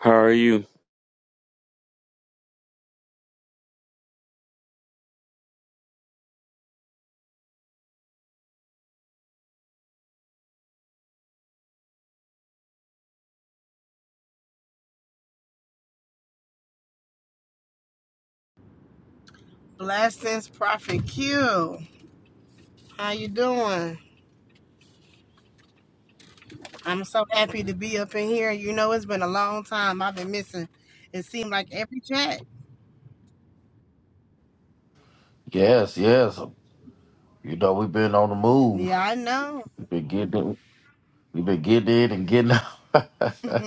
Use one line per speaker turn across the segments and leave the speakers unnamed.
How are you?
Blessings, Prophet Q. How you doing? I'm so happy to be up in here. You know, it's been a long time. I've been missing. It seemed like every chat.
Yes, yes. You know, we've been on the move.
Yeah, I know.
We've been getting we've been getting in and getting out.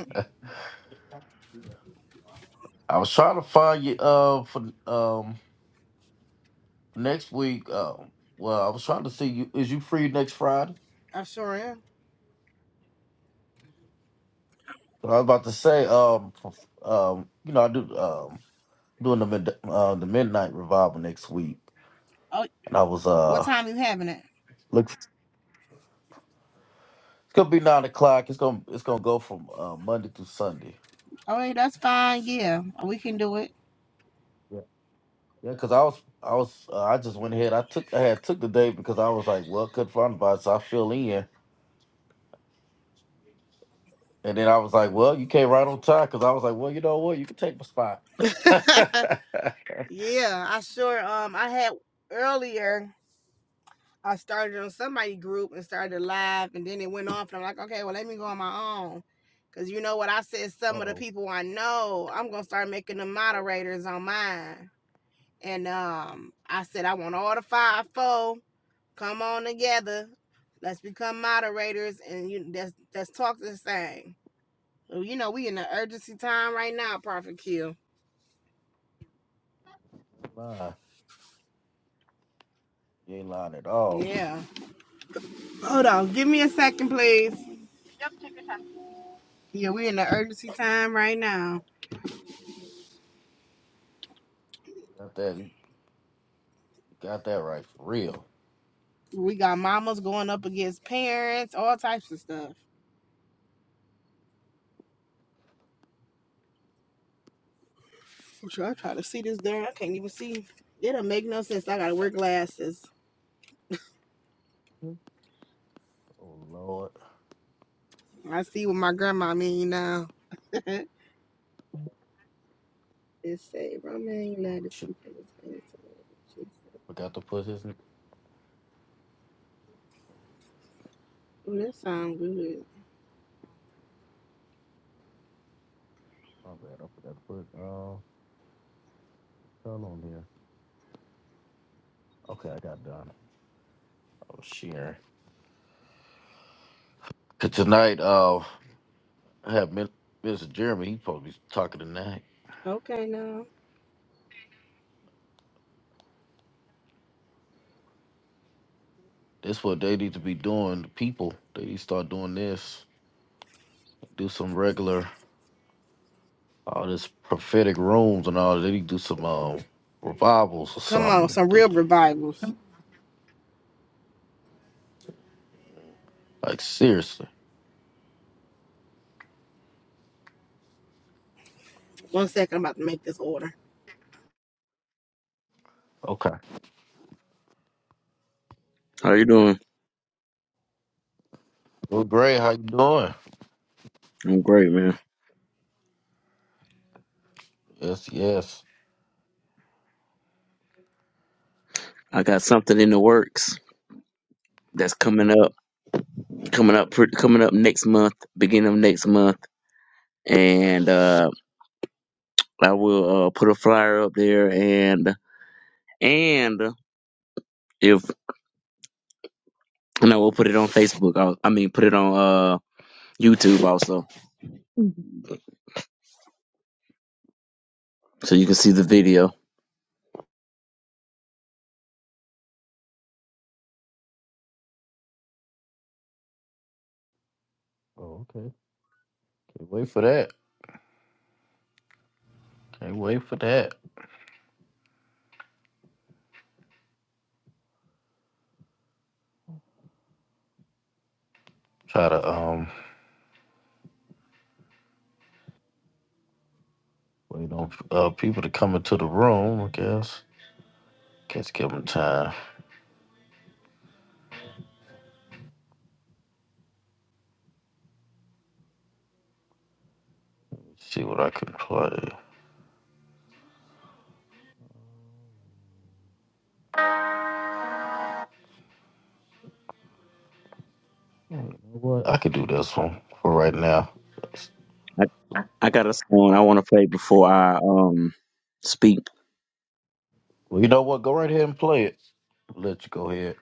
I was trying to find you uh for um next week. Um well I was trying to see you is you free next Friday?
I sure am.
But I was about to say, um um, you know, I do um doing the mid uh, the midnight revival next week.
Oh,
And I was
what
uh
time you having it?
look it's gonna be nine o'clock. It's gonna it's gonna go from uh, Monday through Sunday.
Oh, hey, that's fine. Yeah, we can do it.
Yeah, cause I was, I was, uh, I just went ahead. I took, I had took the day because I was like, well, couldn't find a bus, so I fill in, and then I was like, well, you came right on time, cause I was like, well, you know what, you can take my spot.
Yeah, I sure. Um, I had earlier. I started on somebody group and started live, and then it went off. And I'm like, okay, well, let me go on my own. Because you know what? I said some of the
oh,
people I know, I'm going to start making them moderators on mine. And um, I said, I want all the five, four, come on together. Let's become moderators and you let's, let's talk this thing. Well, you know, we in the urgency time right now, Prophet Q.
lying, you ain't lying at all.
Yeah. Hold on. Give me a second, please. Yeah, we in the urgency time right now.
Got that, you got that right for real.
We got mamas going up against parents, all types of stuff. I'm sure I try to see this there. I can't even see. It don't make no sense. I gotta wear glasses.
Mhm. Oh Lord,
I see what my grandma mean now. It say, Roman
oh
United
shit,
keep on the same
forgot to put his. n-
Oh, that sound good.
My bad, I forgot to put uh, Carl on here. Okay, I got done. Oh shit. Cause tonight, uh, I have Min- Mr. Jeremy. He's supposed to be talking tonight.
Okay, now.
That's what they need to be doing. The people they need to start doing this. Do some regular all this prophetic rooms and all. They need to do some um, revivals or
Come on,
something.
some
Do-
real revivals.
Like seriously.
One second, I'm about to make this order.
Okay.
How you doing?
Well, Gray, how you doing?
I'm great, man.
Yes, yes.
I got something in the works that's coming up, coming up, pretty, coming up next month, beginning of next month, and uh, I will uh, put a flyer up there, and and if and I will put it on Facebook. I, I mean, put it on uh, YouTube also, so you can see the video.
Oh, okay. Can't wait for that. Can't wait for that. Try to um wait on uh, people to come into the room. I guess. Guess give them time. See what I can play. Yeah, you know what? I could do this one for right now.
I, I got a song I want to play before I um speak.
Well, you know what? Go right ahead and play it. Let you go ahead.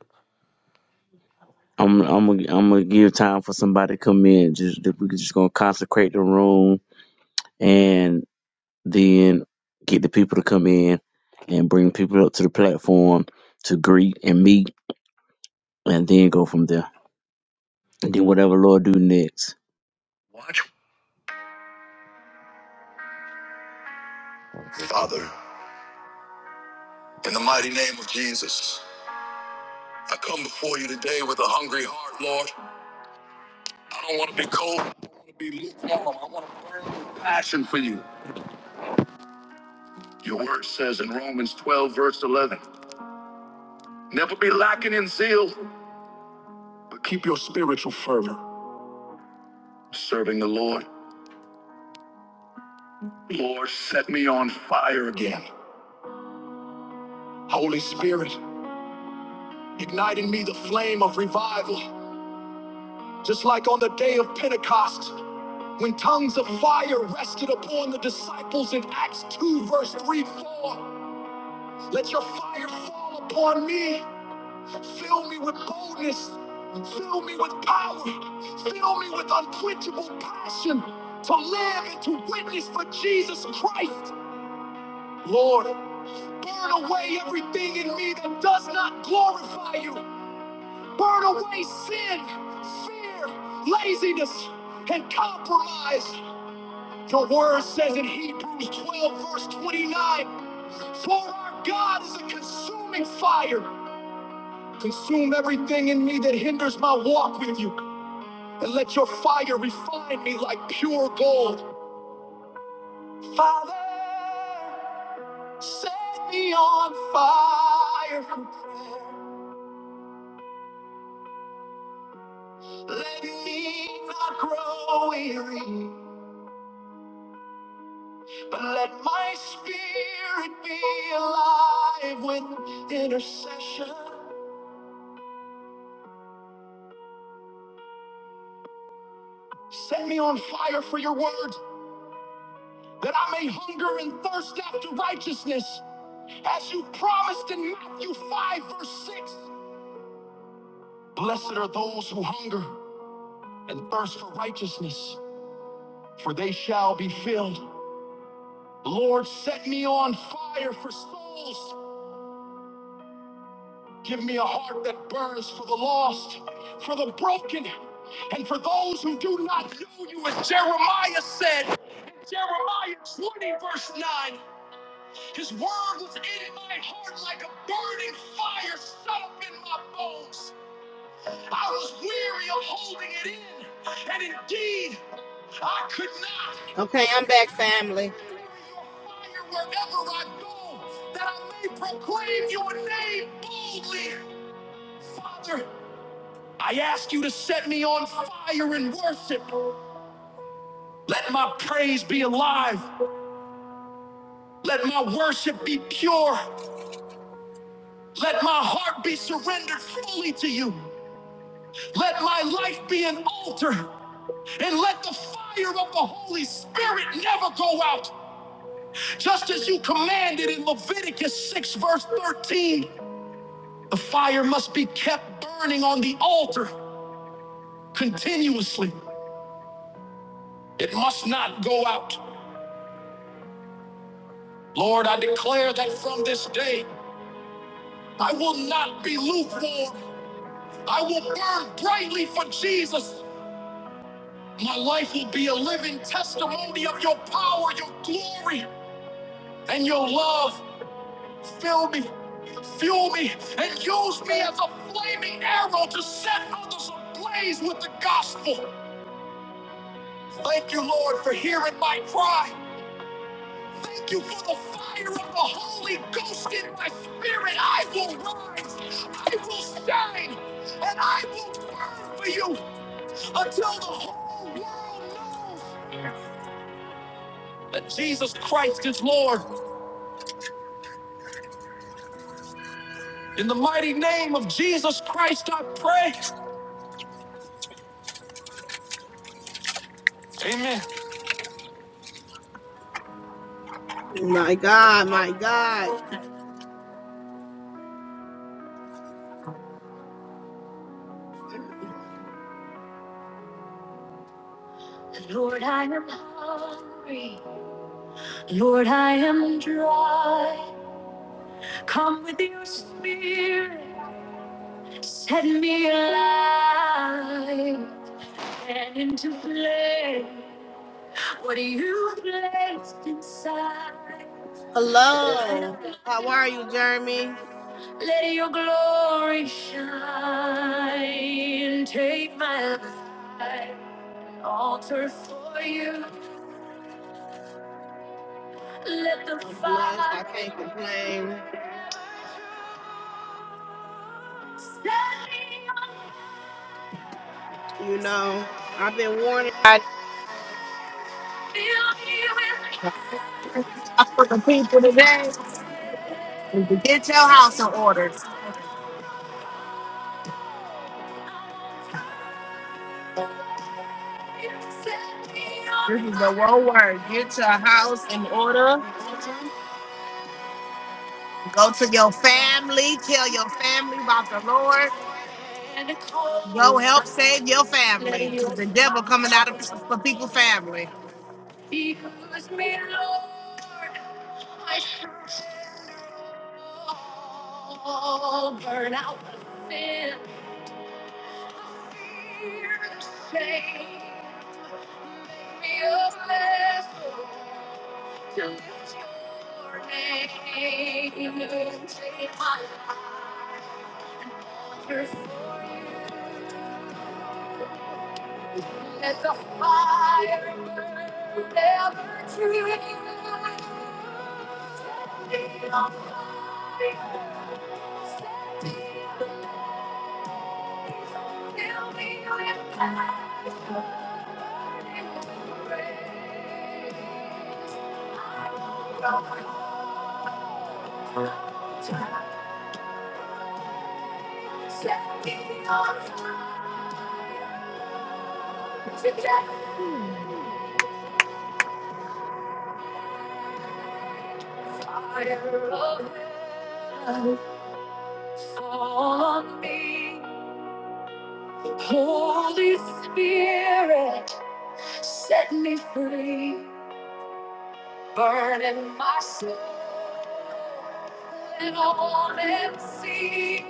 I'm I'm gonna- I'm gonna give time for somebody to come in. Just that we just gonna consecrate the room and then get the people to come in and bring people up to the platform to greet and meet and then go from there. And then whatever Lord do next.
Watch. Father, in the mighty name of Jesus, I come before you today with a hungry heart, Lord. I don't want to be cold. I don't want to be lukewarm. I want to burn with passion for you. Your word says in Romans 12, verse 11, never be lacking in zeal, but keep your spiritual fervor, serving the Lord. Lord, set me on fire again. Holy Spirit, ignite in me the flame of revival, just like on the day of Pentecost. When tongues of fire rested upon the disciples in Acts 2, verse 3 4, let your fire fall upon me. Fill me with boldness. Fill me with power. Fill me with unquenchable passion to live and to witness for Jesus Christ. Lord, burn away everything in me that does not glorify you. Burn away sin, fear, laziness, and compromise. Your word says in Hebrews 12, verse 29, For our God is a consuming fire. Consume everything in me that hinders my walk with you, and let your fire refine me like pure gold. Father, set me on fire for prayer. Let me not grow weary, but let my spirit be alive with intercession. Set me on fire for your word, that I may hunger and thirst after righteousness, as you promised in Matthew 5, verse 6. Blessed are those who hunger and thirst for righteousness, for they shall be filled. Lord, set me on fire for souls. Give me a heart that burns for the lost, for the broken, and for those who do not know you, as Jeremiah said in Jeremiah 20, verse 9. His word was in my heart like a burning fire set up in my bones. I was weary of holding it in, and indeed, I could
Okay,
not.
I'm back, family.
Carry your fire Wherever I go, that I may proclaim your name boldly. Father, I ask you to set me on fire in worship. Let my praise be alive. Let my worship be pure. Let my heart be surrendered fully to you. Let my life be an altar. And let the fire of the Holy Spirit never go out. Just as you commanded in Leviticus 6, verse 13, the fire must be kept burning on the altar continuously. It must not go out. Lord, I declare that from this day, I will not be lukewarm. I will burn brightly for Jesus. My life will be a living testimony of your power, your glory, and your love. Fill me, fuel me, and use me as a flaming arrow to set others ablaze with the gospel. Thank you, Lord, for hearing my cry. Thank you for the fire of the Holy Ghost in my spirit. I will rise, I will shine, and I will burn for you until the whole world knows that Jesus Christ is Lord. In the mighty name of Jesus Christ, I pray. Amen.
My God, my God.
Lord, I am hungry. Lord, I am dry. Come with your spirit. Set me alive and into play. What you placed inside? Light
Hello.
up my
How are you,
heart.
Jeremy?
Let your glory shine. Take my life. Altar for you, let the
I'm blessed. I can't
fire
complain.
set me on
You know,
fire.
I've been warning.
Fill me with
for the people today is to get your house in order.
fire, set me on
This is the
fire.
one word. Get your house in order. Go to your family. Tell your family about the Lord.
And it
Go
calls
help
fire,
save your family.
let
Because
your
the devil coming
fire
out of people for people
fall.
family.
Use me, Lord, I surrender all. Burn out the sin, Let the fire burn, never dream. Set me on fire. Set me on fire. Fill me with eyes burning with grace. I will go on. Set me on fire today. Fire of love on me. Holy Spirit, set me free. burning my soul, and I want to see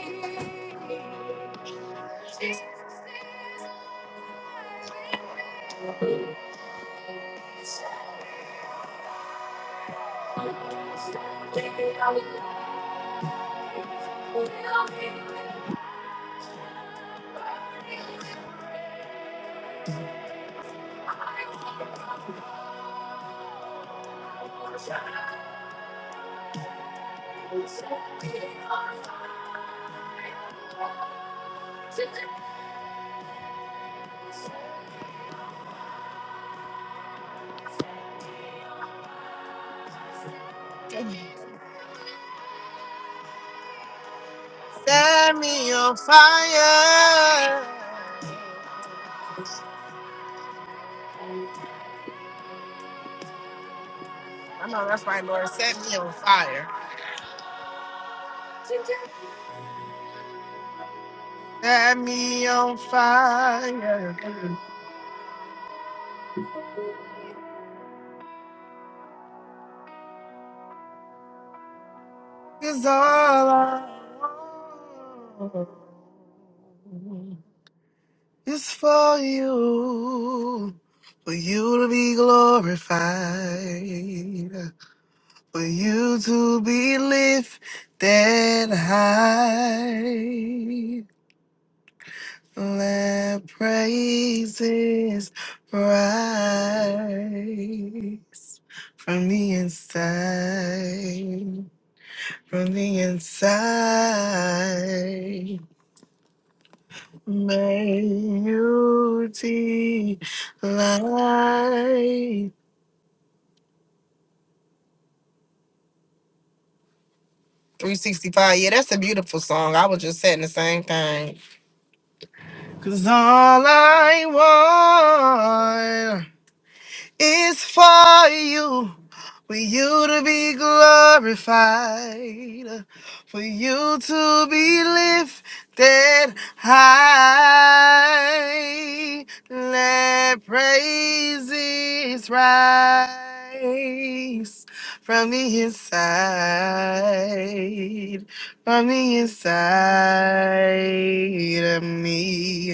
Jesus is alive in me. Today
Send me your fire. I know that's right, Lord. Set me on fire. Set me on fire. 'Cause all I want is for you, for you to be glorified, for you to be lifted high. Let praises rise from the inside, from the inside. May you delight. 365. Yeah, that's a beautiful song. I was just saying the same thing. Cause all I want. is for you, for you to be glorified, for you to be lifted high. Let praises rise from the inside, from the inside of me.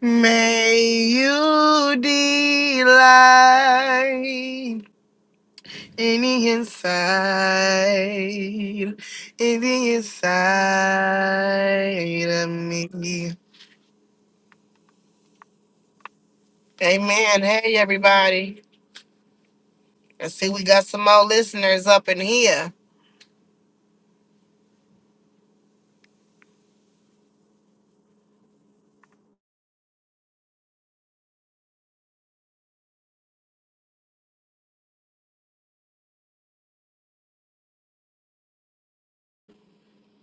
May you delight in the inside, in the inside of me. Amen. Hey, everybody. I see we got some more listeners up in here.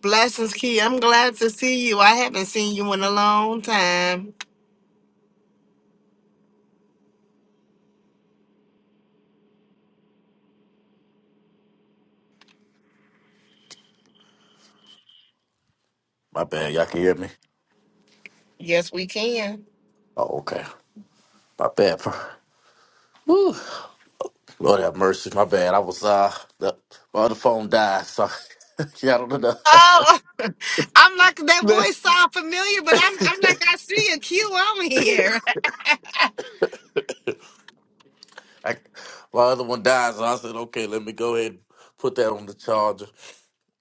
Blessings, Key. I'm glad to see you. I haven't seen you in a long time.
My bad. Y'all can hear me?
Yes, we can.
Oh, okay. My bad. bro. Woo. Lord have mercy. My bad. I was, uh, the, my other phone died, so yeah, I don't know.
Oh, I'm like that voice sound familiar, but I'm I'm like I see a Q on here.
I, my other one died, so I said, okay, let me go ahead and put that on the charger.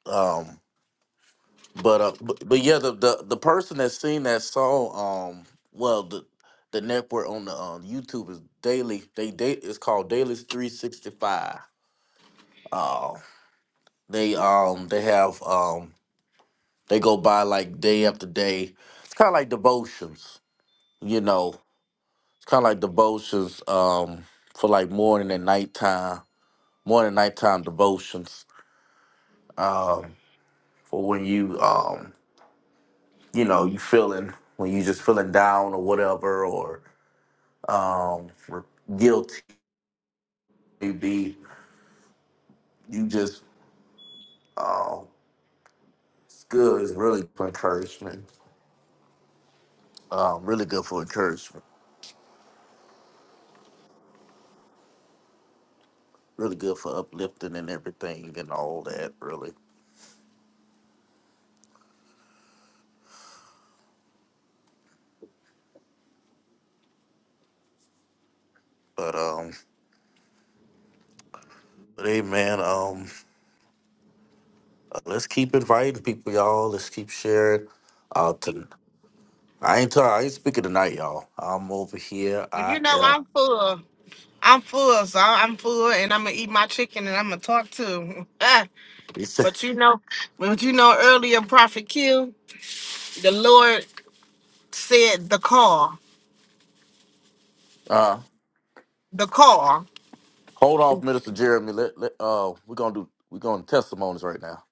Um, but, uh, but, but yeah, the, the, the person that seen that song, um, well, the, the network on the um, YouTube is daily. They date it's called Daily 365. Uh, they um they have um They go by like day after day. It's kind of like devotions, you know. It's kind of like devotions um, for like morning and nighttime, morning and nighttime devotions um, for when you, um, you know, you feeling when you just feeling down or whatever or um, or guilty. Maybe you just um, it's good. It's really good for encouragement. Um, really good for encouragement. Really good for uplifting and everything and all that. Really, but um. But hey, man, um, let's keep inviting people, y'all. Let's keep sharing. Uh, to, I ain't talking. I ain't speaking tonight, y'all. I'm over here.
Well, you
I
know
am.
I'm full. I'm full, so I- I'm full, and I'm gonna eat my chicken, and I'm gonna talk too.
He said,
but you know, but you know, earlier Prophet Q, the Lord said the car,
"Uh,
the car,
hold off, Minister Jeremy. Let, let uh, we're gonna do. We're going to testimonies right now.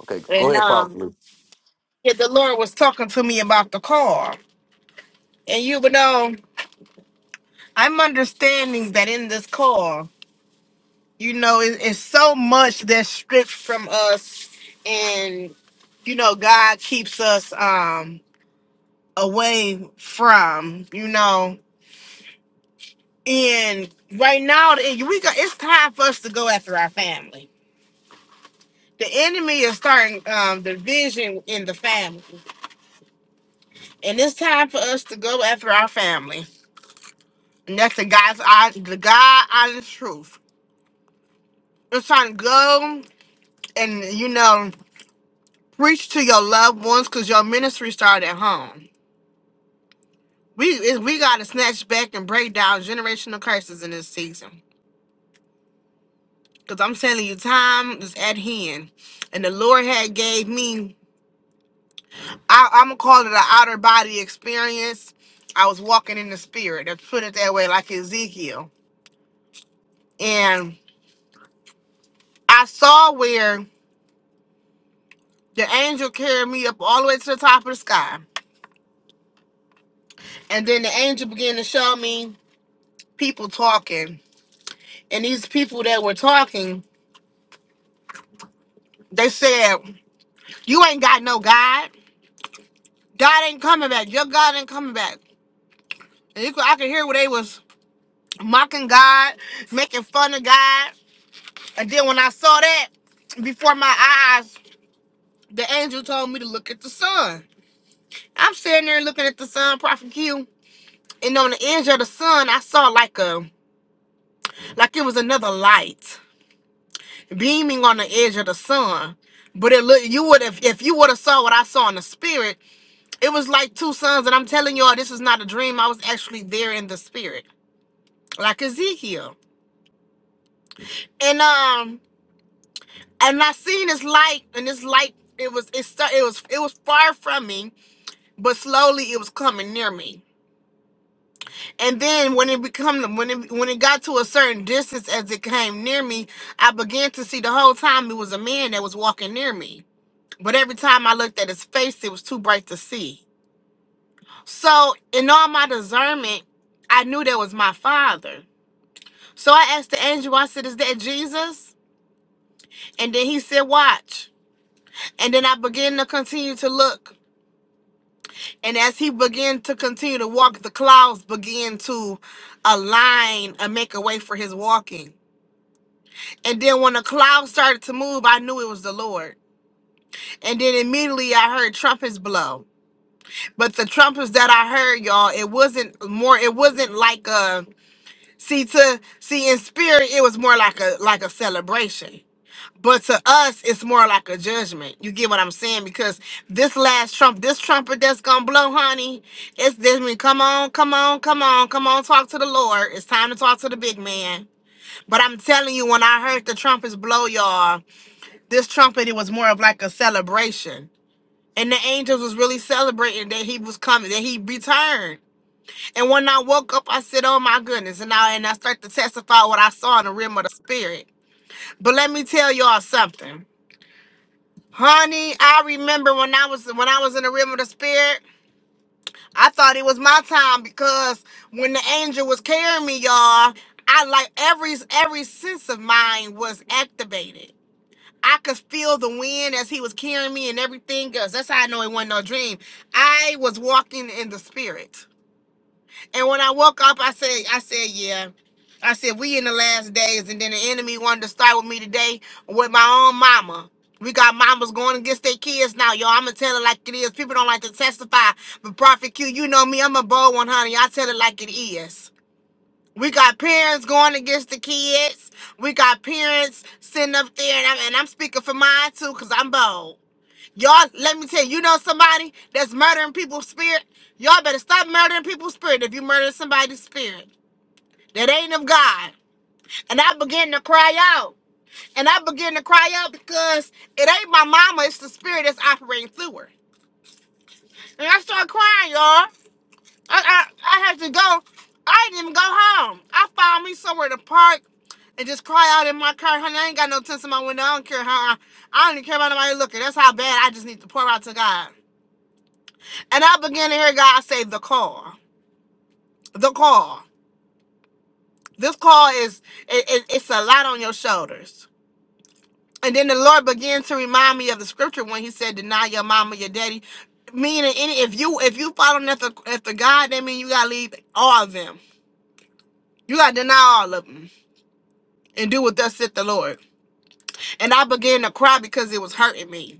Okay, go
and
ahead,
um,
probably.
yeah, the Lord was talking to me about the car, and you know, I'm understanding that in this car, you know, it, it's so much that's stripped from us, and you know, God keeps us um away from, you know. And right now, the- we got it's time for us to go after our family. The enemy is starting um, division in the family, and it's time for us to go after our family. And that's the God's hon- the God honest truth. It's time to go and you know preach to your loved ones because your ministry started at home. We it- we got to snatch back and break down generational curses in this season. Cause I'm telling you, time is at hand, and the Lord had gave me I, I'm gonna call it an outer body experience. I was walking in the spirit. Let's put it that way, like Ezekiel. And I saw where the angel carried me up all the way to the top of the sky. And then the angel began to show me people talking. And these people that were talking, they said, You ain't got no God. God ain't coming back. Your God ain't coming back. And you could, I could hear where they was mocking God, making fun of God. And then when I saw that, before my eyes, the angel told me to look at the sun. I'm sitting there looking at the sun, Prophet Q, and on the edge of the sun, I saw like a like it was another light beaming on the edge of the sun. But it look you would have if you would have saw what I saw in the spirit, it was like two suns. And I'm telling y'all, this is not a dream. I was actually there in the spirit, like Ezekiel. And um, and I seen this light, and this light it was it start, it was it was far from me, but slowly it was coming near me And then when it become when it when it got to a certain distance as it came near me, I began to see the whole time it was a man that was walking near me. But every time I looked at his face, it was too bright to see. So in all my discernment, I knew that was my father. So I asked the angel, I said, Is that Jesus? And then he said, Watch. And then I began to continue to look. And as he began to continue to walk, the clouds began to align and make a way for his walking. And then when the cloud started to move, I knew it was the Lord. And then immediately I heard trumpets blow. But the trumpets that I heard, y'all, it wasn't more, it wasn't like a see to see in spirit, it was more like a like a celebration. But to us, it's more like a judgment. You get what I'm saying? Because this last trump, this trumpet that's gonna blow, honey, it's this I mean, come on, come on, come on, come on, talk to the Lord. It's time to talk to the big man. But I'm telling you, when I heard the trumpets blow, y'all. this trumpet it was more of like a celebration and the angels was really celebrating that he was coming that he returned and when i woke up i said oh my goodness and i and i start to testify what i saw in the realm of the spirit but let me tell y'all something honey i remember when i was when i was in the realm of the spirit i thought it was my time because when the angel was carrying me y'all i like every every sense of mine was activated I could feel the wind as he was carrying me and everything else. That's how I know it wasn't no dream. I was walking in the spirit. And when I woke up, I said, I said, yeah. I said, we in the last days, and then the enemy wanted to start with me today with my own mama. We got mamas going against their kids now, y'all. I'ma tell it like it is. People don't like to testify. But Prophet Q, you know me, I'm a bold one, honey. I tell it like it is. We got parents going against the kids. We got parents sitting up there, and I'm, and I'm speaking for mine too, because I'm bold. Y'all, let me tell you, you know somebody that's murdering people's spirit? Y'all better stop murdering people's spirit if you murder somebody's spirit. That ain't of God. And I begin to cry out. And I begin to cry out because it ain't my mama, it's the spirit that's operating through her. And I start crying, y'all. I, I, I had to go. I didn't even go home. I found me somewhere to park and just cry out in my car. Honey, I ain't got no tents in my window. I don't care how I, I don't even care about nobody looking. That's how bad I just need to pour out to God. And I began to hear God say, The call. The call. This call is, it, it- it's a lot on your shoulders. And then the Lord began to remind me of the scripture when he said, Deny your mama, your daddy. Meaning, any if you if you follow after after God, that mean you gotta leave all of them. You gotta deny all of them. and do what thus said the Lord. And I began to cry because it was hurting me.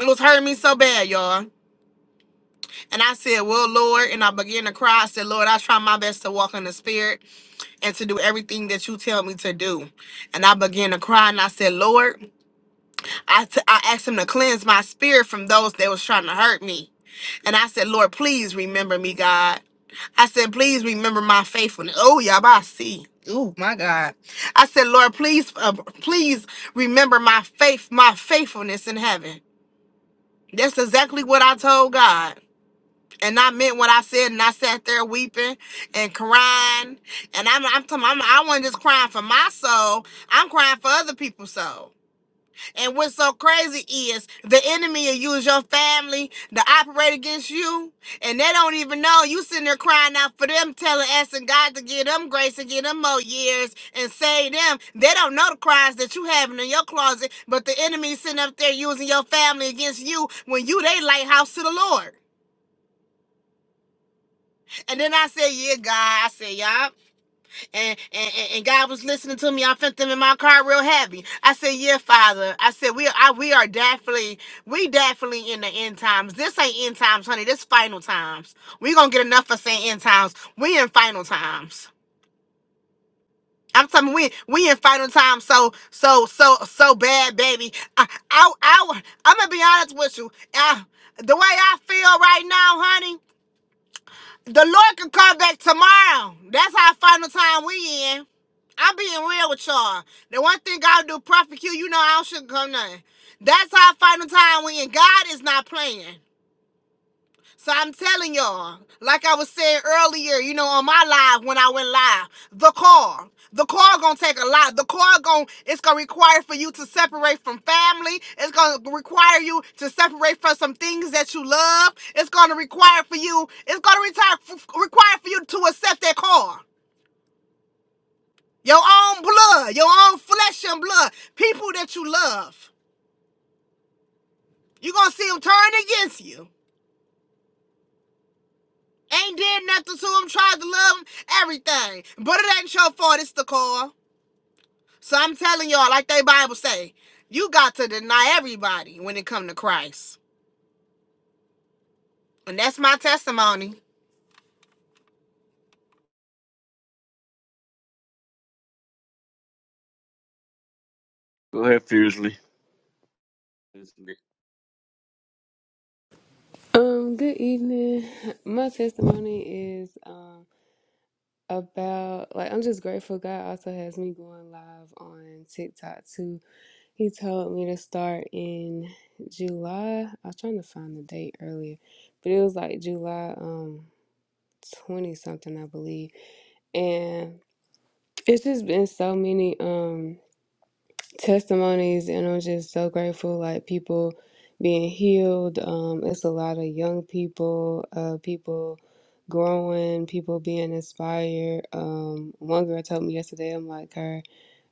It was hurting me so bad, y'all. And I said, Well, Lord, and I began to cry. I said, Lord, I try my best to walk in the spirit and to do everything that you tell me to do. And I began to cry and I said, Lord, I t- I asked him to cleanse my spirit from those that was trying to hurt me. And I said, Lord, please remember me, God. I said, please remember my faithfulness. Oh, Yabasi. Oh my God. I said, Lord, please, uh, please remember my faith, my faithfulness in heaven. That's exactly what I told God. And I meant what I said, and I sat there weeping and crying. And I'm, I'm, I'm I wasn't just crying for my soul, I'm crying for other people's soul. And what's so crazy is the enemy will use your family to operate against you, and they don't even know. You sitting there crying out for them, telling asking God to give them grace and give them more years and save them. They don't know the cries that you having in your closet, but the enemy sitting up there using your family against you when you they lighthouse to the Lord. And then I said, Yeah, God. I said, y'all. and, and and and God was listening to me. I felt them in my car real happy. I said, "Yeah, Father." I said, "We I, we are definitely we definitely in the end times. This ain't end times, honey. This final times. We gonna get enough for saying end times. We in final times." I'm telling you, we we in final times so so so so bad, baby. I I, I I'm gonna be honest with you. I, the way I feel right now, honey, the Lord can come back tomorrow. That's how final time we in. I'm being real with y'all. The one thing God do, Prophet Q, you know I don't sugarcoat nothing. That's how I find the time when God is not playing. So I'm telling y'all, like I was saying earlier, you know, on my live when I went live, the call, the call gonna take a lot. The call gonna, it's gonna require for you to separate from family. It's gonna require you to separate from some things that you love. It's gonna require for you. It's gonna retire, f- require for you to accept that call. Your own blood, your own flesh and blood, people that you love. you going to see them turn against you. Ain't did nothing to them, tried to love them, everything. But it ain't your fault, it's the call. So I'm telling y'all, like they Bible say, you got to deny everybody when it come to Christ. And that's my testimony.
Go ahead fiercely.
Um, good evening. My testimony is um about like I'm just grateful God also has me going live on TikTok too. He told me to start in July. I was trying to find the date earlier, but it was like July um 20 something I believe. And it's just been so many um testimonies and I'm just so grateful like people being healed um it's a lot of young people uh people growing people being inspired um one girl told me yesterday I'm like her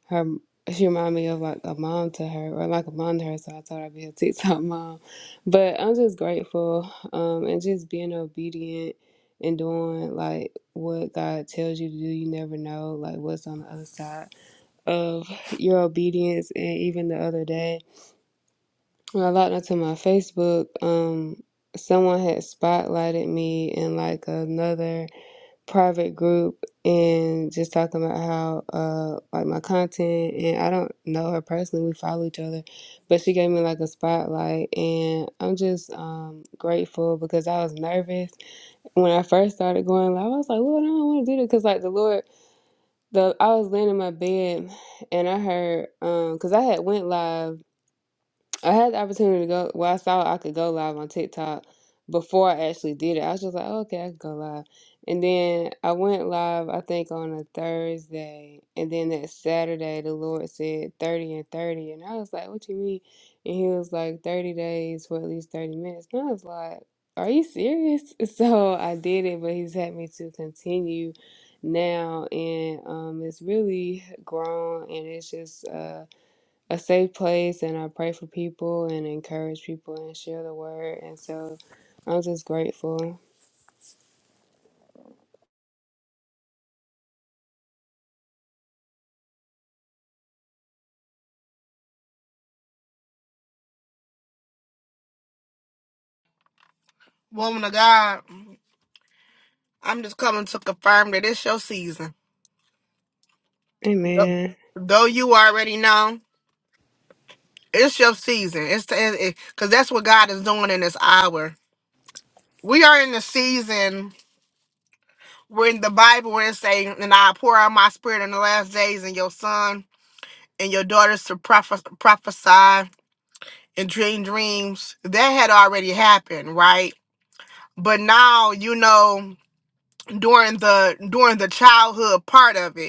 her she reminded me of like a mom to her or like a mom to her so I told her I'd be a TikTok mom but I'm just grateful um and just being obedient and doing like what God tells you to do you never know like what's on the other side of your obedience and even the other day when I logged onto my Facebook, um, someone had spotlighted me in like another private group and just talking about how uh like my content and I don't know her personally, we follow each other, but she gave me like a spotlight and I'm just um grateful because I was nervous when I first started going live. I was like, Lord, I don't want to do this because like the Lord the I was laying in my bed and I heard um, cause I had went live I had the opportunity to go. Well, I saw I could go live on TikTok before I actually did it. I was just like, oh, okay, I can go live. And then I went live, I think, on a Thursday. And then that Saturday, the Lord said 30 and 30. And I was like, what you mean? And he was like, 30 days for at least 30 minutes. And I was like, are you serious? So I did it, but he's had me to continue now. And um, it's really grown and it's just. Uh, a safe place and I pray for people and encourage people and share the word. And so I'm just grateful.
Woman of God, I'm just coming to confirm that it's your season. Yep.
Amen.
Though you already know, it's your season. It's because that's what God is doing in this hour. we are in the season where in the Bible where it's saying, and I pour out my spirit in the last days and your son and your daughters to prophes- prophesy and dream dreams. That had already happened, right? But now, you know, during the during the childhood part of it.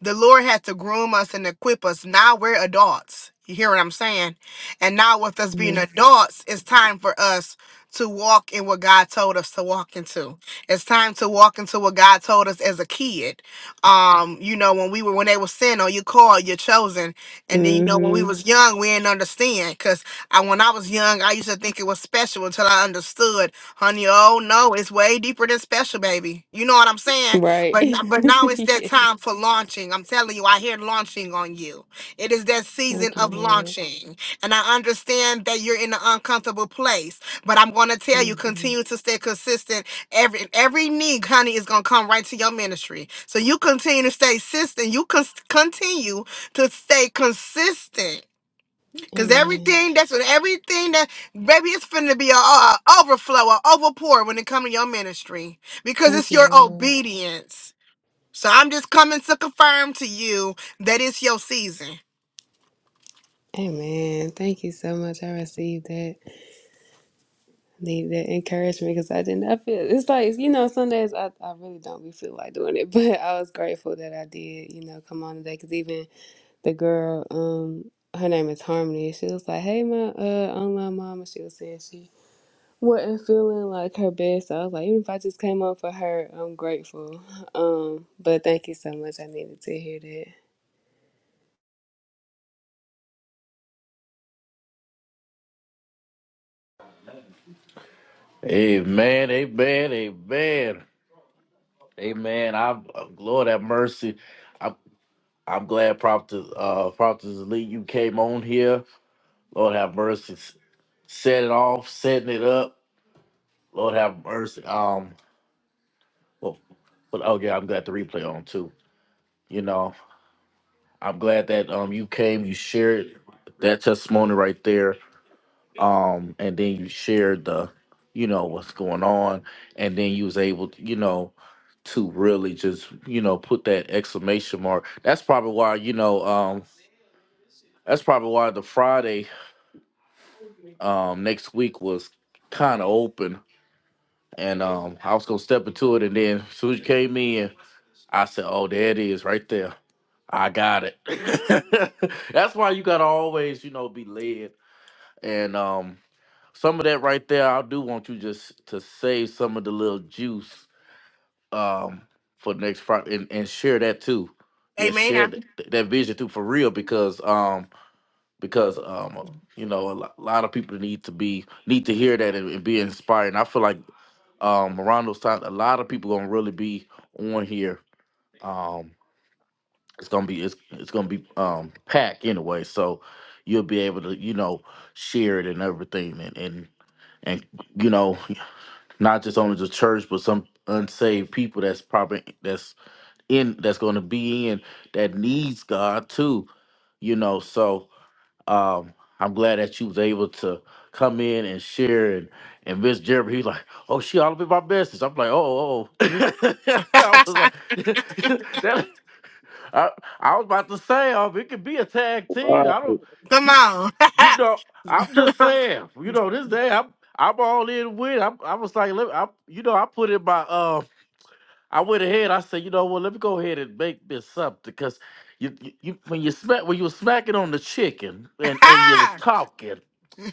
The Lord had to groom us and equip us. Now we're adults. You hear what I'm saying? And now, with us being
Mm-hmm.
adults, it's time for us to walk in what God told us to walk into. It's time to walk into what God told us as a kid. Um, you know, when we were when they were sin or you called, you're chosen. And then you know, when we
Mm-hmm.
was young, we didn't understand. Cause I when I was young, I used to think it was special until I understood, honey, oh no, it's way deeper than special, baby. You know what I'm saying?
Right.
But n- but now it's that
yes.
time for launching. I'm telling you, I hear launching on you. It is that season
Thank you,
of Mhm.
Lord.
launching. And I understand that you're in an uncomfortable place. But I'm gonna tell you,
hmm
continue to stay consistent. Every every need, honey, is gonna come right to your ministry. So you continue to stay consistent. You con- continue to stay consistent. Cause
Amen.
everything that's everything that baby it's finna be a, a overflow, a overpour when it comes to your ministry. Because
Thank
it's
you,
your
Lord.
obedience. So I'm just coming to confirm to you that it's your season.
Amen. Thank you so much. I received that. Need that encouragement because I did not feel it's like you know some days I, I really don't be feel like doing it, but I was grateful that I did. You know, come on today because even the girl, um, her name is Harmony. She was like, "Hey, my uh, online mama." She was saying she wasn't feeling like her best. So I was like, even if I just came up for her, I'm grateful. Um, but thank you so much. I needed to hear
Amen, amen, amen, amen. I'm uh, Lord have mercy. I'm I'm glad Prophet uh Prophet Lee you came on here. Lord have mercy. S- Set it off, setting it up. Lord have mercy. Um well, but oh yeah, I'm glad the replay on too. You know, I'm glad that um you came, you shared that testimony right there. um and then you shared the you know what's going on and then you was able to, you know to really just you know put that exclamation mark that's probably why you know um that's probably why the friday um next week was kind of open and um i was gonna step into it and then as soon as you came in i said oh there it is right there i got it that's why you gotta always you know be led and um Some of that right there, I do want you just to save some of the little juice um, for next Friday and, and share that too. Yeah,
Amen.
share th- th- that vision too for real because um because um you know a lo- lot of people need to be need to hear that and, and be inspired. And I feel like um around those times, a lot of people gonna really be on here. Um, it's gonna be it's it's gonna be um packed anyway, so you'll be able to you know share it and everything and and and you know not just only the church, but some unsaved people that's probably that's in that's going to be in that needs God too, you know. So um, I'm glad that you was able to come in and share. And and Miss Jeremy, he's like, "Oh, she all up in my business." I'm like, "Oh, oh." oh." I was like, that, I I was about to say, um, it could be a tag team.
Wow.
I don't,
Come
you,
on.
you know, I'm just saying, you know, this day I'm I'm all in with. I'm, I was like, let, I, you know, I put in my, um, I went ahead. I said, you know what, let me go ahead and make this something because you, you, you, when you smack, when you was smacking on the chicken and and you was talking.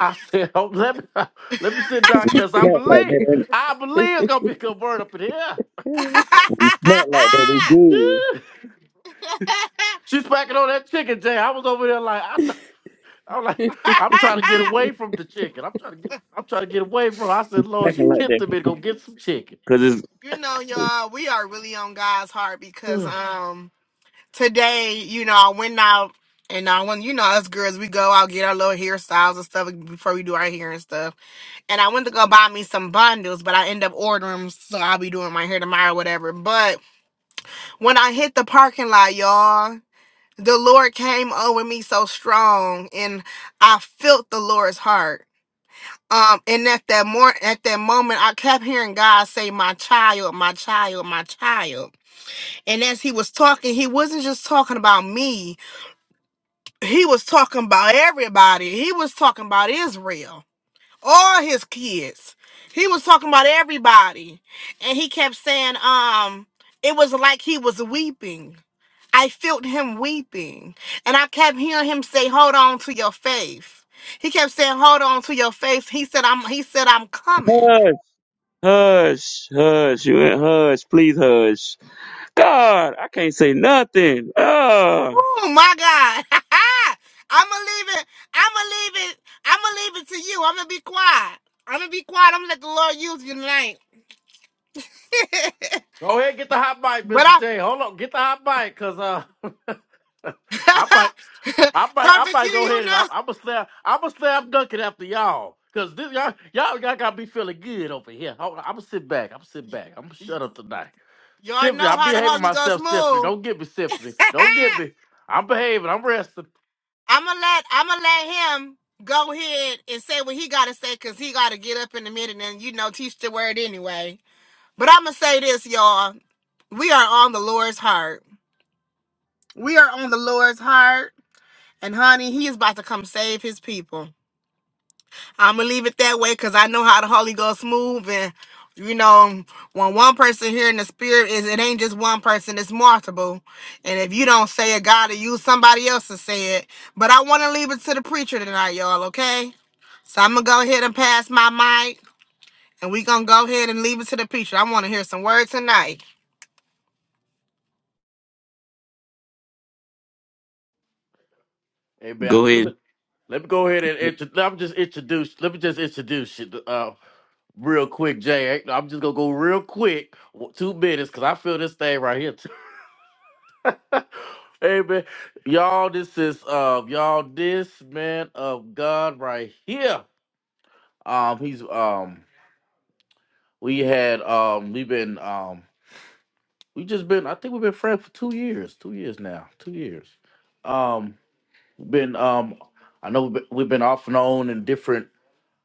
I said, oh, let me let me sit down
When you
because I
smack like
believe
that, that-
I
that.
believe it's gonna be a good word up in here.
when you smack like that, it's good.
She's smacking on that chicken, Jay. I was over there like, I know. I'm like, I'm trying to get away from the chicken. I'm trying to get, I'm trying to get away from. Her. I
You
said, Lord, she
smacking like that.
tempted me to go get some chicken.
Cause
you know, y'all, we are really on God's heart because um today, you know, I went out and I went, you know, us girls, we go out, get our little hairstyles and stuff before we do our hair and stuff. And I went to go buy me some bundles, but I end up ordering 'em, so I'll be doing my hair tomorrow, or whatever. But when I hit the parking lot, y'all, the Lord came over me so strong and I felt the Lord's heart. Um, and at that more at that moment, I kept hearing God say, My child, my child, my child. And as he was talking, he wasn't just talking about me, he was talking about everybody. He was talking about Israel, all his kids. He was talking about everybody. And he kept saying, um, it was like he was weeping I felt him weeping. And I kept hearing him say, Hold on to your faith. He kept saying, Hold on to your faith. He said, I'm he said, I'm
it's
coming.
Hush, hush, you ain't hush, please hush. God, I can't say nothing. Ah.
Oh my God. I'ma leave it. I'ma leave it. I'ma leave it to you. I'm gonna be quiet. I'm gonna be quiet. I'm gonna let the Lord use you tonight.
go ahead, get the hot bite,
but
Mister
I
J. Hold on, get the hot bite, cause uh, I might, I might, I
Prophet Q,
might go
you
ahead and I'm,
know.
I'm gonna slam, I'm gonna slam dunk it after y'all, cause this y'all, y'all, y'all got me feeling good over here. Hold on, I'm gonna sit back. I'm gonna sit back. I'm gonna shut up tonight.
Y'all
Symphony,
know
I'm
how the
behaving
Holy Ghost
myself, Symphony.
move.
Don't get me, Symphony. Don't get me. I'm behaving. I'm resting.
I'ma let I'ma let him go ahead and say what he gotta say because he gotta get up in a minute and you know teach the word anyway. But I'ma say this, y'all. We are on the Lord's heart. We are on the Lord's heart. And honey, he is about to come save his people. I'ma leave it that way because I know how the Holy Ghost move and you know, when one person hearing the spirit is it ain't just one person, it's multiple. And if you don't say it, God will use somebody else to say it. But I want to leave it to the preacher tonight, y'all, okay? So I'm gonna go ahead and pass my mic, and we gonna go ahead and leave it to the preacher. I want to hear some words tonight.
Hey, man,
Go
let
ahead.
me let me go ahead and intro- I'm just introduce. Let me just introduce you uh, real quick, Jay. Hey, I'm just gonna go real quick, w- two minutes, cause I feel this thing right here. Too. hey, man, y'all, this is um, y'all, this man of God right here. Um, he's um, we had um, we've been um, we just been. I think we've been friends for two years, two years now, two years. Um, been um, I know we've been we've been off and on in different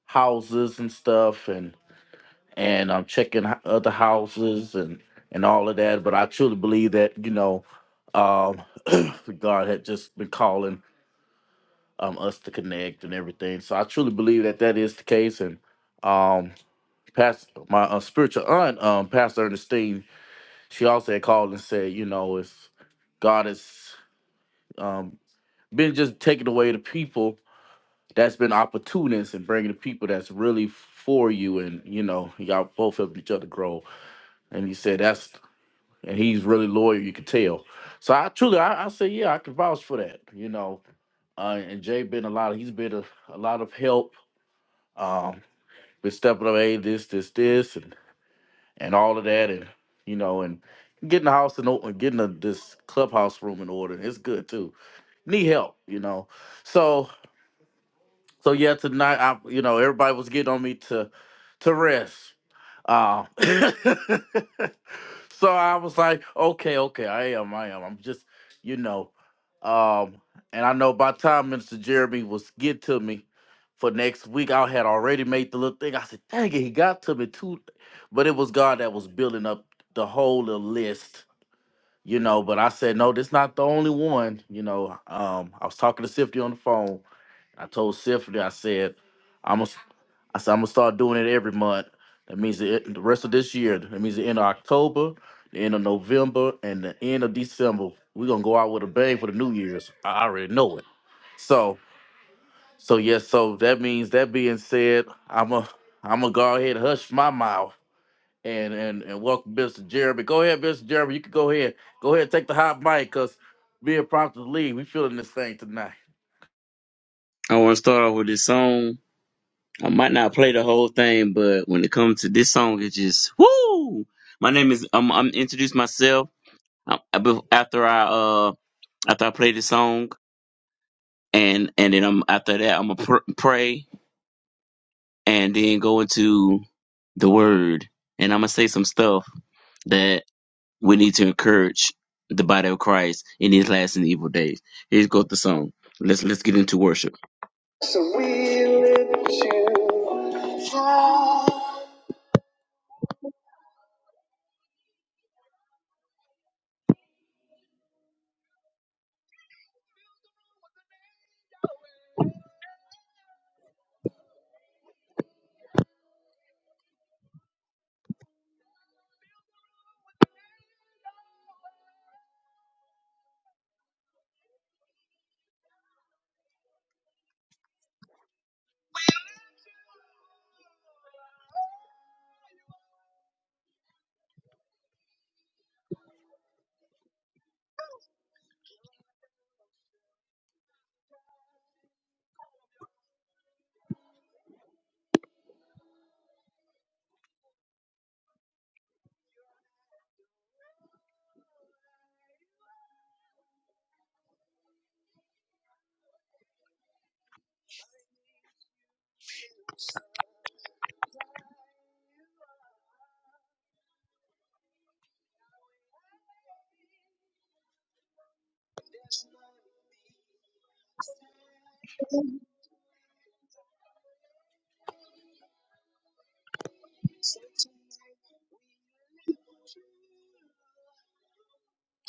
houses and stuff, and and I'm checking h- other houses and and all of that. But I truly believe that you know, um, God had just been calling um us to connect and everything. So I truly believe that that is the case. And um, past my uh, spiritual aunt, um, Pastor Ernestine, she also had called and said, you know, if God has um been just taking away the people that's been opportunists and bringing the people that's really for you and you know y'all both helped each other grow and he said that's and he's really loyal you could tell so i truly i, I say yeah i can vouch for that you know uh, and jay been a lot of he's been a, a lot of help um been stepping up hey this this this and and all of that and you know and getting the house in order getting the, this clubhouse room in order it's good too need help you know so So yeah, tonight I, you know, everybody was getting on me to, to rest. Uh, so I was like, okay, okay, I am, I am. I'm just, you know, um, and I know by the time Minister Jeremy was get to me for next week, I had already made the little thing. I said, dang it, he got to me too, but it was God that was building up the whole little list. You know, but I said no. This not the only one. You know, um, I was talking to Sifty on the phone, I told Symphony, I said, I'm gonna, I said, I'm gonna start doing it every month. That means the, e-, the rest of this year. That means the end of October, the end of November, and the end of December. We're gonna go out with a bang for the New Year's. I already know it. So, so yes, so that means that being said, I'm a, I'm gonna go ahead and hush my mouth and and and welcome Mr. Jeremy. Go ahead, Mr. Jeremy. You can go ahead, go ahead, and take the hot mic, cause me and Prompt to lead. We feeling this thing tonight.
I want to start off with this song. I might not play the whole thing, but when it comes to this song, it just whoo. My name is I'm, I'm introduce myself um, I bef- after I uh after I play the song, and and then I'm after that I'm gonna pr- pray and then go into the word, and I'm gonna say some stuff that. we need to encourage the body of Christ in these last and evil days. Here's go with the song. Let's let's get into worship.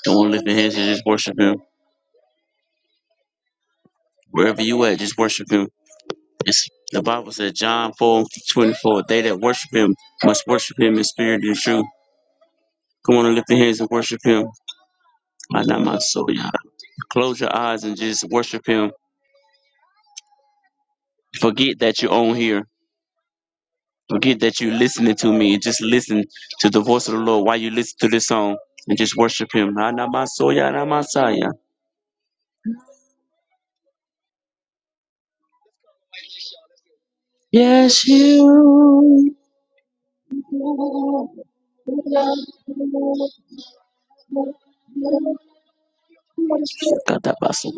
Don't want to lift your hands and just worship him. Wherever you at, just worship him. It's, the Bible says John 4 24. they that worship him must worship him in spirit and truth. Come on and lift your hands and worship him. I not my soul, y'all. Close your eyes and just worship him. Forget that you're on here. Forget that you're listening to me. Just listen to the voice of the Lord while you listen to this song and just worship him. I not my soul, y'all. Not my soul, all Yes, you. Katabasu.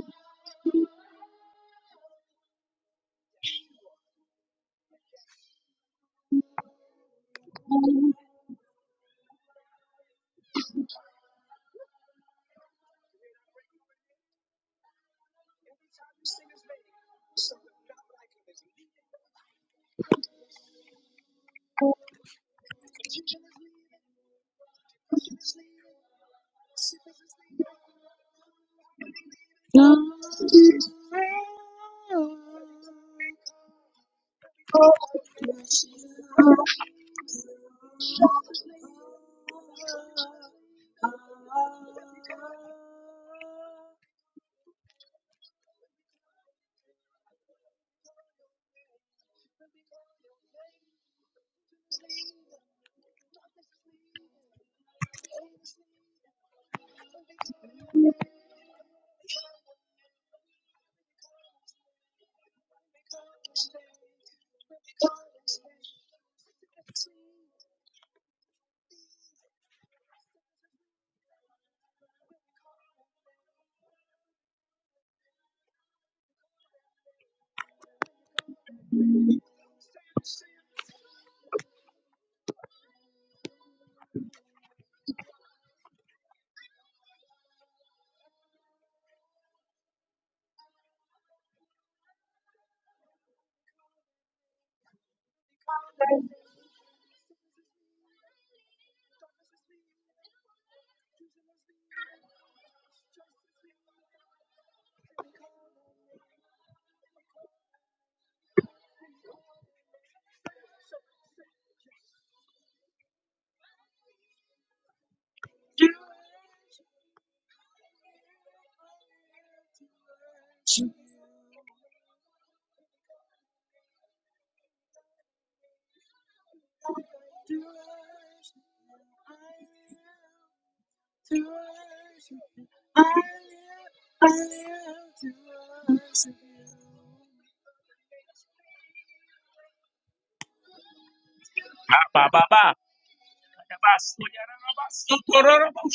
Ba ba ba.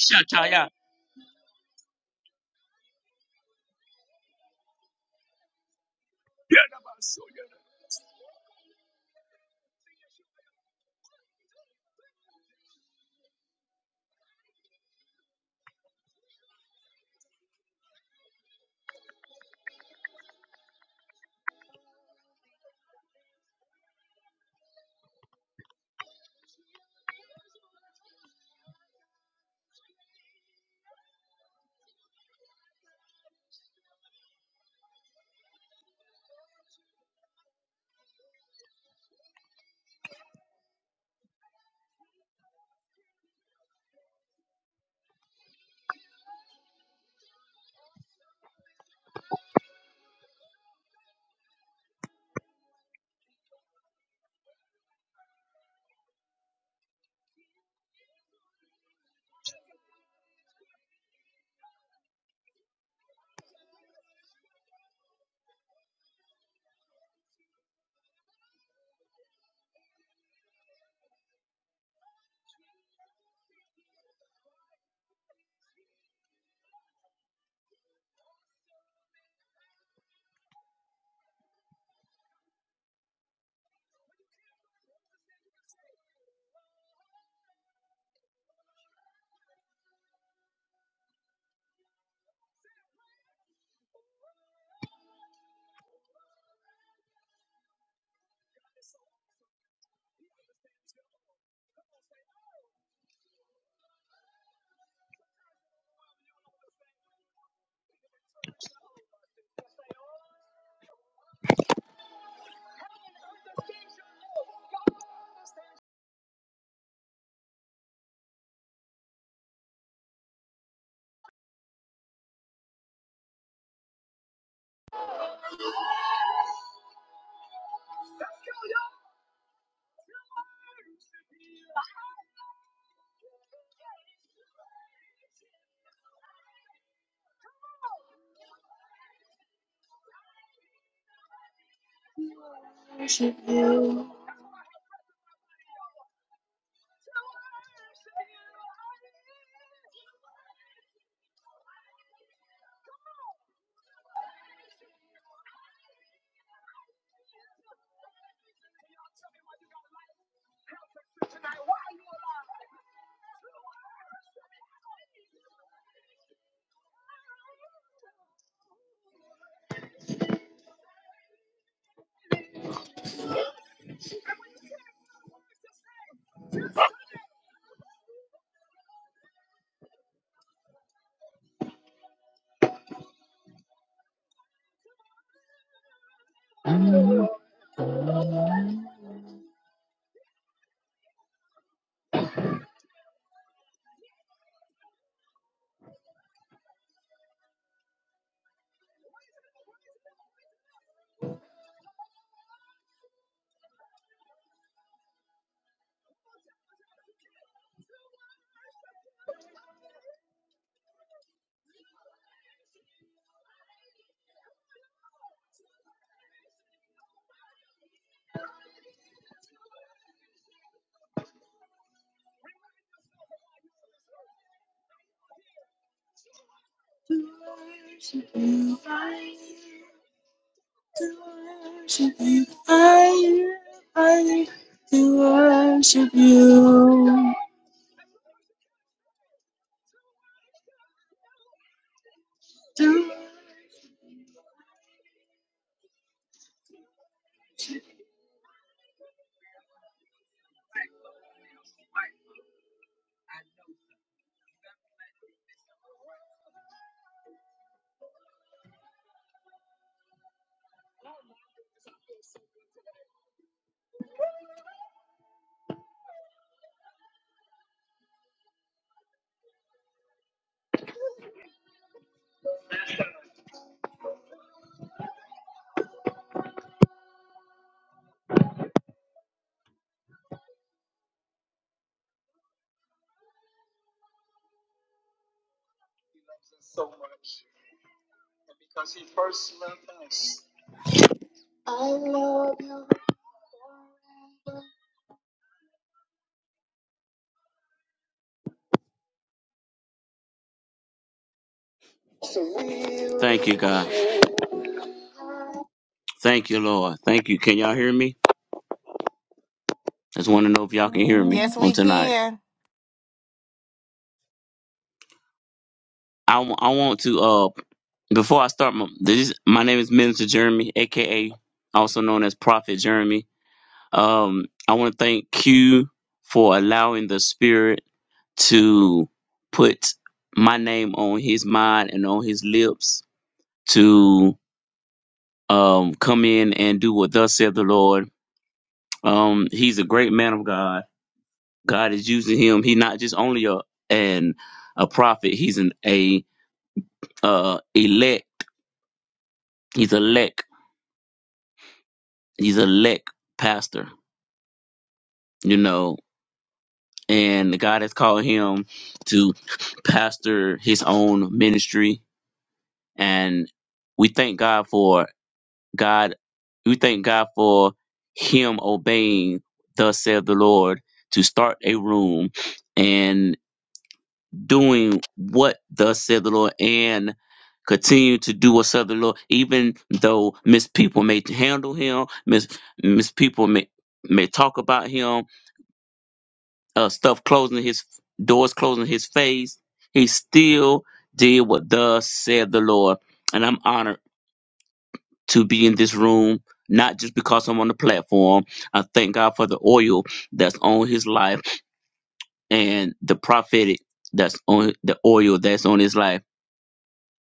Shataya. Thank you, God. Thank you, Lord. Thank you. Can y'all hear me? Just want to know if y'all can hear me
Yes,
on
we
tonight.
can.
I w- I want to uh before I start my this is- my name is Minister Jeremy, aka also known as Prophet Jeremy. Um, I want to thank Q for allowing the Spirit to put my name on his mind and on his lips to um, come in and do what thus said the Lord. Um, he's a great man of God. God is using him. He's not just only a an a prophet. He's an a uh, elect. He's elect. He's elect pastor. You know, and God has called him to pastor his own ministry. And we thank God for God. We thank God for him obeying, thus saith the Lord, to start a room and doing what thus saith the Lord and continue to do what saith the Lord, even though Miss People may handle him, Miss Miss People may may talk about him, uh, stuff closing his doors, closing his face. He still did what thus said the Lord. And I'm honored to be in this room, not just because I'm on the platform. I thank God for the oil that's on his life and the prophetic that's on the oil that's on his life.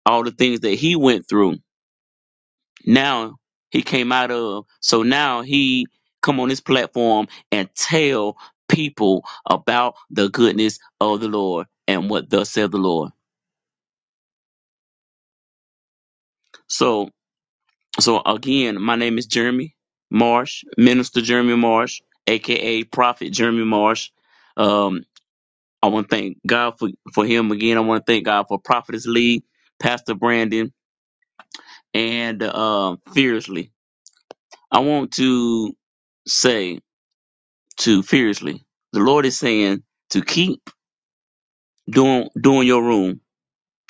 All the things that he went through now he came out of so now he come on this platform and tell people about the goodness of the lord and what thus said the lord so so again my name is jeremy marsh minister jeremy marsh aka prophet jeremy marsh um i want to thank god for for him again i want to thank god for prophetess lee pastor brandon and um fiercely i want to say to furiously. The Lord is saying to keep doing doing your room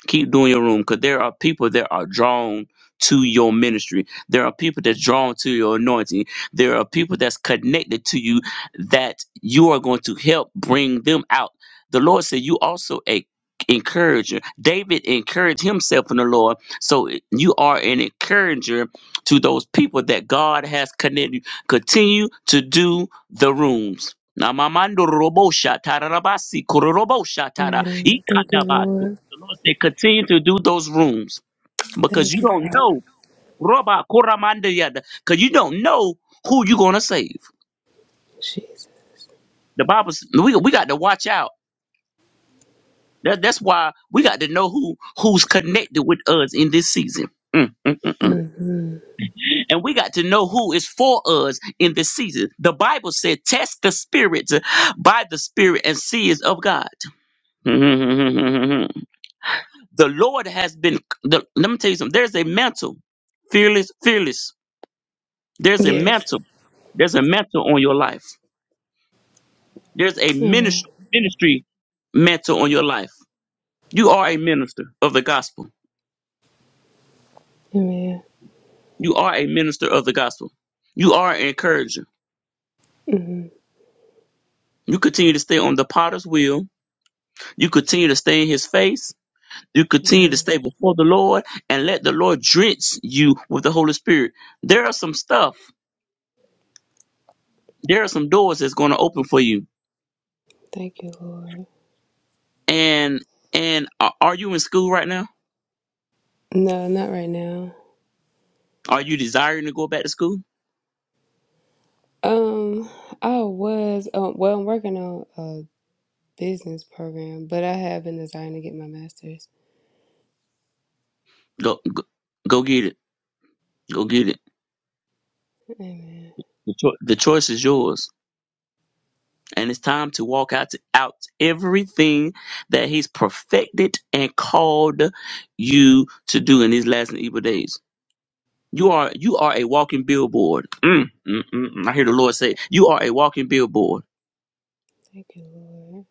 keep doing your room because there are people that are drawn to your ministry. There are people that's drawn to your anointing. There are people that's connected to you that you are going to help bring them out. The Lord said you also a encourager. David encouraged himself in the Lord. So you are an encourager to those people that God has connected. Continue to do the rooms. Namamando robo shatara rabasi, kororobo shatara,
Amen. Thank you,
ikandabasi.
Lord.
The Lord said, continue to do those rooms because
Thank
you
you,
don't
Father
know. Roba Koramanda Yada, because you don't know who you're gonna save.
Jesus.
The Bible, s- we we got to watch out. That, that's why we got to know who who's connected with us in this season. Mm, mm, mm, mm.
hmm
And we got to know who is for us in this season. The Bible said, test the spirits by the spirit and see is of God. the Lord has been, the, let me tell you something. There's a mantle, fearless, fearless. There's a
Yes.
mantle. There's a mantle on your life. There's a
Amen.
ministry, ministry mantle on your life. You are a minister of the gospel.
Amen.
You are a minister of the gospel. You are an encourager.
hmm
You continue to stay on the potter's wheel. You continue to stay in his face. You continue to
Yeah.
stay before the Lord and let the Lord drench you with the Holy Spirit. There are some stuff, there are some doors that's going to open for you.
Thank you, Lord.
And and are are you in school right now?
No, not right now.
Are you desiring to go back to school?
Um, I was um, well, I'm working on. uh, business program, but I have been desiring to get my master's.
Go go, go get it. Go get it
Amen.
Cho- The choice is yours, and it's time to walk out to, out everything that He's perfected and called you to do in these last and evil days. You are you are a walking billboard. Mm, mm, mm, mm. I hear the Lord say, "You are a walking billboard."
Thank you, Lord.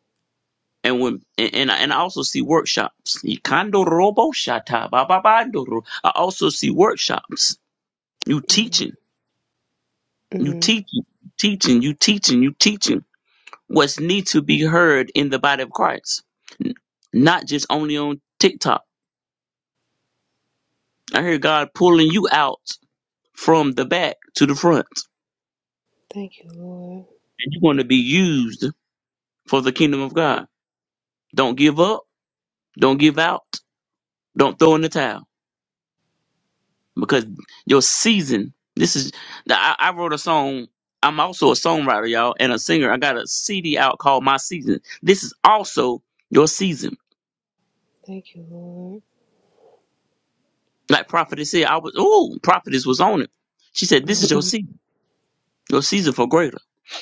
And when and and I, and I also see workshops. Ikando robo shata ba ba ba ndoro. I also see workshops. You
Mm,
teaching, you
mm.
teaching, teaching, you teaching, you teaching. what's need to be heard in the body of Christ, n- not just only on TikTok. I hear God pulling you out from the back to the front,
Thank you, Lord.
and you want to be used for the kingdom of God. Don't give up. Don't give out. Don't throw in the towel because your season. This is. I, I wrote a song. I'm also a songwriter, y'all, and a singer. I got a CD out called My Season. This is also your season.
Thank you,
Like Prophetess said, I was. Oh, Prophetess was on it. She said, "This is your
Lord.
season." Your season for greater.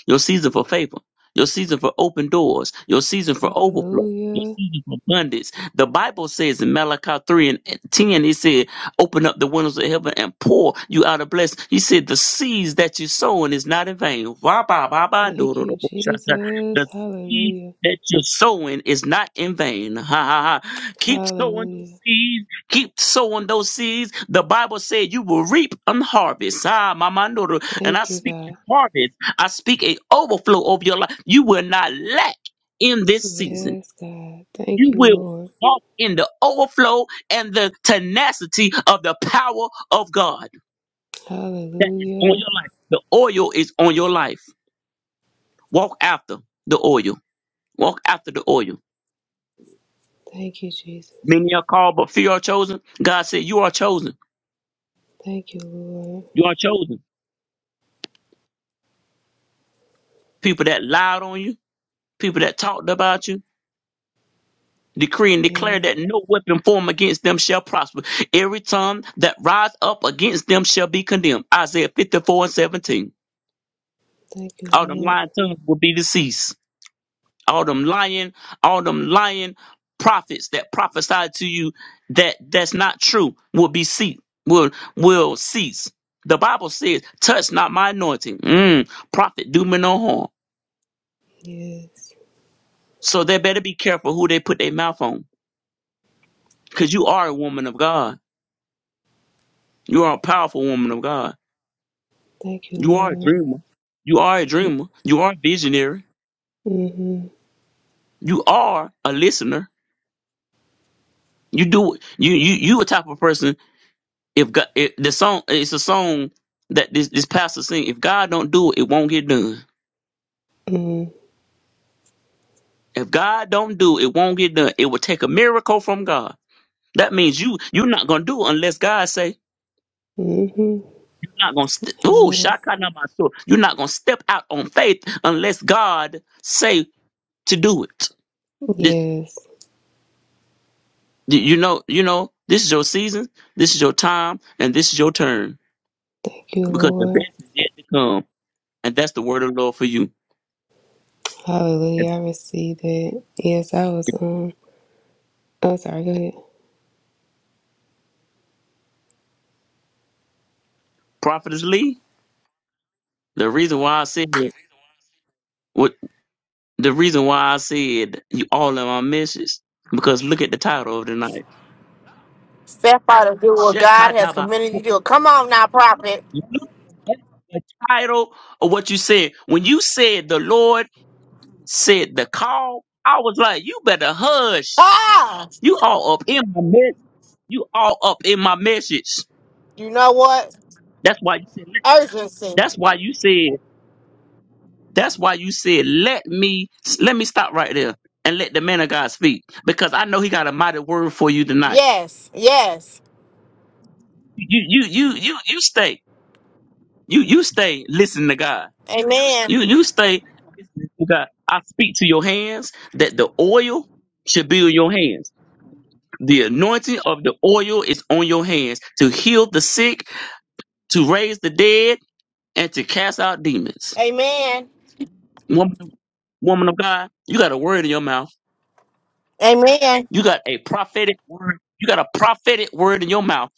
Your season for favor. Your season for open doors. Your season for overflow. Your
Hallelujah.
season for abundance. The Bible says in Malachi 3 and 10, it said, Open up the windows of heaven and pour you out a blessing. He said, The seeds that you're sowing is not in vain.
Thank you, Jesus.
The seeds
Hallelujah.
that you're sowing is not in vain. Ha ha ha. Keep sowing those
Hallelujah.
seeds keep sowing those seeds. The Bible said you will reap and harvest. Ah, my
Thank you, God.
harvest. I speak a overflow over your life. You will not lack in this season.
Yes, God. Thank
You
you,
will
Lord.
walk in the overflow and the tenacity of the power of God that is on
Hallelujah.
your life. The oil is on your life. Walk after the oil. Walk after the oil.
Thank you, Jesus.
Many are called, but few are chosen. God said, You are chosen.
Thank you, Lord.
You are chosen. People that lied on you, people that talked about you decree and declare
Yeah.
that no weapon formed against them shall prosper. Every tongue that rise up against them shall be condemned. Isaiah 54 and 17.
Thank you,
All them
Lord.
lying tongues will be deceased. All them lying, all them lying prophets that prophesy to you that that's not true will be ceased, will will cease. The Bible says, touch not my anointing. Mm, prophet, do me no harm.
Yes.
So they better be careful who they put their mouth on. Because you are a woman of God. You are a powerful woman of God
Thank you,
You are a
Lord.
dreamer. You are a dreamer. You are a visionary.
Mm-hmm.
You are a listener. You do you you you a type of person. If God, if the song it's a song that this this pastor sing. If God don't do it, it won't get done.
Mm-hmm.
If God don't do it, it won't get done. It will take a miracle from God. That means you you're not gonna do it unless God say
Mm-hmm.
you're not gonna. St- Ooh,
Amen.
shaka na my soul. You're not gonna step out on faith unless God say to do it.
Yes.
You you know, you know, this is your season, this is your time, and this is your turn
Thank you,
because the
Lord.
best is yet to come, and that's the word of the Lord for you. And
Hallelujah. I received that. Yes, I was um I'm sorry, go ahead.
Prophetess Lee, the reason why I said what the reason why I said you all in my message because look at the title of the night,
Step out and do what God has
Shekataba.
committed you to. do. Come on now, prophet.
Look at the title of what you said when you said the Lord said the call. I was like, you better hush.
Ah,
You all up in my mess. You all up in my message.
you know what?
That's why you said.
Urgency.
That's why you said. That's why you said. Let me. Let me stop right there and let the man of God speak because I know he got a mighty word for you tonight.
Yes, yes.
You you you you you stay. You you stay. Listen to God.
Amen.
You you stay. listening to God. I speak to your hands that the oil should be on your hands. The anointing of the oil is on your hands to heal the sick, to raise the dead, and to cast out demons.
Amen.
Woman, woman of God, you got a word in your mouth.
Amen.
You got a prophetic word. You got a prophetic word in your mouth,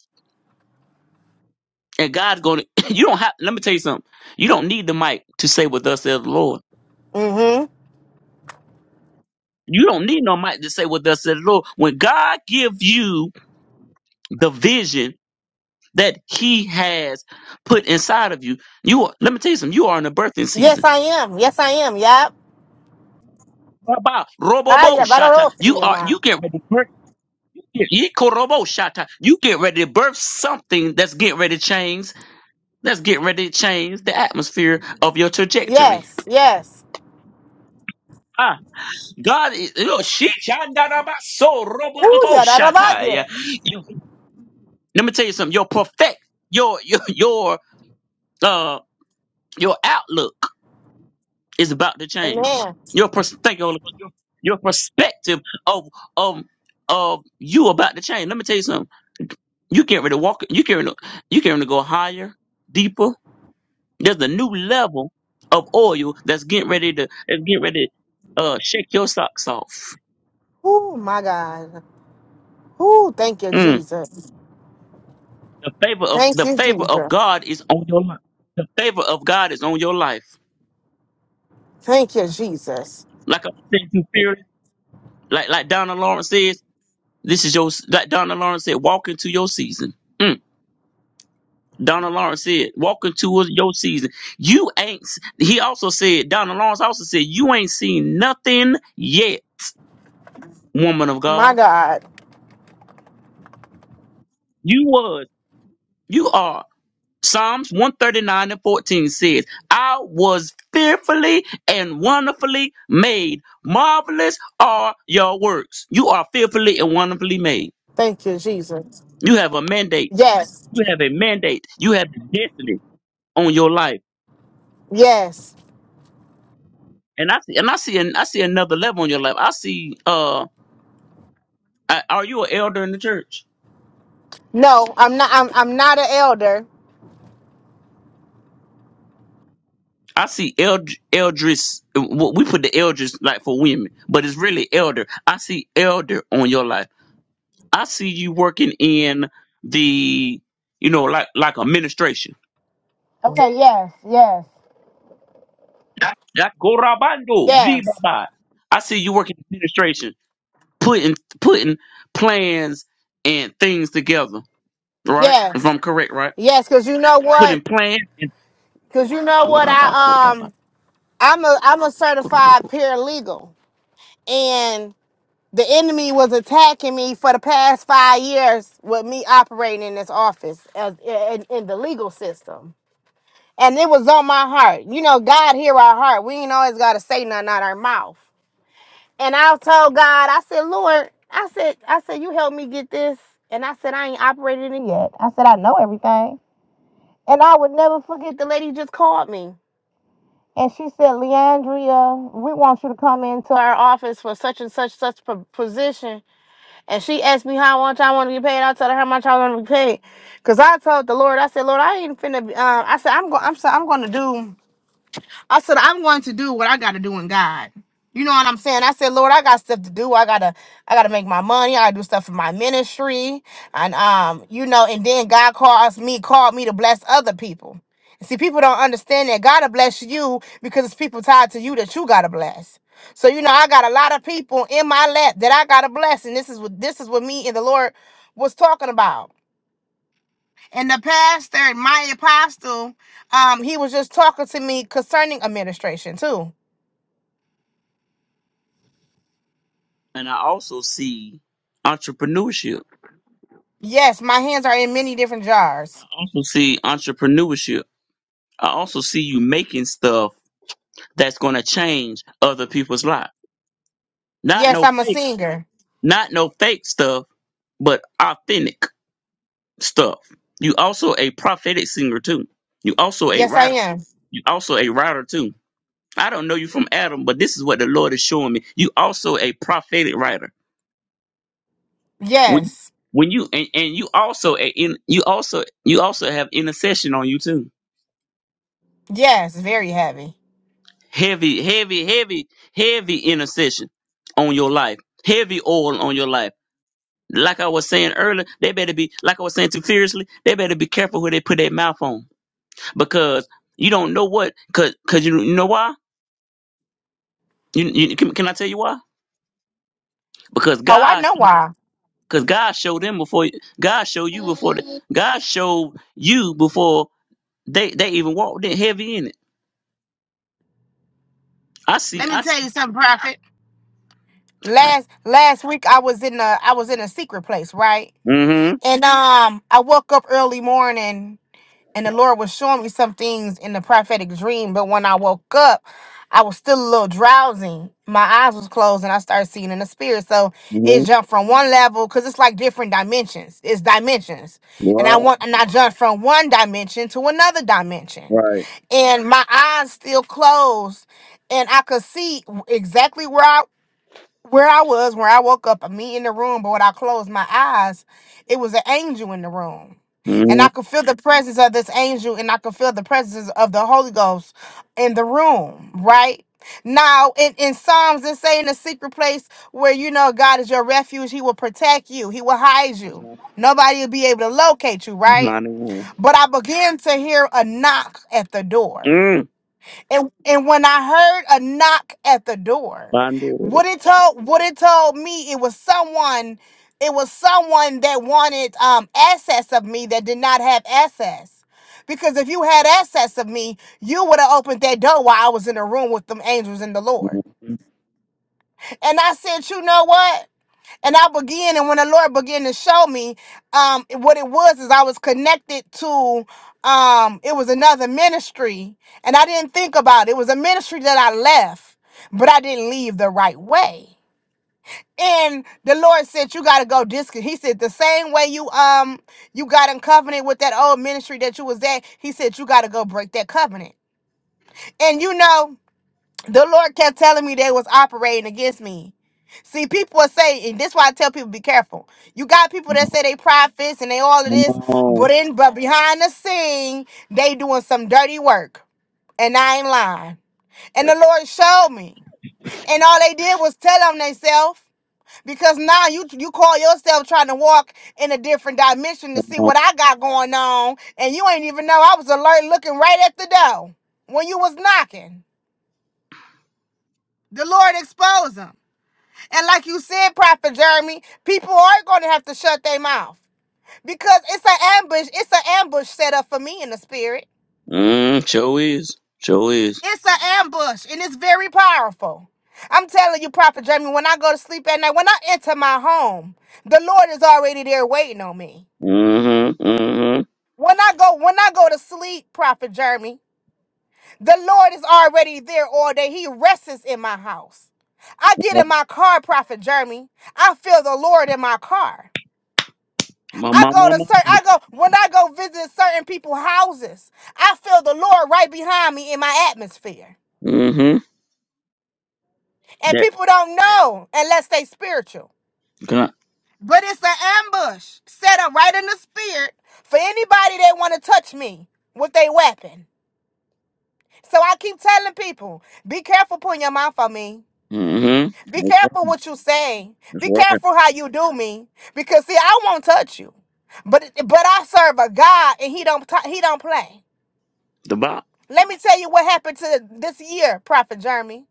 and God's going to. You don't have. Let me tell you something. You don't need the mic to say what thus says the Lord.
Mm-hmm.
You don't need no mic to say what thus says the Lord. When God gives you the vision that He has put inside of you, you are. Let me tell you something. You are in a birthing
Yes,
season.
I am. Yes, I am. Yep.
Baba,
Ah,
Robobo
yeah, but I
shata.
don't see
You
you,
are.
man.
You get ready to birth. Yikorobo shata. You get ready to birth something that's getting ready to change. That's getting ready to change the atmosphere of your trajectory.
Yes, yes.
Ah, God, is- look, shit, so robo
Ooh, yeah, that about you.
shatai. You, let me tell you something. Your perfect, your your your uh your outlook is about to change.
Amen.
Your pers- thank you, your, your perspective of of of you about to change. Let me tell you something. You can't really walk. You can't really, you can't really go higher, deeper. There's a new level of oil that's getting ready to that's getting ready to uh, shake your socks off.
Oh my God. Ooh, thank you,
Mm.
Jesus.
The favor of
Thank
the
you,
favor of
Jesus.
God is on your life. The favor of God is on your life.
Thank you, Jesus.
Like I'm saying to fear, like like Donna Lawrence says, this is your like Donna Lawrence said, walk into your season. Mm. Donna Lawrence said, walk into your season. You ain't s- he also said, Donna Lawrence also said, you ain't seen nothing yet, woman of
My
God.
God.
You was. You are Psalms 139 and 14 says, I was fearfully and wonderfully made. Marvelous are your works. You are fearfully and wonderfully made.
Thank you, Jesus.
You have a mandate.
Yes.
You have a mandate. You have a destiny on your life.
Yes.
And I see, and I see, an, I see another level on your life. I see, uh, I, are you an elder in the church?
No, I'm not I'm I'm not an elder.
I see eld, eldris. w- We put the eldris like for women, but it's really elder. I see elder on your life. I see you working in the, you know, like like administration.
Okay, yes, yes.
Yakorabando,
Yes.
blibaba. I see you working in administration, putting putting plans and things together. Right? If
Yes.
I'm correct, right?
Yes, cuz you know what?
Putting plans and
Cuz you know what I
Korabako,
um I'm a I'm a certified
korabako.
paralegal and the enemy was attacking me for the past 5 years with me operating in this office as in, in the legal system. and it was on my heart. You know, God hear our heart. We ain't always gotta say nothing out our mouth. And I told God, I said, Lord, I said, I said, you help me get this. And I said, I ain't operated it yet. I said, I know everything. And I would never forget the lady just called me. And she said, Leandria, we want you to come into our office for such and such such po- position. And she asked me how much I want to be paid. I told her how much I want to be paid. Cause I told the Lord, I said, Lord, I ain't finna. be- Um, I said, I'm going. I'm. So I'm going to do. I said, I'm going to do what I gotta do in God. You know what I'm saying? I said, Lord, I got stuff to do. I gotta, I gotta make my money. I gotta do stuff for my ministry. And um, you know, and then God calls me, called me to bless other people. See, people don't understand that God will bless you because it's people tied to you that you gotta bless. So, you know, I got a lot of people in my lap that I gotta bless. And this is what this is what me and the Lord was talking about. And the pastor, my apostle, um, he was just talking to me concerning administration too
and I also see entrepreneurship.
Yes, my hands are in many different jars.
I also see entrepreneurship. I also see you making stuff that's gonna change other people's lives. Not
Yes,
no
I'm a
fake,
singer.
not no fake stuff but authentic stuff. You also a prophetic singer too. You also a
Yes, I
writer.
am.
You also a writer too. I don't know you from Adam, but this is what the Lord is showing me. You also a prophetic writer. When you,
Yes.
when you and, and you also a in you also you also have intercession on you too.
Yes, very heavy.
Heavy, heavy, heavy, heavy intercession on your life. Heavy oil on your life. Like I was saying earlier, they better be like I was saying too fiercely. They better be careful who they put their mouth on because you don't know what because because you, you know why you, you can, can i tell you why because
Oh, I
god
know why.
because god showed them before god showed you before the, god showed you before they they even walked in heavy in it i see
Let me
i
tell you
see
something, Prophet.
gosh.
Last last week I was in a I was in a secret place, right?
mm-hmm
And um I woke up early morning and the Lord was showing me some things in the prophetic dream. But when I woke up, I was still a little drowsy. My eyes was closed, and I started seeing in the spirit. So it
mm-hmm
jumped from one level because it's like different dimensions. It's dimensions,
right
and I want and I jumped from one dimension to another dimension,
right.
and my eyes still closed, and I could see exactly where I where I was, where I woke up, me in the room, but when I closed my eyes, it was an angel in the room.
mm-hmm
And I could feel the presence of this angel and I could feel the presence of the Holy Ghost in the room, right? Now in, in Psalms it say in a secret place where you know God is your refuge, he will protect you, he will hide you. Nobody will be able to locate you, right? But I began to hear a knock at the door. And and when I heard a knock at the door, what it told what it told me it was someone it was someone that wanted um access of me that did not have access. Because if you had access of me, you would have opened that door while I was in the room with them angels and the Lord. And I said, you know what? And I began, and when the Lord began to show me um, what it was, is I was connected to um, it was another ministry, and I didn't think about it. It was a ministry that I left, but I didn't leave the right way. And the Lord said, "You got to go disc." He said, "The same way you um you got in covenant with that old ministry that you was at." He said, "You got to go break that covenant." And you know the Lord kept telling me they was operating against me. See, people are saying, and this why I tell people be careful. You got people that say they prophets and they all of this, but in but behind the scene, they doing some dirty work. And I ain't lying. And the Lord showed me. And all they did was tell on themselves. Because now you you call yourself trying to walk in a different dimension to see what I got going on. And you ain't even know I was alert looking right at the door when you was knocking. The Lord exposed 'em. And like you said, Prophet Jeremy, people are going to have to shut their mouth because it's an ambush. It's an ambush set up for me in the spirit.
mm, sure is sure is
It's an ambush, and it's very powerful. I'm telling you, Prophet Jeremy, when I go to sleep at night, when I enter my home, the Lord is already there waiting on me.
mm-hmm mm-hmm
When I go, when I go to sleep, Prophet Jeremy, the Lord is already there all day. He rests in my house. I get in my car, Prophet Jeremy. I feel the Lord in my car.
my
I go to
mama
certain, I go, when I go visit certain people's houses, I feel the Lord right behind me in my atmosphere.
mm-hmm
And
that
people don't know unless they spiritual.
can I,
But it's an ambush set up right in the spirit for anybody that want to touch me with their weapon. So I keep telling people, be careful putting your mouth on me.
mm-hmm
Be careful what you say. Be careful how you do me. Because see, I won't touch you. But but I serve a God and he don't t- he don't play. Let me tell you what happened to this year, Prophet Jeremy.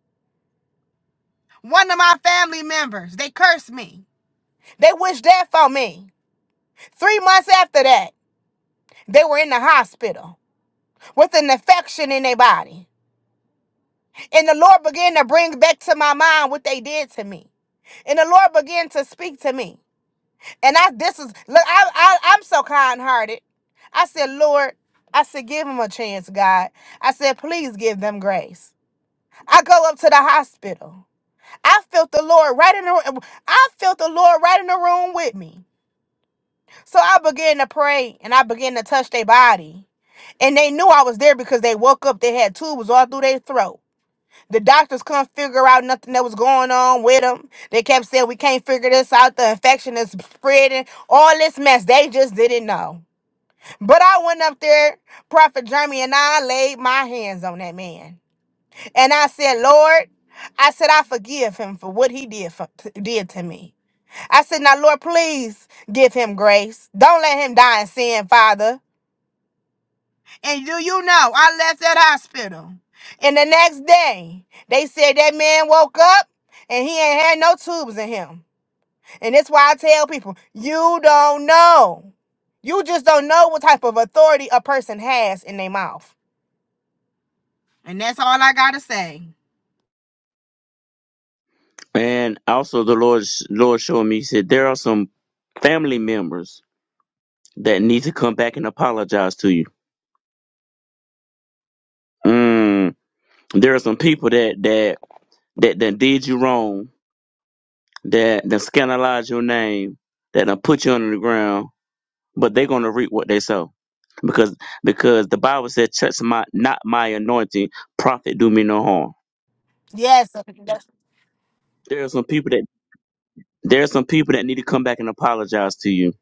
One of my family members, they cursed me. They wished death on me. Three months after that, they were in the hospital with an infection in their body. And the Lord began to bring back to my mind what they did to me. And the Lord began to speak to me. And I, this is, look, I, I, I'm so kind hearted. I said, Lord, I said, give them a chance, God. I said, please give them grace. I go up to the hospital. I felt the Lord right in the I felt the Lord right in the room with me. So I began to pray and I began to touch their body. And they knew I was there because they woke up, they had tubes all through their throat. The doctors couldn't figure out nothing that was going on with them. They kept saying, We can't figure this out. The infection is spreading. All this mess. They just didn't know. But I went up there, Prophet Jeremy, and I laid my hands on that man. And I said, Lord, I said, I forgive him for what he did for, did to me. I said, Now, Lord, please give him grace. Don't let him die in sin, Father. And do you know, I left that hospital. And the next day, they said that man woke up and he ain't had no tubes in him. And that's why I tell people, you don't know. You just don't know what type of authority a person has in their mouth. And that's all I got to say.
And also, the Lord Lord showed me. He said there are some family members that need to come back and apologize to you. Mm, there are some people that that that that did you wrong, that that scandalized your name, that done put you under the ground, but they're gonna reap what they sow because because the Bible said, "Touch my not my anointing, prophet do me no harm."
Yes, that's-
There are some people that there are some people that need to come back and apologize to you,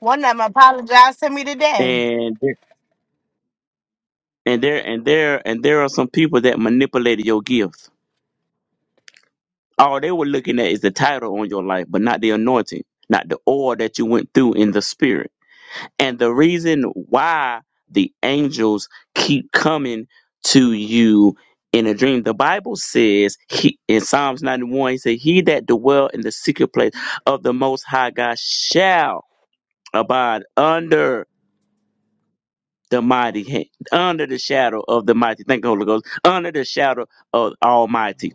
one of them apologized to me today.
and and there and there and there are some people that manipulated your gift. All they were looking at is the title on your life, but not the anointing, not the oil that you went through in the spirit. And the reason why the angels keep coming to you in a dream, the Bible says he, in Psalms 91, he said, He that dwell in the secret place of the most high God shall abide under. the mighty hand, under the shadow of the mighty. Thank you, Holy Ghost. Under the shadow of Almighty.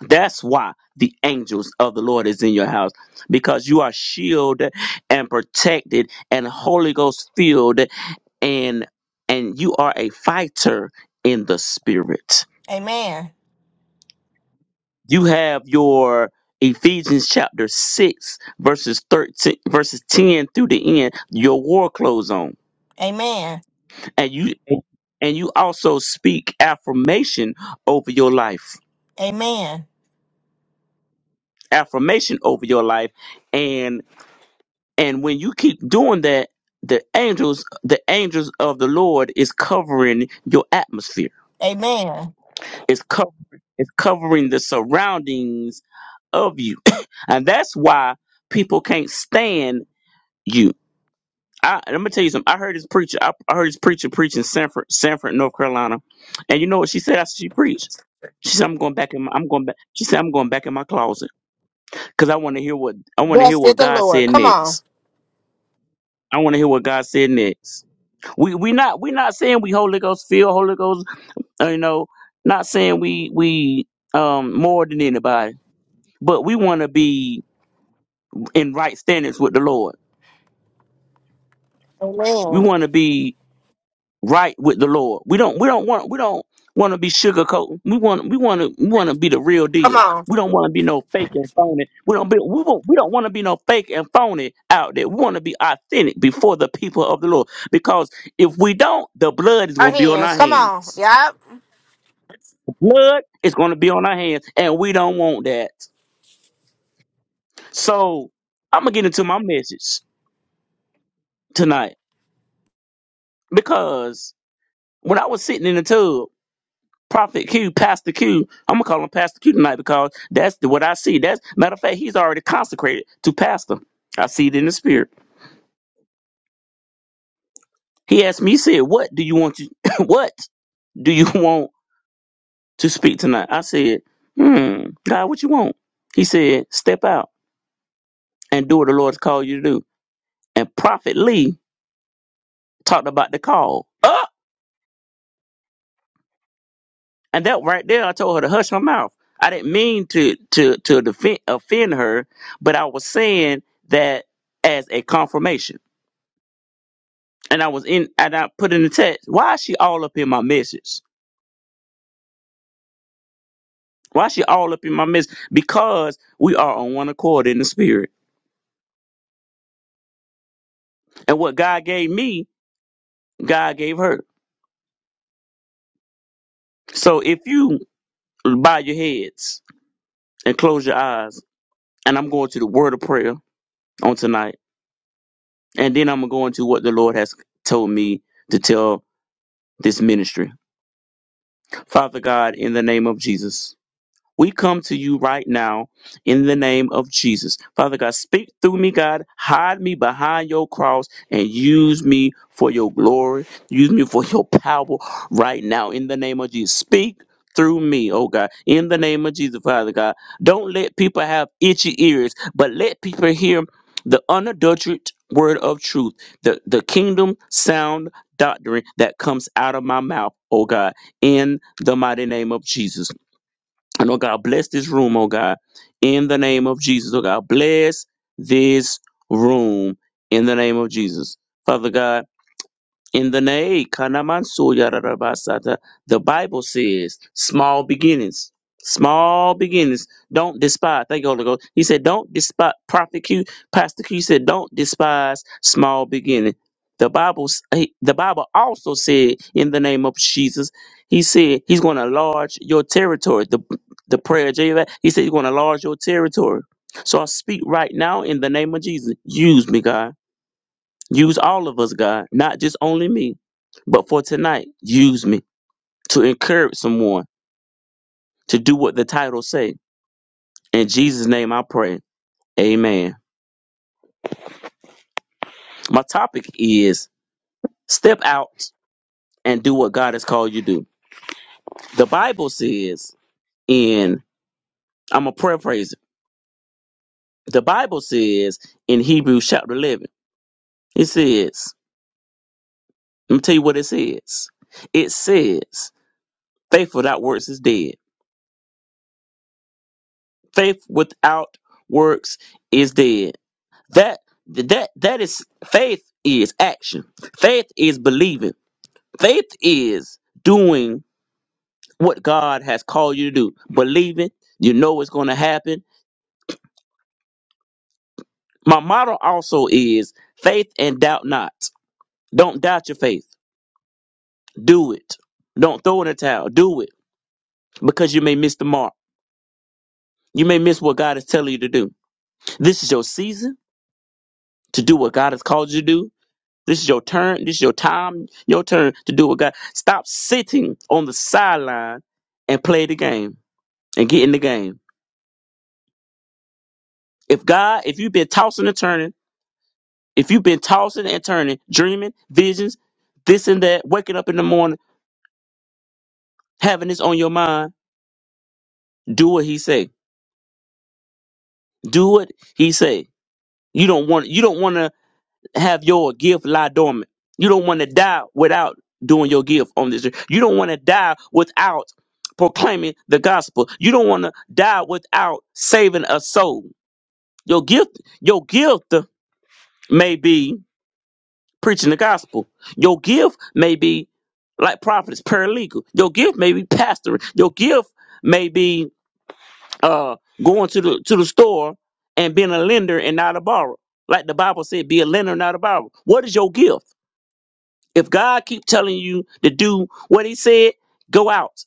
That's why the angels of the Lord is in your house because you are shielded and protected and Holy Ghost filled and and you are a fighter in the spirit.
Amen.
You have your Ephesians chapter 6 verses 13 verses 10 through the end your war clothes on
Amen.
and you and you also speak affirmation over your life
Amen.
affirmation over your life and and when you keep doing that the angels the angels of the lord is covering your atmosphere
Amen.
it's covering it's covering the surroundings of you and that's why people can't stand you I, I'm gonna tell you something. I heard this preacher. I, I heard this preacher preach in Sanford, Sanford, North Carolina, and you know what she said after she preached? She said, "I'm going back in. My, I'm going back." She said, "I'm going back in my closet because I want to hear what I want to
Thus
hear
said
what
the
God
Lord.
said
Come on.
next. I want to hear what God said next. We we not we not saying we Holy Ghost feel Holy Ghost. uh, You know, not saying we we um more than anybody, but we want to be in right standings with the Lord. We
Amen.
want to be right with the Lord. We don't we don't want we don't want to be sugarcoating. We want we want to we want to be the real
Come
deal.
on.
We don't want to be no fake and phony. We don't be we won't, we don't want to be no fake and phony out there. We want to be authentic before the people of the Lord. Because if we don't, the blood is
Our
going to be on
hands.
our
Come on.
hands.
Yup.
The blood is going to be on our hands, and we don't want that. So I'm gonna get into my message tonight because when I was sitting in the tub. Prophet Q, Pastor Q. I'm gonna call him Pastor Q tonight because that's the, what I see. That's matter of fact, he's already consecrated to pastor. I see it in the spirit. He asked me, he said, "What do you want to? what do you want to speak tonight?" I said, "Hmm, God, what you want?" He said, "Step out and do what the Lord's called you to do." And Prophet Lee talked about the call. Up and that right there, I told her to hush her mouth. I didn't mean to to to defend, offend her, but I was saying that as a confirmation. and I was in and I put in the text, why is she all up in my message? Why is she all up in my message? Because we are on one accord in the spirit. And what God gave me, God gave her. So if you bow your heads and close your eyes, and I'm going to the word of prayer on tonight, and then I'm going to go into what the Lord has told me to tell this ministry. Father God, in the name of Jesus. We come to you right now in the name of Jesus. Father God, speak through me, God. Hide me behind your cross and use me for your glory. Use me for your power right now in the name of Jesus. Speak through me, oh God, in the name of Jesus, Father God. Don't let people have itchy ears, but let people hear the unadulterated word of truth, the, the kingdom sound doctrine that comes out of my mouth, oh God, in the mighty name of Jesus. And oh God, bless this room, oh God, in the name of Jesus. Oh God, bless this room in the name of Jesus. Father God, in the Nae, Kanamansu Yarabasata, the Bible says, small beginnings. Small beginnings. Don't despise. Thank you, Holy Ghost. He said, don't despise. Prophet Q, Pastor Q said, don't despise small beginning. The Bible, s- he- the Bible also said, in the name of Jesus, he said he's going to enlarge your territory. The, the prayer of Jabez, he said he's going to enlarge your territory. So I speak right now in the name of Jesus. Use me, God. Use all of us, God, not just only me, but for tonight, use me to encourage someone to do what the title say. In Jesus' name I pray. Amen. My topic is step out and do what God has called you to do. The Bible says in I'm gonna paraphrase it. The Bible says in Hebrews chapter eleven, it says, let me tell you what it says. It says, faith without works is dead. Faith without works is dead That that that is faith is action. Faith is believing. Faith is doing what God has called you to do. Believing, you know it's going to happen. My motto also is faith and doubt not. Don't doubt your faith. Do it. Don't throw in the towel. Do it because you may miss the mark. You may miss what God is telling you to do. This is your season to do what God has called you to do This is your turn. This is your time. Your turn to do what God. Stop sitting on the sideline and play the game and get in the game. If God, if you've been tossing and turning, if you've been tossing and turning, dreaming, visions, this and that, waking up in the morning, having this on your mind, do what He say. Do what He say. You don't want. You don't want to. have your gift lie dormant. You don't want to die without doing your gift on this earth. You don't want to die without proclaiming the gospel. You don't want to die without saving a soul. Your gift, your gift may be preaching the gospel. Your gift may be like prophets, paralegal. Your gift may be pastoring. Your gift may be uh going to the to the store and being a lender and not a borrower. Like the Bible said, be a lender, not a borrower. What is your gift? If God keep telling you to do what he said, go out,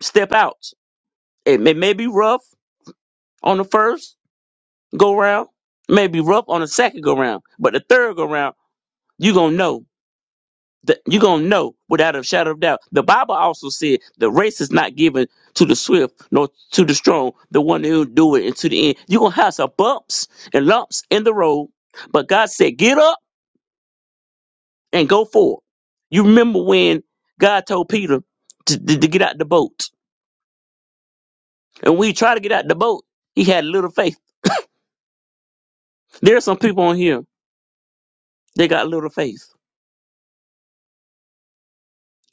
step out. It may, may be rough on the first go round, may be rough on the second go round, but the third go round, you're going to know. that You're going to know without a shadow of doubt. The Bible also said the race is not given to the swift nor to the strong, the one who do it into the end. You're going to have some bumps and lumps in the road, but God said, get up and go forward. You remember when God told Peter to, to to get out the boat And when he tried to get out the boat, he had little faith. There are some people on here, they got little faith.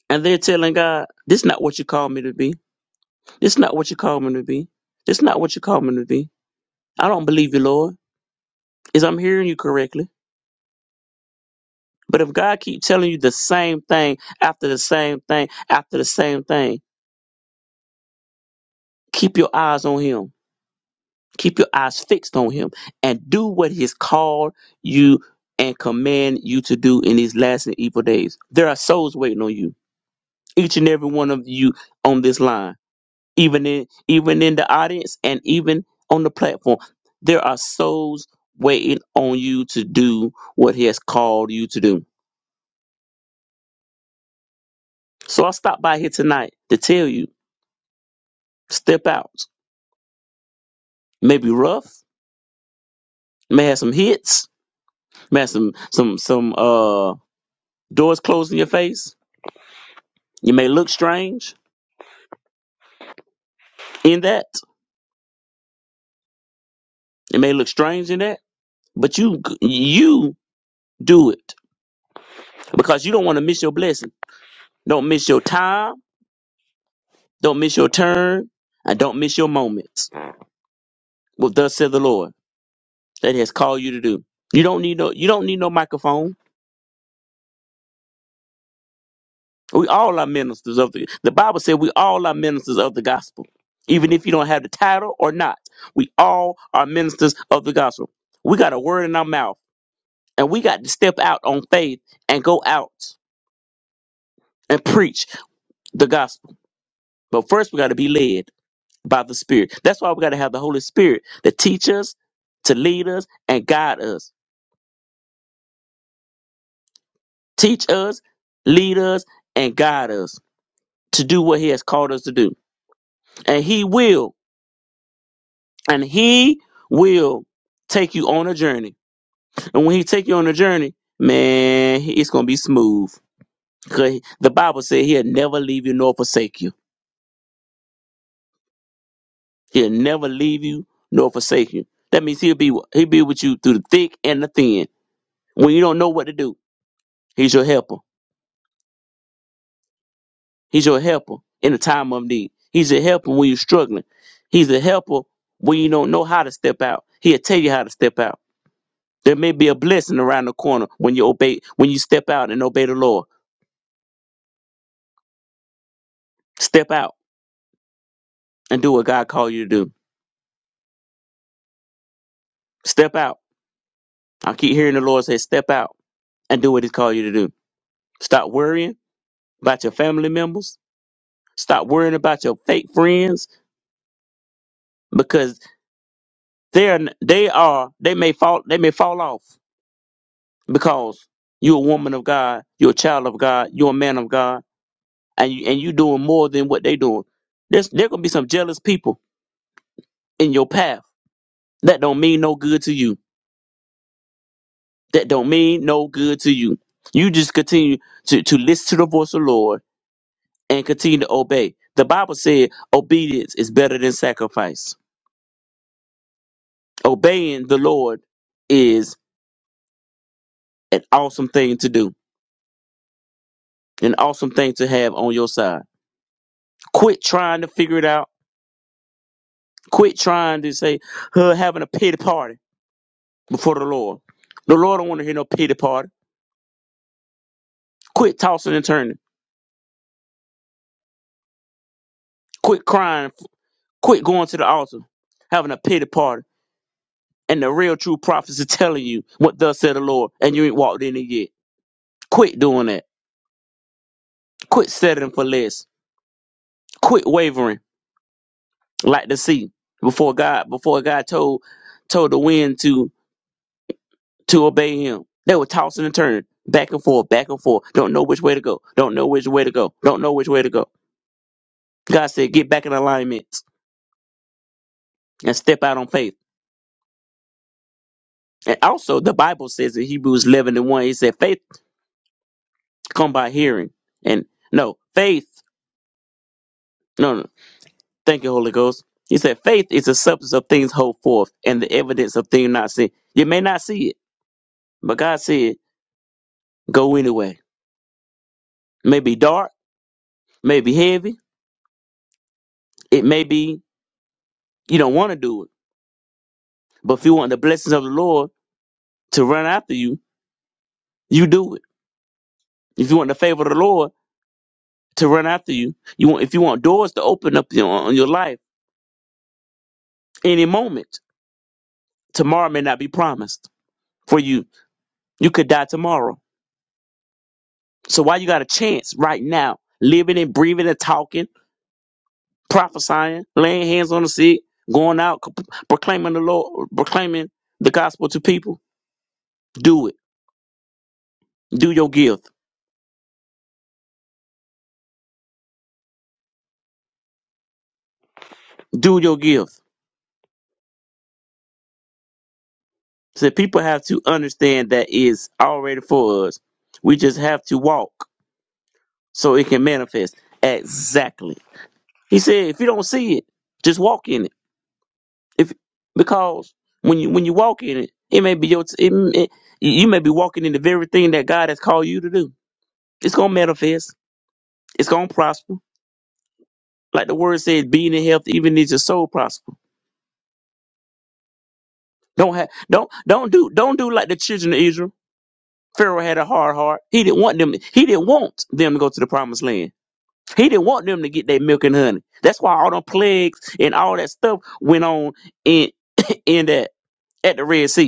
And they're telling God, this is not what you call me to be. This is not what you call me to be. This is not what you call me to be. I don't believe you, Lord. Is I'm hearing you correctly. But if God keep telling you the same thing after the same thing after the same thing, keep your eyes on him. Keep your eyes fixed on him and do what he's called you and command you to do in these last and evil days. There are souls waiting on you. each and every one of you on this line, even in even in the audience and even on the platform. There are souls waiting on you to do what he has called you to do. So I stopped by here tonight to tell you, step out. Maybe rough, may have some hits, may have some some some uh doors closed in your face. You may look strange in that. It may look strange in that, but you you do it because you don't want to miss your blessing. Don't miss your time Don't miss your turn and don't miss your moments. Well, thus said the Lord that He has called you to do. You don't need no you don't need no microphone. We all are ministers of the the Bible said we all are ministers of the gospel. Even if you don't have the title or not, we all are ministers of the gospel. We got a word in our mouth and we got to step out on faith and go out and preach the gospel. But first we got to be led by the Spirit. That's why we got to have the Holy Spirit to teach us, to lead us, and guide us teach us, lead us, and guide us to do what He has called us to do. And He will, and He will take you on a journey. And when He take you on a journey, man, it's gonna be smooth. Cause the Bible said He'll never leave you nor forsake you. He'll never leave you nor forsake you. That means He'll be He'll be with you through the thick and the thin. When you don't know what to do, He's your helper. He's your helper in the time of need. He's a helper when you're struggling. He's a helper when you don't know how to step out. He'll tell you how to step out. There may be a blessing around the corner when you obey, when you step out and obey the Lord. Step out and do what God called you to do. Step out. I keep hearing the Lord say, step out and do what He's called you to do. Stop worrying about your family members. Stop worrying about your fake friends because they're they are they may fall they may fall off. because you're a woman of God, you're a child of God, you're a man of God, and you and you doing more than what they doing. There's there gonna be some jealous people in your path that don't mean no good to you. That don't mean no good to you. You just continue to, to listen to the voice of the Lord and continue to obey. The Bible said obedience is better than sacrifice. Obeying the Lord is an awesome thing to do, an awesome thing to have on your side. Quit trying to figure it out Quit trying to say her having a pity party before the Lord. The Lord don't want to hear no pity party. Quit tossing and turning. Quit crying. Quit going to the altar, having a pity party. And the real true prophets are telling you what thus said the Lord, and you ain't walked in it yet. Quit doing that. Quit settling for less. Quit wavering like the sea before God. Before God told told the wind to to obey Him, they were tossing and turning back and forth, back and forth. Don't know which way to go. Don't know which way to go. Don't know which way to go God said, get back in alignment and step out on faith. And also, the Bible says in Hebrews 11 and 1, he said, faith come by hearing. And no, faith, no, no, thank you, Holy Ghost. He said, faith is the substance of things hoped for and the evidence of things not seen. You may not see it, but God said, go anyway. It may be dark, may be heavy, it may be you don't want to do it. But if you want the blessings of the Lord to run after you, you do it. If you want the favor of the Lord, to run after you. You want if you want doors to open up you know, on your life any moment. Tomorrow may not be promised for you. You could die tomorrow. So why you got a chance right now, living and breathing and talking, prophesying, laying hands on the sick, going out c- proclaiming the Lord, proclaiming the gospel to people? Do it. Do your gift. Do your gift. So people have to understand that is already for us. We just have to walk so it can manifest. Exactly. He said, if you don't see it, just walk in it. If because when you when you walk in it, it may be your t- it, it- you may be walking in the very thing that God has called you to do. It's gonna manifest. It's gonna prosper. Like the word says, being in health even is your soul prosper. Don't have don't don't do don't do like the children of Israel. Pharaoh had a hard heart. He didn't want them. He didn't want them to go to the promised land. He didn't want them to get their milk and honey. That's why all them plagues and all that stuff went on in in that at the Red Sea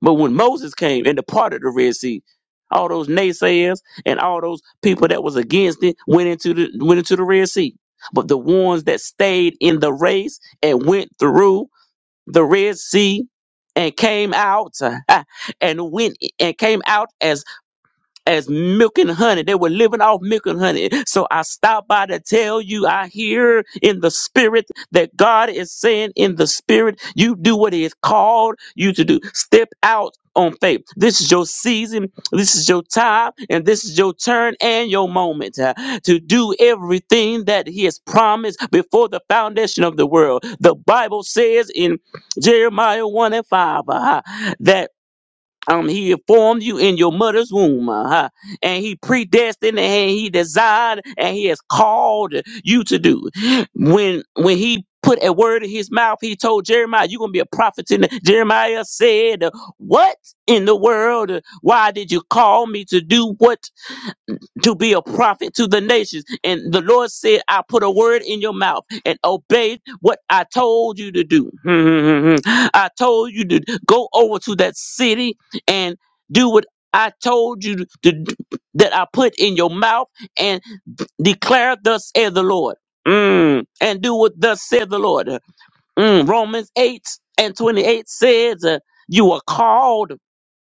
But when Moses came and departed the Red Sea, all those naysayers and all those people that was against it went into the went into the Red Sea. But the ones that stayed in the race and went through the Red Sea and came out and went and came out as as milk and honey. They were living off milk and honey. So I stopped by to tell you, I hear in the spirit that God is saying in the spirit, you do what He has called you to do. Step out on faith. This is your season. This is your time. And this is your turn and your moment uh, to do everything that He has promised before the foundation of the world. The Bible says in Jeremiah 1 and 5 uh, that um, he formed you in your mother's womb, uh-huh. and he predestined, and he designed, and he has called you to do. When when he put a word in his mouth, he told Jeremiah, "You're gonna be a prophet." And Jeremiah said, "What in the world? Why did you call me to do what?" to be a prophet to the nations. And the Lord said, I put a word in your mouth and obeyed what I told you to do. I told you to go over to that city and do what I told you to do, that I put in your mouth and declare thus saith the Lord. Mm, and do what thus said the Lord. Mm, Romans 8 and 28 says, uh, you are called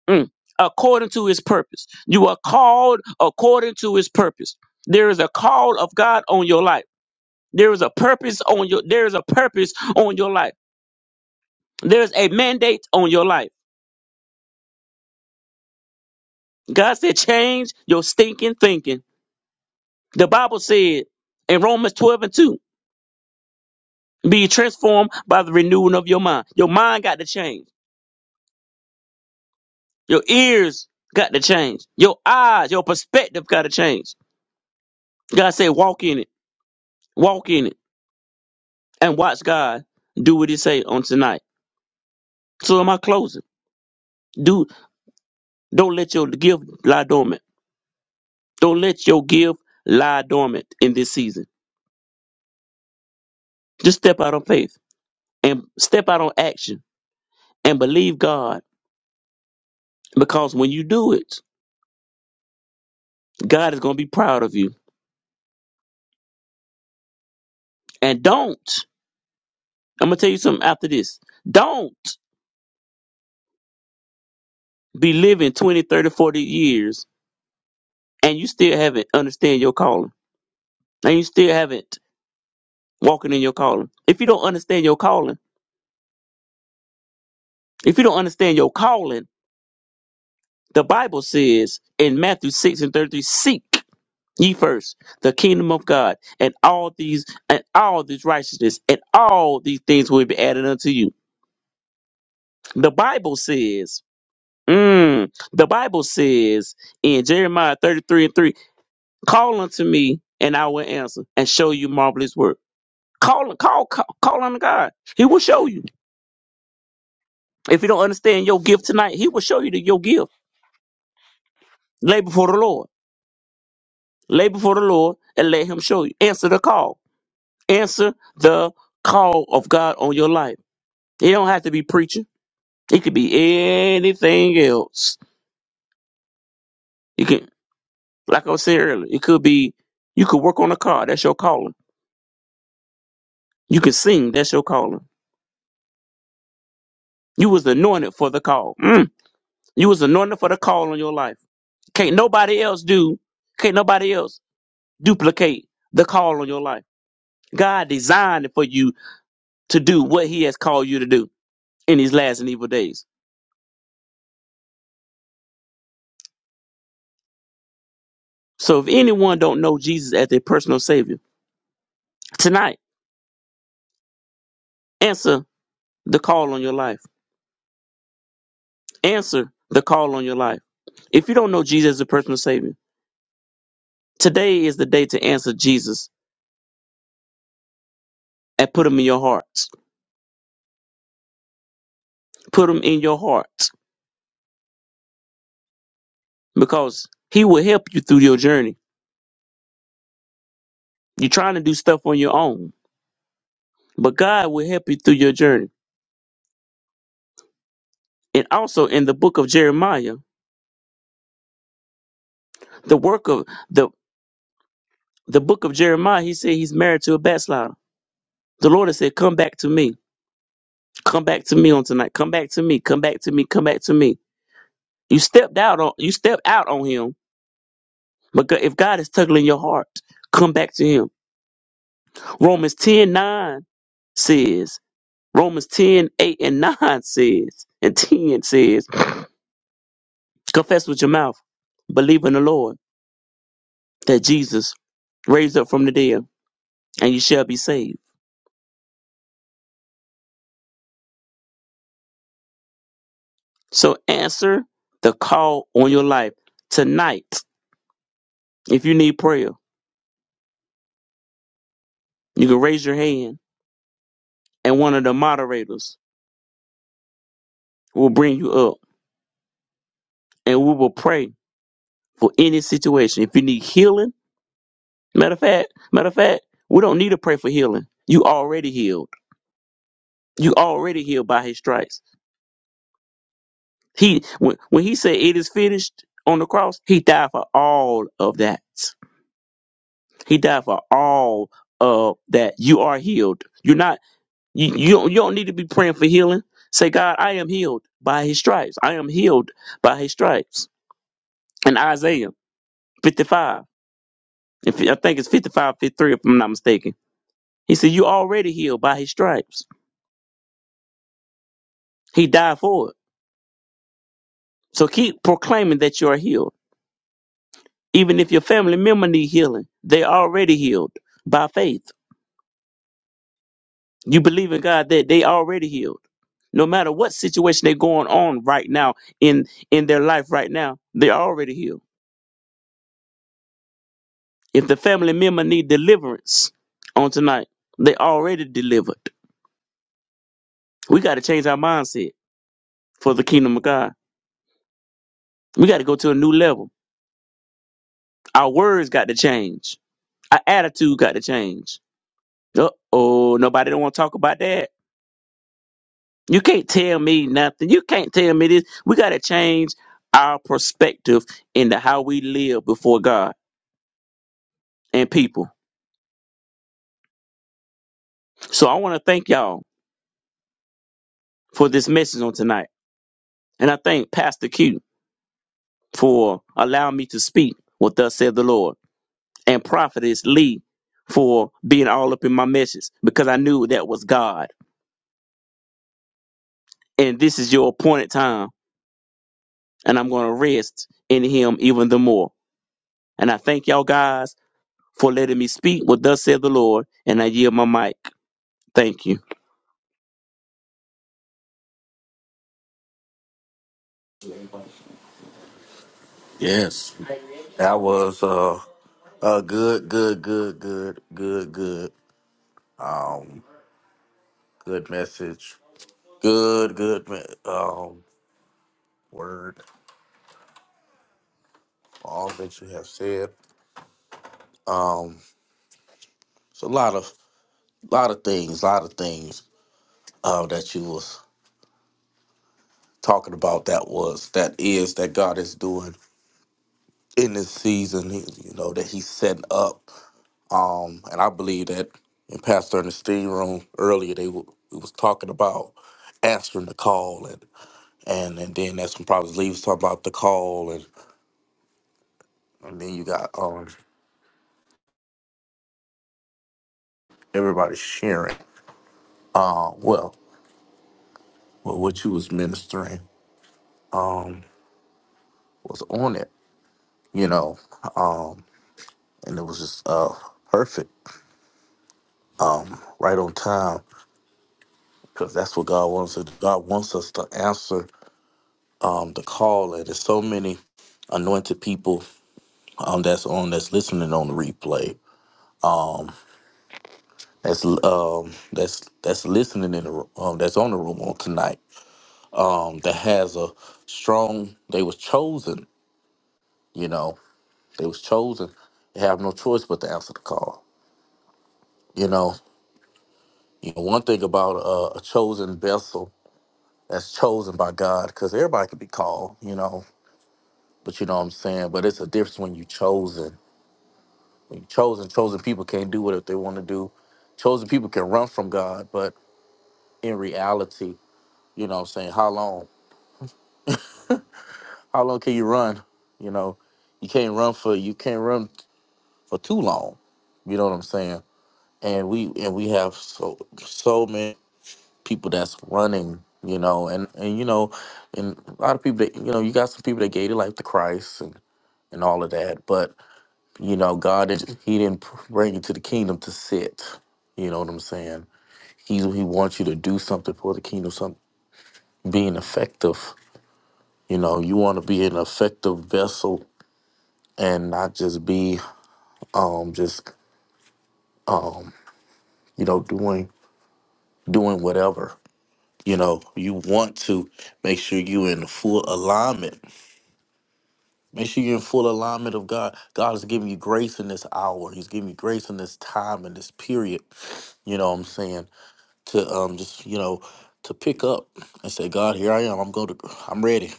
Mm. according to his purpose. You are called according to his purpose. There is a call of God on your life. There is a purpose on your there is a purpose on your life. There's a mandate on your life. God said, change your stinking thinking. The Bible said in Romans 12 and 2, be transformed by the renewing of your mind. Your mind got to change. Your ears got to change. Your eyes, your perspective got to change. God said, walk in it. Walk in it and watch God do what He say on tonight. So am I closing? Do don't let your gift lie dormant. Don't let your gift lie dormant in this season. Just step out on faith and step out on action and believe God because when you do it, God is going to be proud of you. And don't I'm gonna tell you something after this. Don't be living 20, 30, 40 years and you still haven't understand your calling and you still haven't walking in your calling. If you don't understand your calling If you don't understand your calling, the Bible says in Matthew 6 and 33, seek ye first the kingdom of God and all these and all this righteousness and all these things will be added unto you. The Bible says, mm, the Bible says in Jeremiah 33 and 3, call unto me and I will answer and show you marvelous work. Call, call, call, call unto God. He will show you. If you don't understand your gift tonight, he will show you the, your gift. Lay before the Lord. Lay before the Lord and let Him show you. Answer the call. Answer the call of God on your life. It don't have to be preaching. It could be anything else. You can, like I was saying earlier, it could be you could work on a car. That's your calling. You can sing. That's your calling. You was anointed for the call. Mm. You was anointed for the call on your life. Can't nobody else do. Can't nobody else duplicate the call on your life. God designed it for you to do what He has called you to do in these last and evil days. So if anyone don't know Jesus as their personal savior, tonight answer the call on your life. Answer the call on your life. If you don't know Jesus as a personal savior, today is the day to answer Jesus and put him in your hearts. Put him in your hearts because he will help you through your journey. You're trying to do stuff on your own, but God will help you through your journey. And also in the book of Jeremiah, the work of the the book of Jeremiah, he said he's married to a backslider. The Lord has said, Come back to me. Come back to me on tonight. Come back to me. Come back to me. Come back to me. You stepped out on you stepped out on him. But go- if God is tugging your heart, come back to him. Romans 10 9 says, Romans 10 8 and 9 says, and 10 says, confess with your mouth, believe in the Lord that Jesus raised up from the dead, and you shall be saved. So answer the call on your life. Tonight, if you need prayer, you can raise your hand and one of the moderators We'll bring you up and we will pray for any situation. If you need healing, matter of fact, matter of fact, we don't need to pray for healing. You already healed. You already healed by his stripes. He when, when he said it is finished on the cross, he died for all of that. He died for all of that. You are healed. You're not you you don't, you don't need to be praying for healing. Say, God, I am healed by his stripes. I am healed by his stripes. In Isaiah 55. If I think it's 55, 53, if I'm not mistaken. He said, You already healed by his stripes. He died for it. So keep proclaiming that you are healed. Even if your family member need healing, they already healed by faith. You believe in God that they already healed. No matter what situation they're going on right now in, in their life right now, they're already healed. If the family member need deliverance on tonight, they already delivered. We got to change our mindset for the kingdom of God. We got to go to a new level. Our words got to change. Our attitude got to change. Uh oh, nobody don't want to talk about that. You can't tell me nothing. You can't tell me this. We got to change our perspective into how we live before God and people. So I want to thank y'all for this message on tonight. And I thank Pastor Q for allowing me to speak what thus said the Lord. And Prophetess Lee for being all up in my message because I knew that was God. And this is your appointed time and I'm going to rest in him even the more. And I thank y'all guys for letting me speak what thus said the Lord, and I yield my mic. Thank you.
Yes, that was uh, a good, good, good, good, good, good, good message. Good, good, me- um, word. All that you have said. Um, it's a lot of A lot of things, a lot of things uh, that you was talking about that was, that is, that God is doing in this season, you know, that he's setting up. Um, and I believe that in Pastor and the steam room earlier, they w- we was talking about answering the call and and and then that's when probably leaves talking about the call and, and then you got um everybody sharing uh well well what you was ministering was on it you know um and it was just uh perfect right on time because that's what God wants us. to do. God wants us to answer um, the call. And there's so many anointed people um, that's on that's listening on the replay. That's um, that's that's listening in the ro- um, that's on the room on tonight. Um, that has a strong. They was chosen. You know, they was chosen. They have no choice but to answer the call. You know, you know one thing about uh, a chosen vessel that's chosen by God, because everybody can be called. You know, But you know what I'm saying? But it's a difference when you chosen. When you chosen, chosen people can't do what they want to do. Chosen people can run from God, but in reality, you know what I'm saying, how long? How long can you run? You know, you can't run for you can't run for too long. You know what I'm saying? And we and we have so so many people that's running, you know, and and you know, and a lot of people that you know, you got some people that gave their life to Christ and and all of that, but You know, God is He didn't bring you to the kingdom to sit. You know what I'm saying? He's He wants you to do something for the kingdom, some being effective. You know, you want to be an effective vessel and not just be um just um you know doing doing whatever. You know, you want to make sure you're in full alignment. Make sure you're in full alignment of God. God is giving you grace in this hour. He's giving you grace in this time in this period. You know what I'm saying? to um just you know to pick up and say god here i am i'm going to i'm ready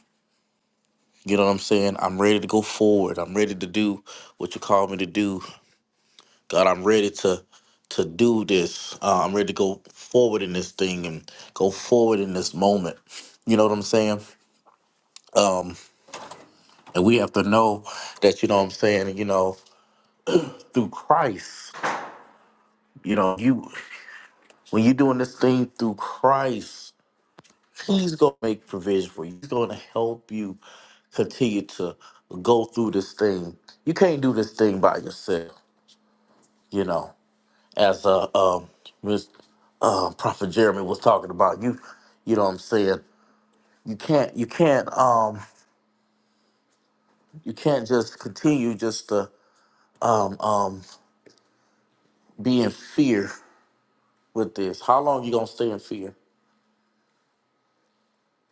you know what i'm saying i'm ready to go forward i'm ready to do what you called me to do god i'm ready to to do this uh, i'm ready to go forward in this thing and go forward in this moment you know what i'm saying and we have to know that you know what i'm saying you know through christ you know you when you're doing this thing through christ He's going to make provision for you. He's going to help you continue to go through this thing. You can't do this thing by yourself, you know. As uh, um, Miss uh, Prophet Jeremy was talking about, you, you know what I'm saying. You can't, you can't, um, you can't just continue just to um, um, be in fear with this. How long you gonna stay in fear?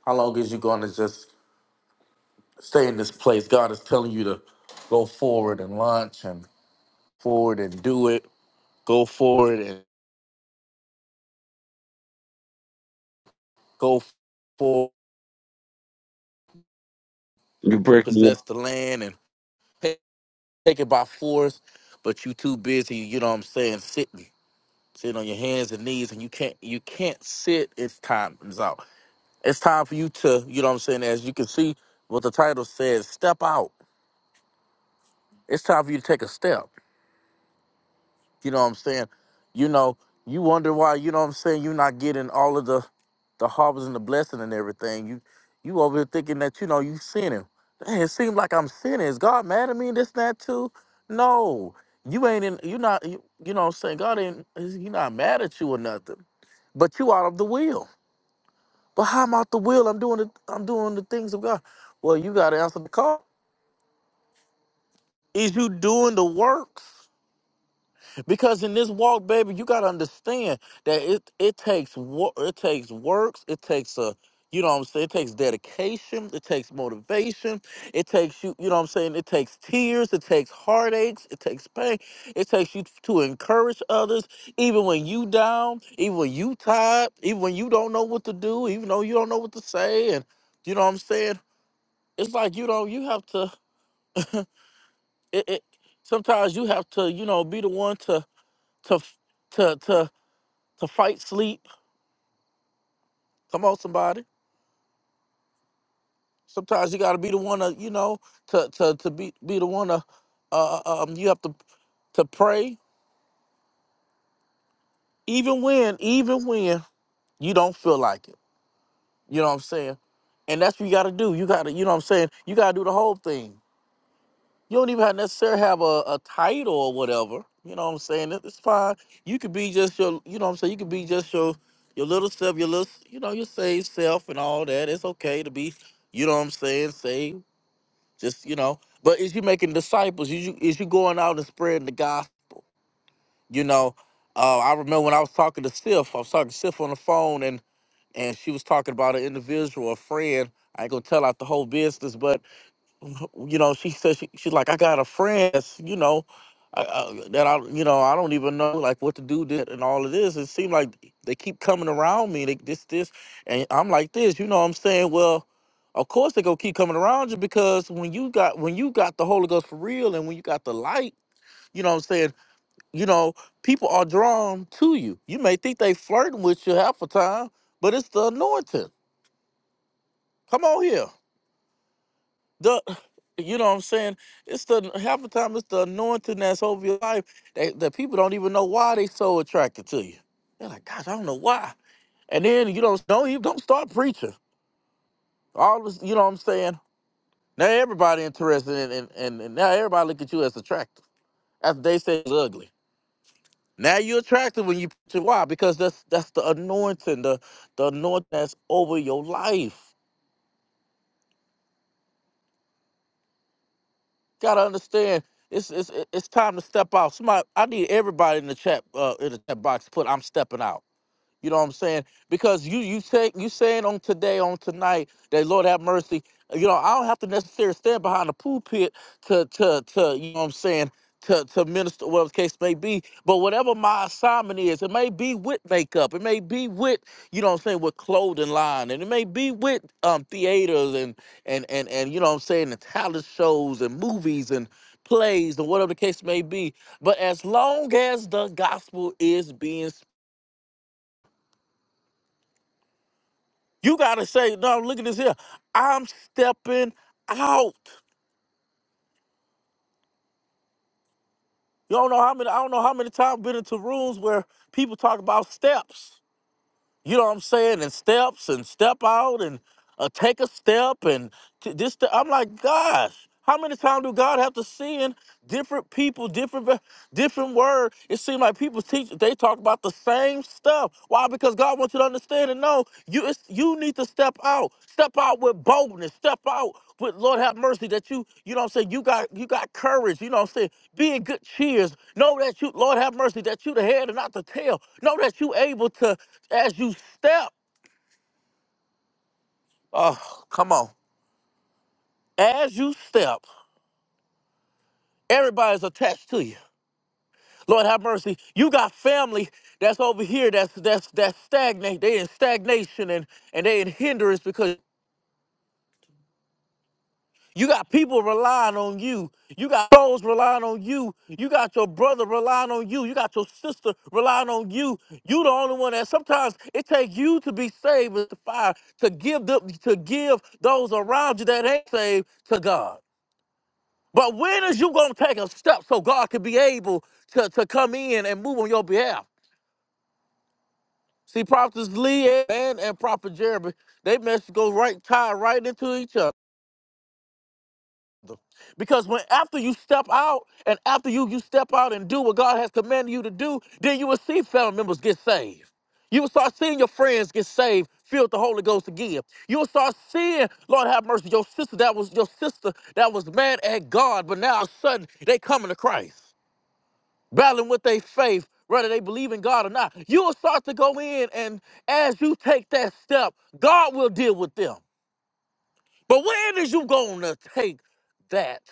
How long is you gonna just stay in this place? God is telling you to go forward and launch and forward and do it go forward and go forward,
You breaking
possess
up
the land and ta- take it by force, but you too busy, you know what I'm saying, sitting, sitting on your hands and knees and you can't you can't sit, it's time is out. It's time for you to, you know what I'm saying, as you can see what the title says, step out. It's time for you to take a step. You know what I'm saying? You know, you wonder why, you know what I'm saying, you're not getting all of the the harvest and the blessing and everything. You you over here thinking that, you know, you sinning. Dang, it seems like I'm sinning. Is God mad at me and this and that too? No. You ain't in you not you, you know what I'm saying? God ain't he not mad at you or nothing. But you out of the will. But how am I out the will? I'm doing the I'm doing the things of God. Well, you gotta answer the call. Is you doing the works? Because in this walk, baby, you gotta understand that it it takes work, it takes works, it takes a you know what I'm saying, it takes dedication, it takes motivation, it takes you, you know what I'm saying, it takes tears, it takes heartaches, it takes pain, it takes you to encourage others, even when you down, even when you tired, even when you don't know what to do, even though you don't know what to say, and you know what I'm saying? It's like you know, you have to it, it sometimes you have to, you know, be the one to to to to to fight sleep. Come on, somebody. Sometimes you got to be the one to, you know, to to to be be the one to, uh, uh, uh, um, you have to to pray even when even when you don't feel like it. You know what I'm saying? And that's what you got to do. You got to, you know what I'm saying? You got to do the whole thing. You don't even have necessarily have a, a title or whatever. You know what I'm saying? It- It's fine. You could be just your, you know what I'm saying? You could be just your your little self, your little, you know, your saved self and all that. It's okay to be, you know what I'm saying, saved Just you know, but is you making disciples? Is you is you going out and spreading the gospel? You know, uh, I remember when I was talking to Sif, I was talking to Sif on the phone, and and she was talking about an individual, a friend. I ain't gonna tell out the whole business, but you know, she said she, she's like, I got a friend, that's, you know, I, I, that I, you know, I don't even know like what to do that and all of this. It seemed like they keep coming around me, they this, this, and I'm like this, you know what I'm saying? Well, of course they gonna keep coming around you because when you got when you got the Holy Ghost for real and when you got the light, you know what I'm saying, you know, people are drawn to you. You may think they flirting with you half the time, but it's the anointing. Come on here. the you know what I'm saying? It's the half the time it's the anointing that's over your life that, that people don't even know why they so attracted to you. They're like, gosh, I don't know why. And then you don't don't even don't start preaching. All this, you know what I'm saying? Now everybody interested in and and, and now everybody look at you as attractive. After they say it's ugly. Now you're attractive when you preach Why? Because that's that's the anointing, the the anointing that's over your life. Gotta understand. It's it's it's time to step out. Somebody, I need everybody in the chat uh, in the chat box to put "I'm stepping out." You know what I'm saying? Because you you say you saying on today, on tonight, that Lord have mercy. You know, I don't have to necessarily stand behind the pulpit to to to you know what I'm saying to to minister whatever the case may be. But whatever my assignment is, it may be with makeup, it may be with you know what I'm saying with clothing line, and it may be with um theaters and and and and you know what I'm saying the talent shows and movies and plays and whatever the case may be. But as long as the gospel is being You gotta say, no, look at this here. I'm stepping out. You don't know how many I don't know how many times I've been into rooms where people talk about steps. you know what I'm saying, and steps and step out and uh, take a step and t- this. th- I'm like, gosh, how many times do God have to send different people, different ve- different word? It seems like people teach they talk about the same stuff. Why? Because God wants you to understand and know you it's, you need to step out, step out with boldness, step out with Lord have mercy that you you know what I'm saying you got you got courage. You know what I'm saying being good cheers. Know that you, Lord have mercy, that you the head and not the tail. Know that you able to, as you step, oh, come on. As you step, everybody's attached to you. Lord have mercy. You got family that's over here that's that's that's stagnate. They in stagnation and, and they in hindrance because You got people relying on you. You got souls relying on you. You got your brother relying on you. You got your sister relying on you. You the only one that sometimes it takes you to be saved with the fire to give them to give those around you that ain't saved to God. But when is you gonna take a step so God can be able to, to come in and move on your behalf? See, Prophets Lee and, and Prophet Jeremy, they message go right tied right into each other. Because when after you step out and after you you step out and do what God has commanded you to do, then you will see family members get saved. You will start seeing your friends get saved, filled with the Holy Ghost again. You will start seeing, Lord have mercy, your sister that was your sister that was mad at God, but now all of a sudden they coming to Christ, battling with their faith, whether they believe in God or not. You will start to go in, and as you take that step, God will deal with them. But when is you gonna take that?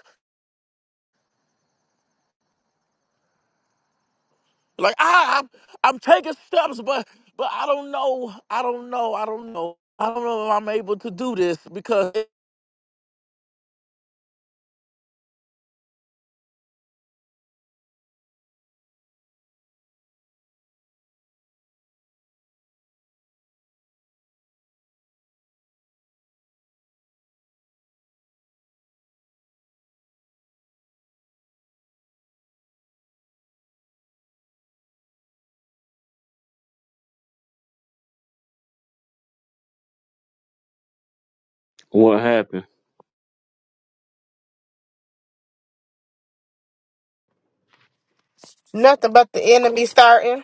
Like I, I'm, I'm taking steps, but but I don't know. I don't know. I don't know. I don't know if I'm able to do this because.
what happened.
Nothing but the enemy starting.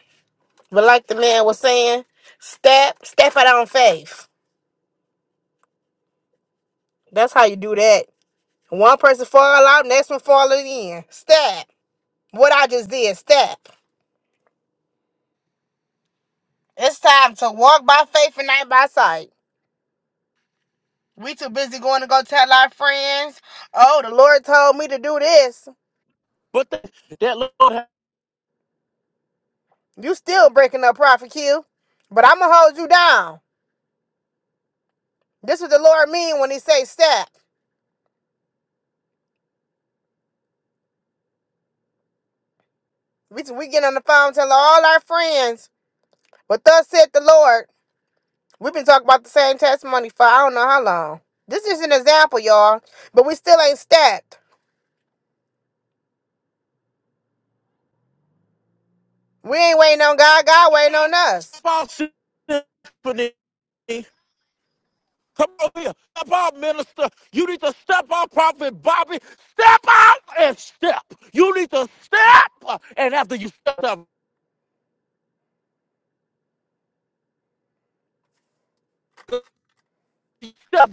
But like the man was saying, step, step out on faith. That's how you do that. One person fall out, next one falling in. Step. What I just did, step. It's time to walk by faith and not by sight. We too busy going to go tell our friends, oh, the Lord told me to do this.
But that, that Lord has
You still breaking up, Prophet Q. But I'm going to hold you down. This what the Lord mean when he say stop. We, we get on the phone telling all our friends, but thus said the Lord. We've been talking about the same testimony for I don't know how long. This is an example, y'all, but we still ain't stacked. We ain't waiting on God. God waiting on us.
sponsored me. Come over here, step out, minister. You need to step out, prophet Bobby. Step out and step. You need to step, and after you step up, you step.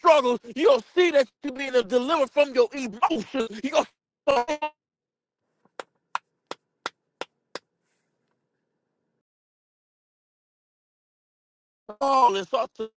Struggles, you'll see that you're being delivered from your emotions. You're gonna all this.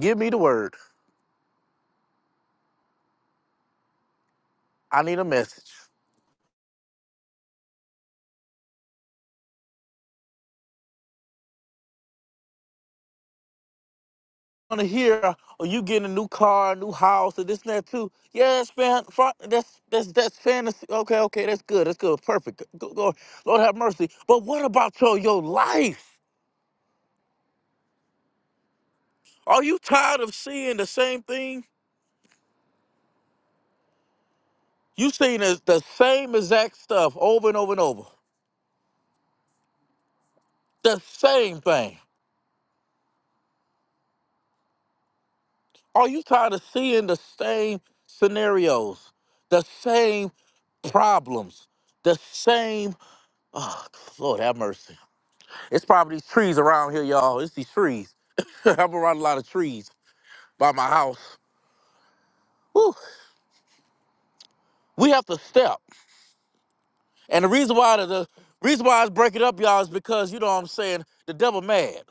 Give me the word. I need a message. I want to hear, oh, you getting a new car, a new house, or this and that too. Yeah, that's fan, fa- that's that's that's fantasy. Okay, okay, that's good. That's good. Perfect. Go, go, Lord have mercy. But what about your your life? Are you tired of seeing the same thing? You seen the, the same exact stuff over and over and over. The same thing. Are you tired of seeing the same scenarios, the same problems, the same Oh, Lord have mercy. It's probably these trees around here, y'all. It's these trees. I'm around a lot of trees by my house. Whew. We have to step. And the reason why the, the reason why I was breaking up, y'all, is because you know what I'm saying the devil mad.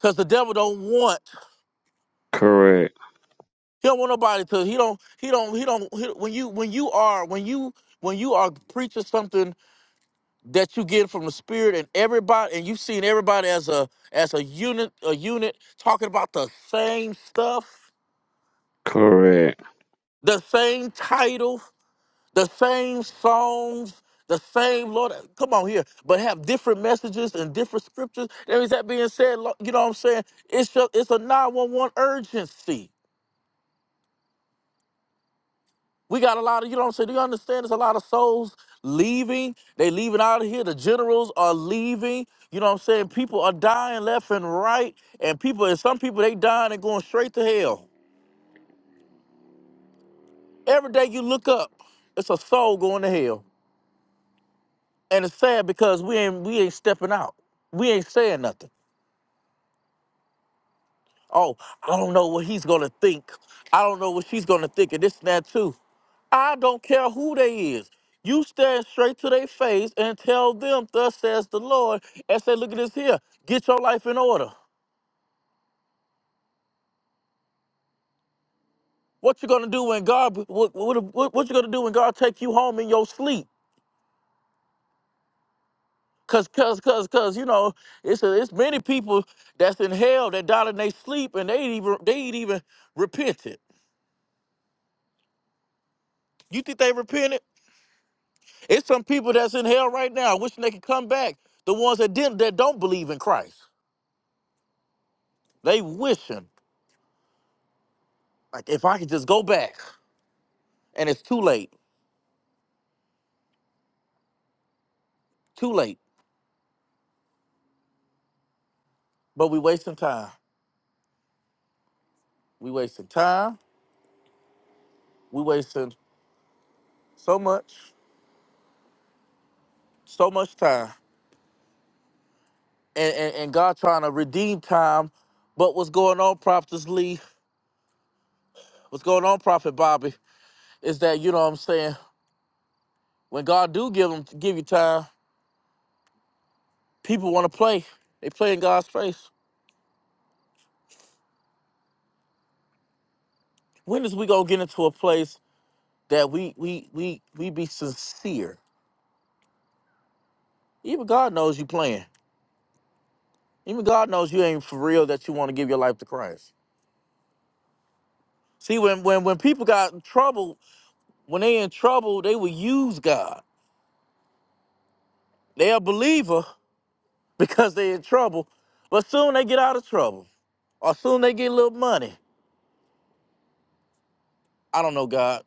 Cause the devil don't want
Correct.
he don't want nobody to he don't he don't he don't he, when you when you are when you when you are preaching something that you get from the spirit and everybody and you've seen everybody as a as a unit a unit talking about the same stuff
Correct.
the same title, the same songs, the same Lord. Come on here, but have different messages and different scriptures. And with that being said, lo- you know what I'm saying? It's just, it's a 911 urgency. We got a lot of, you know what I'm saying? Do you understand? There's a lot of souls leaving. They leaving out of here. The generals are leaving. You know what I'm saying? People are dying left and right. And people, and some people, they dying and going straight to hell. Every day you look up, it's a soul going to hell. And it's sad because we ain't we ain't stepping out. We ain't saying nothing. Oh, I don't know what he's gonna think. I don't know what she's gonna think, and this and that too. I don't care who they is. You stand straight to their face and tell them, thus says the Lord, and say, look at this here. Get your life in order. What you gonna do when God what what, what, what you gonna do when God take you home in your sleep? Cause cause cause cause you know, it's a, it's many people that's in hell that died in their sleep and they ain't even they ain't even repented. You think they repented? It's some people that's in hell right now wishing they could come back. The ones that didn't, that don't believe in Christ, they wishing like if I could just go back. And it's too late, too late. But we wasting time. We wasting time. We wasting so much, so much time. And and, and God trying to redeem time. But what's going on, Prophet Lee? What's going on, Prophet Bobby? Is that you know what I'm saying? When God do give them give you time, people want to play. They play in God's face. when is we gonna get into a place that we we we we be sincere? Even God knows you playing. Even God knows you ain't for real that you want to give your life to Christ. See, when when when people got in trouble, when they in trouble, they will use God. They a believer because they in trouble, but soon they get out of trouble, or soon they get a little money. I don't know God,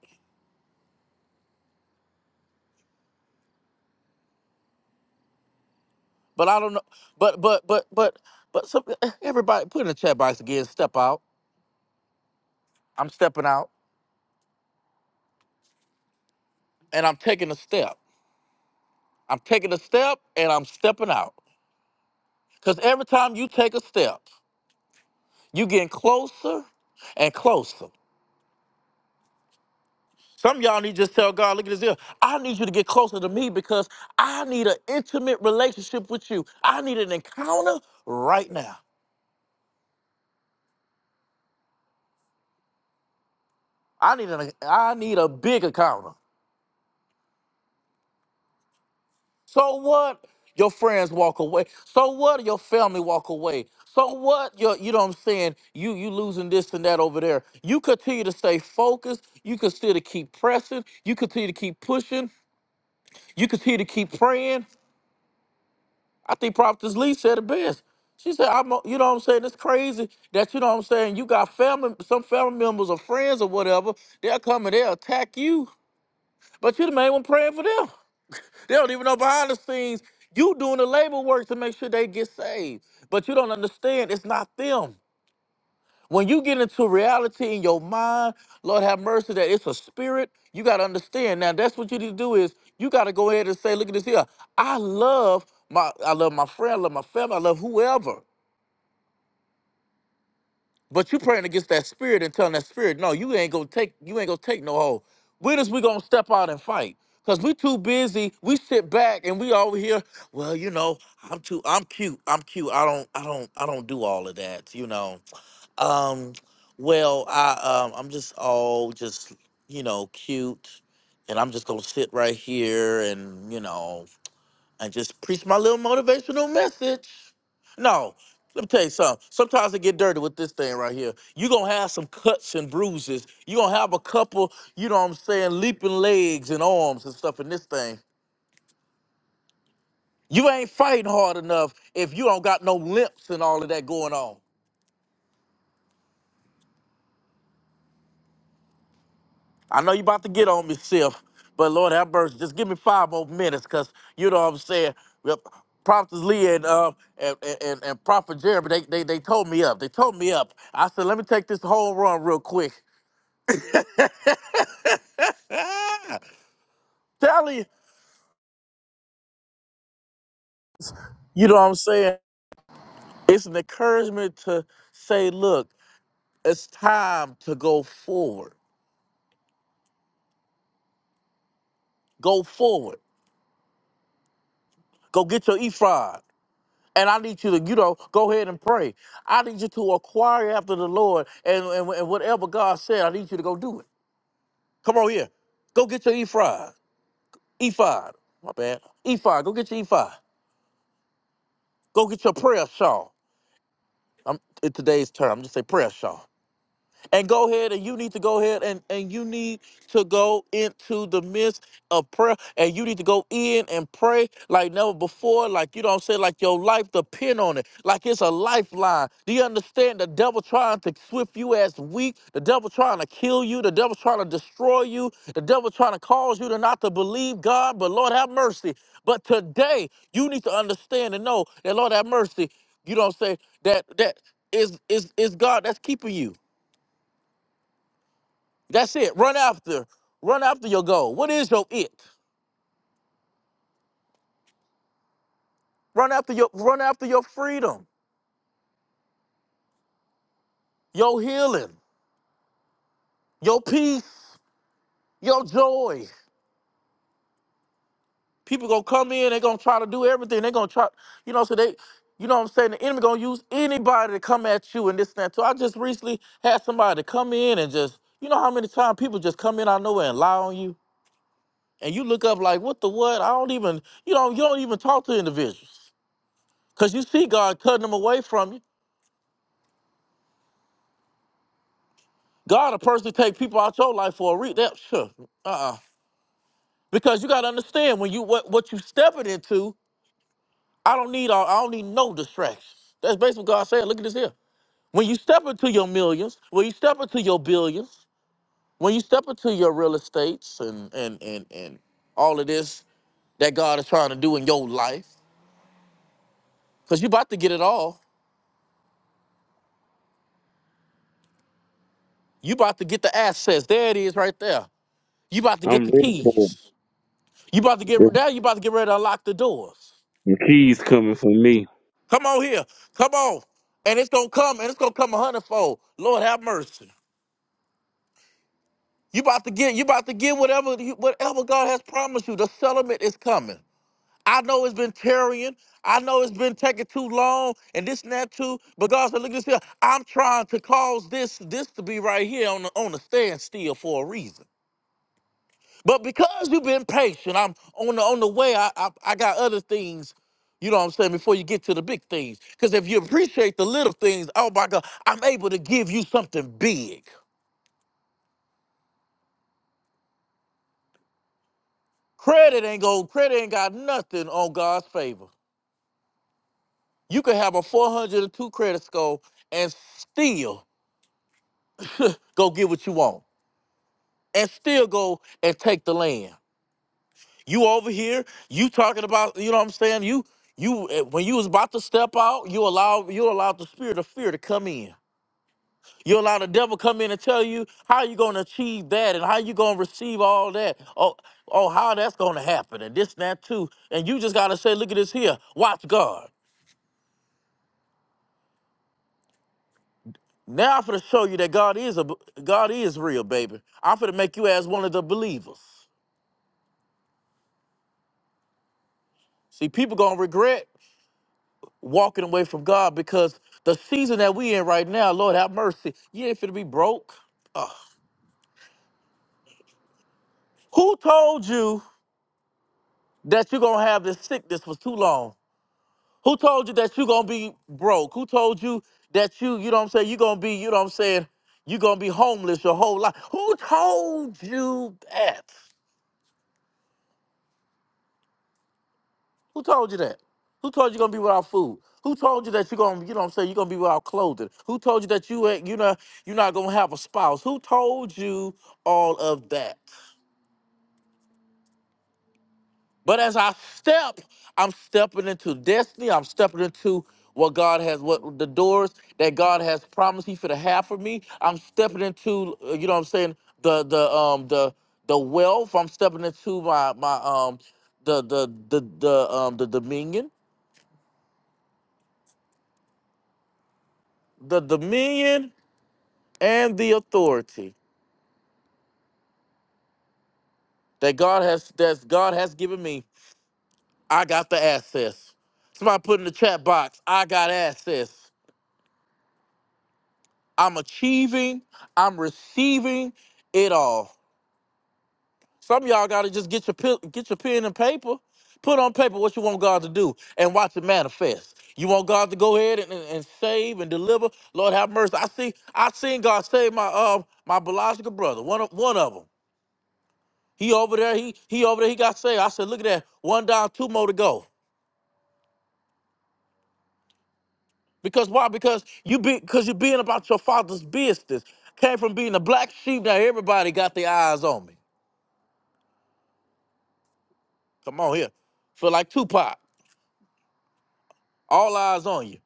but I don't know. But but but but but some, eh, everybody put in the chat box again. Step out. I'm stepping out, and I'm taking a step. I'm taking a step and I'm stepping out. Because every time you take a step, you getting closer and closer. Some of y'all need to just tell God, look at this here. I need you to get closer to me because I need an intimate relationship with you. I need an encounter right now. I need an I need a big encounter. So what? Your friends walk away. So what? Your family walk away. So what? Your, you know what I'm saying? You you losing this and that over there. You continue to stay focused. You continue to keep pressing. You continue to keep pushing. You continue to keep praying. I think Prophetess Lee said it best. She said, "I'm, a- you know what I'm saying. It's crazy that you know what I'm saying. You got family, some family members or friends or whatever. They'll come and they'll attack you, but you the main one praying for them. They don't even know behind the scenes. You doing the labor work to make sure they get saved. But you don't understand, it's not them. When you get into reality in your mind, Lord have mercy that it's a spirit, you gotta understand. Now that's what you need to do is you gotta go ahead and say, look at this here. I love my I love my friend, I love my family, I love whoever. But you praying against that spirit and telling that spirit, no, you ain't gonna take, you ain't gonna take no hold. When is we gonna step out and fight? Cause we too busy. We sit back and we over here. Well, you know, I'm too, I'm cute. I'm cute. I don't, I don't, I don't do all of that. You know. Um, well, I, um, I'm just all just, you know, cute, and I'm just gonna sit right here and you know and just preach my little motivational message. No, let me tell you something. Sometimes it get dirty with this thing right here. You're gonna have some cuts and bruises. You're gonna have a couple, you know what I'm saying, leaping legs and arms and stuff in this thing. You ain't fighting hard enough if you don't got no limps and all of that going on. I know you about to get on me, Sif, but Lord have mercy. Just give me five more minutes, cause you know what I'm saying. Well, Prophet Lee and uh and, and, and Prophet Jeremy, they, they they told me up. They told me up. I said, let me take this whole run real quick. Ah, Tell you, you know what I'm saying? It's an encouragement to say, look, it's time to go forward. Go forward. Go get your Ephron. And I need you to, you know, go ahead and pray. I need you to acquire after the Lord and, and, and whatever God said, I need you to go do it. Come on here. Go get your E5. E5. My bad. E5. Go get your E5. Go get your prayer shawl. I'm, it, today's term. I'm just say prayer shawl. and go ahead and you need to go ahead and, and you need to go into the midst of prayer and you need to go in and pray like never before like you don't say like your life depend on it like it's a lifeline do you understand the devil trying to swift you as weak the devil trying to kill you the devil trying to destroy you the devil trying to cause you to not to believe god but lord have mercy but today you need to understand and know that lord have mercy you don't say that that is is is god that's keeping you that's it. Run after. Run after your goal. What is your it? Run after your run after your freedom, your healing, your peace, your joy. People gonna come in, they're gonna try to do everything. They're gonna try, you know, so they you know what I'm saying? The enemy gonna use anybody to come at you and this and that. So I just recently had somebody come in and just, you know how many times people just come in out of nowhere and lie on you? And you look up like, what the what? I don't even, you know, you don't even talk to individuals. Cause you see God cutting them away from you. God will personally take people out your life for a reason. Sure. Uh-uh. Because you gotta understand when you what what you stepping into, I don't need all, I don't need no distractions. That's basically what God said. Look at this here. When you step into your millions, when you step into your billions, when you step into your real estates and and and and all of this that God is trying to do in your life, because you about to get it all. You about to get the assets. There it is right there. You about to get
I'm
the keys. You about to get
ready.
now you about to get ready to unlock the doors.
The keys coming for me.
Come on here. Come on. And it's gonna come, and it's gonna come a hundredfold. Lord have mercy. You about to get, you about to get whatever you- whatever God has promised you. The settlement is coming. I know it's been tarrying. I know it's been taking too long and this and that too. But God said, look at this here. I'm trying to cause this, this to be right here on the on the standstill for a reason. But because you've been patient, I'm on the on the way. I, I I got other things, you know what I'm saying, before you get to the big things. Because if you appreciate the little things, oh my God, I'm able to give you something big. Credit ain't go, credit ain't got nothing on God's favor. You can have a 402 credit score and still go get what you want. And still go and take the land. You over here, you talking about, you know what I'm saying? You you eh, when you was about to step out, you allow you allowed the spirit of fear to come in You allow the devil come in and tell you how you gonna achieve that and how you gonna receive all that. Oh, oh, how that's gonna happen and this and that too. And you just gotta say, look at this here. Watch God. Now I'm finna show you that God is a God is real, baby. I'm finna make you as one of the believers. See, people gonna regret walking away from God because the season that we in right now, Lord have mercy, you ain't finna be broke. Ugh. Who told you that you're gonna have this sickness for too long? Who told you that you're gonna be broke? Who told you that you, you know what I'm saying, you're gonna be, you know what I'm saying, you're gonna be homeless your whole life? Who told you that? Who told you that? Who told you gonna be without food? Who told you that you're gonna, you know what I'm saying, you're gonna be without clothing? Who told you that you ain't, you know, you're not gonna have a spouse? Who told you all of that? But as I step, I'm stepping into destiny. I'm stepping into what God has, what the doors that God has promised He for the half for me. I'm stepping into, uh, you know, what I'm saying the the um the the wealth. I'm stepping into my my um the the the the um the dominion, the dominion and the authority that God has that God has given me. I got the access. Somebody put in the chat box. I got access. I'm achieving, I'm receiving it all. Some of y'all gotta just get your pi- get your pen and paper, put on paper what you want God to do, and watch it manifest. You want God to go ahead and, and, and save and deliver. Lord have mercy. I see I seen God save my uh my biological brother, one of one of them. He over there, he he over there, he got saved. I said, look at that, one down, two more to go. Because why? Because you be because you are being about your father's business. Came from being a black sheep. Now everybody got their eyes on me. Come on here. Feel like Tupac. All eyes on you.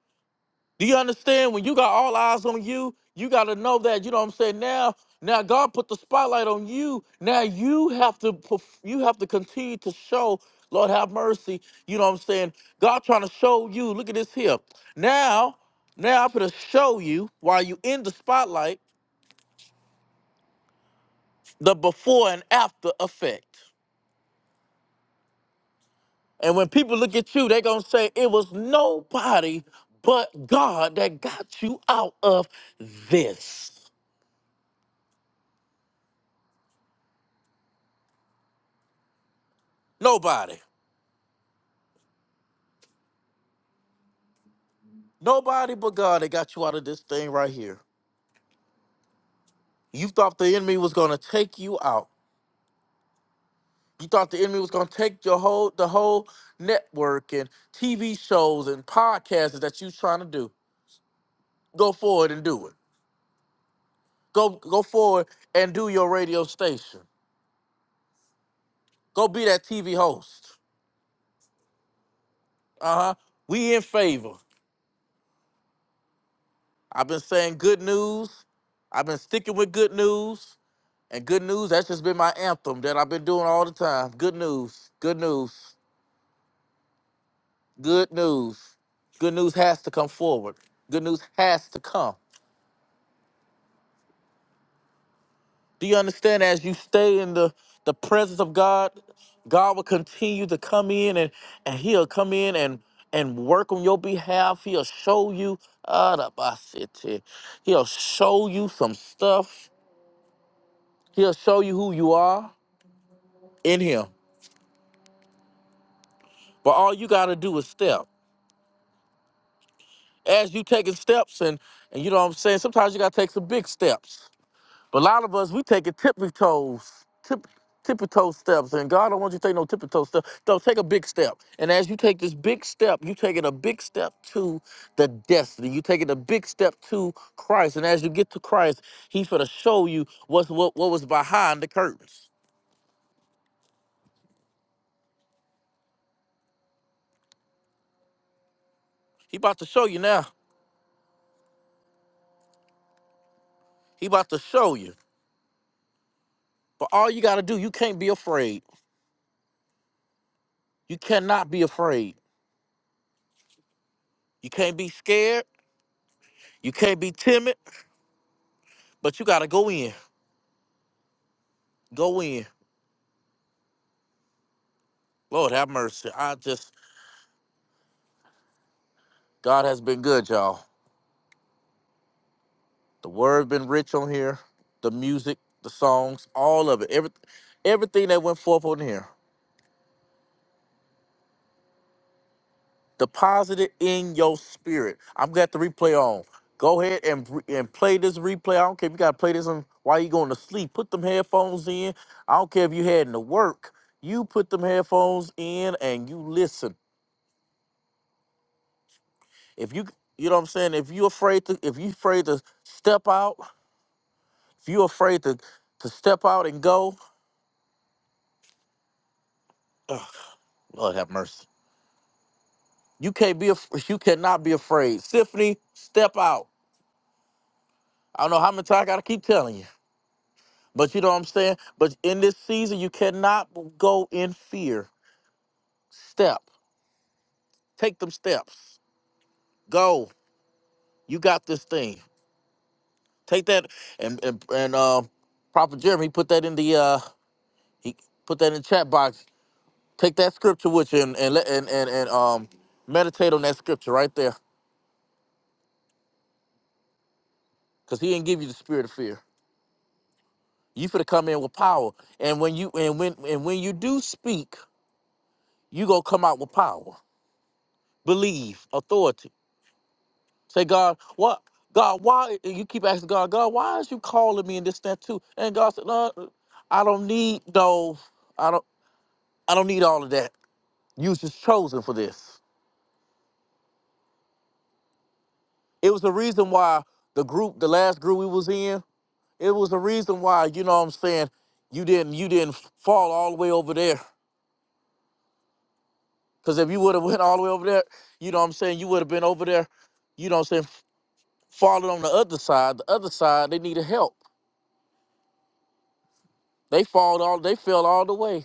Do you understand? When you got all eyes on you, you gotta know that, you know what I'm saying? Now, now God put the spotlight on you. Now you have to perf- you have to continue to show, Lord have mercy, you know what I'm saying? God trying to show you. Look at this here. Now, now I'm gonna show you while you in the spotlight, the before and after effect. And when people look at you, they're going to say, it was nobody but God that got you out of this. Nobody. Nobody but God that got you out of this thing right here. You thought the enemy was going to take you out. You thought the enemy was going to take your whole the whole network and TV shows and podcasts that you trying to do. Go forward and do it. Go go forward and do your radio station. Go be that TV host. Uh-huh. We in favor. I've been saying good news. I've been sticking with good news. And good news, that's just been my anthem that I've been doing all the time. Good news, good news, good news. Good news has to come forward. Good news has to come. Do you understand? As you stay in the, the presence of God, God will continue to come in and, and He'll come in and, and work on your behalf. He'll show you, ah, da ba city. He'll show you some stuff. He'll show you who you are in Him. But all you got to do is step. As you taking steps, and and you know what I'm saying. Sometimes you got to take some big steps. But a lot of us we taking tippy toes, tip, tippy toe steps, and God don't want you to take no tippy toe step. No, take a big step. And as you take this big step, you taking a big step to the destiny. You taking a big step to Christ. And as you get to Christ, He's gonna show you what's what what was behind the curtains. He about to show you now. He about to show you. But all you gotta do, you can't be afraid. You cannot be afraid You can't be scared. You can't be timid, but you got to go in. Go in. Lord have mercy. I just, God has been good, y'all. The word been rich on here. The music, the songs, all of it. Every, everything that went forth on here. Deposit it in your spirit. i have got the replay on. Go ahead and re- and play this replay. I don't care if you got to play this on while you going to sleep. Put them headphones in. I don't care if you heading to work. You put them headphones in and you listen. If you you know what I'm saying, if you afraid to if you afraid to step out, if you afraid to to step out and go, ugh, Lord have mercy. You can't be af- you cannot be afraid. Symphony, step out. I don't know how many times I gotta keep telling you. But you know what I'm saying? But in this season, you cannot go in fear. Step. Take them steps. Go. You got this thing. Take that and and, and um Prophet Jeremy he put that in the uh he put that in the chat box Take that scripture with you and and let- and and, and um meditate on that scripture right there, because he didn't give you the spirit of fear. You finna come in with power, and when you and when and when you do speak, you gonna come out with power, believe, authority. Say, God, what? God, why? And you keep asking God, God, why is you calling me in this that too? And God said, No, I don't need no, I don't, I don't need all of that. You was just chosen for this. It was the reason why the group, the last group we was in. It was the reason why, you know what I'm saying, you didn't you didn't fall all the way over there. Cause if you would have went all the way over there, you know what I'm saying, you would have been over there, you know what I'm saying, falling on the other side. The other side, they needed help. They fall all they fell all the way.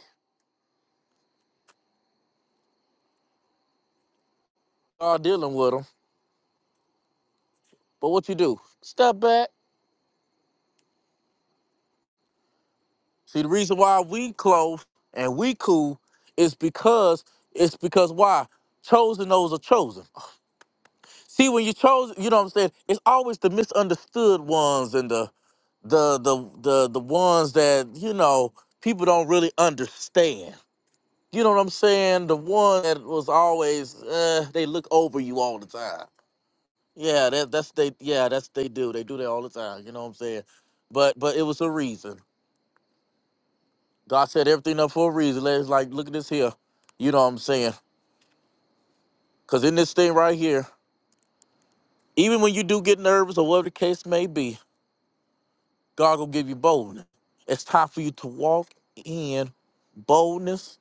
Are dealing with them. But what you do? Step back. See the reason why we close and we cool is because it's because why? Chosen those are chosen. See when you chose, you know what I'm saying? It's always the misunderstood ones and the the the the the ones that you know people don't really understand. You know what I'm saying? The one that was always uh, they look over you all the time. Yeah, that that's they yeah that's they do. They do that all the time. You know what I'm saying? But but it was a reason. God set everything up for a reason. It's like look at this here. You know what I'm saying? Cause in this thing right here, even when you do get nervous or whatever the case may be, God will give you boldness. It's time for you to walk in boldness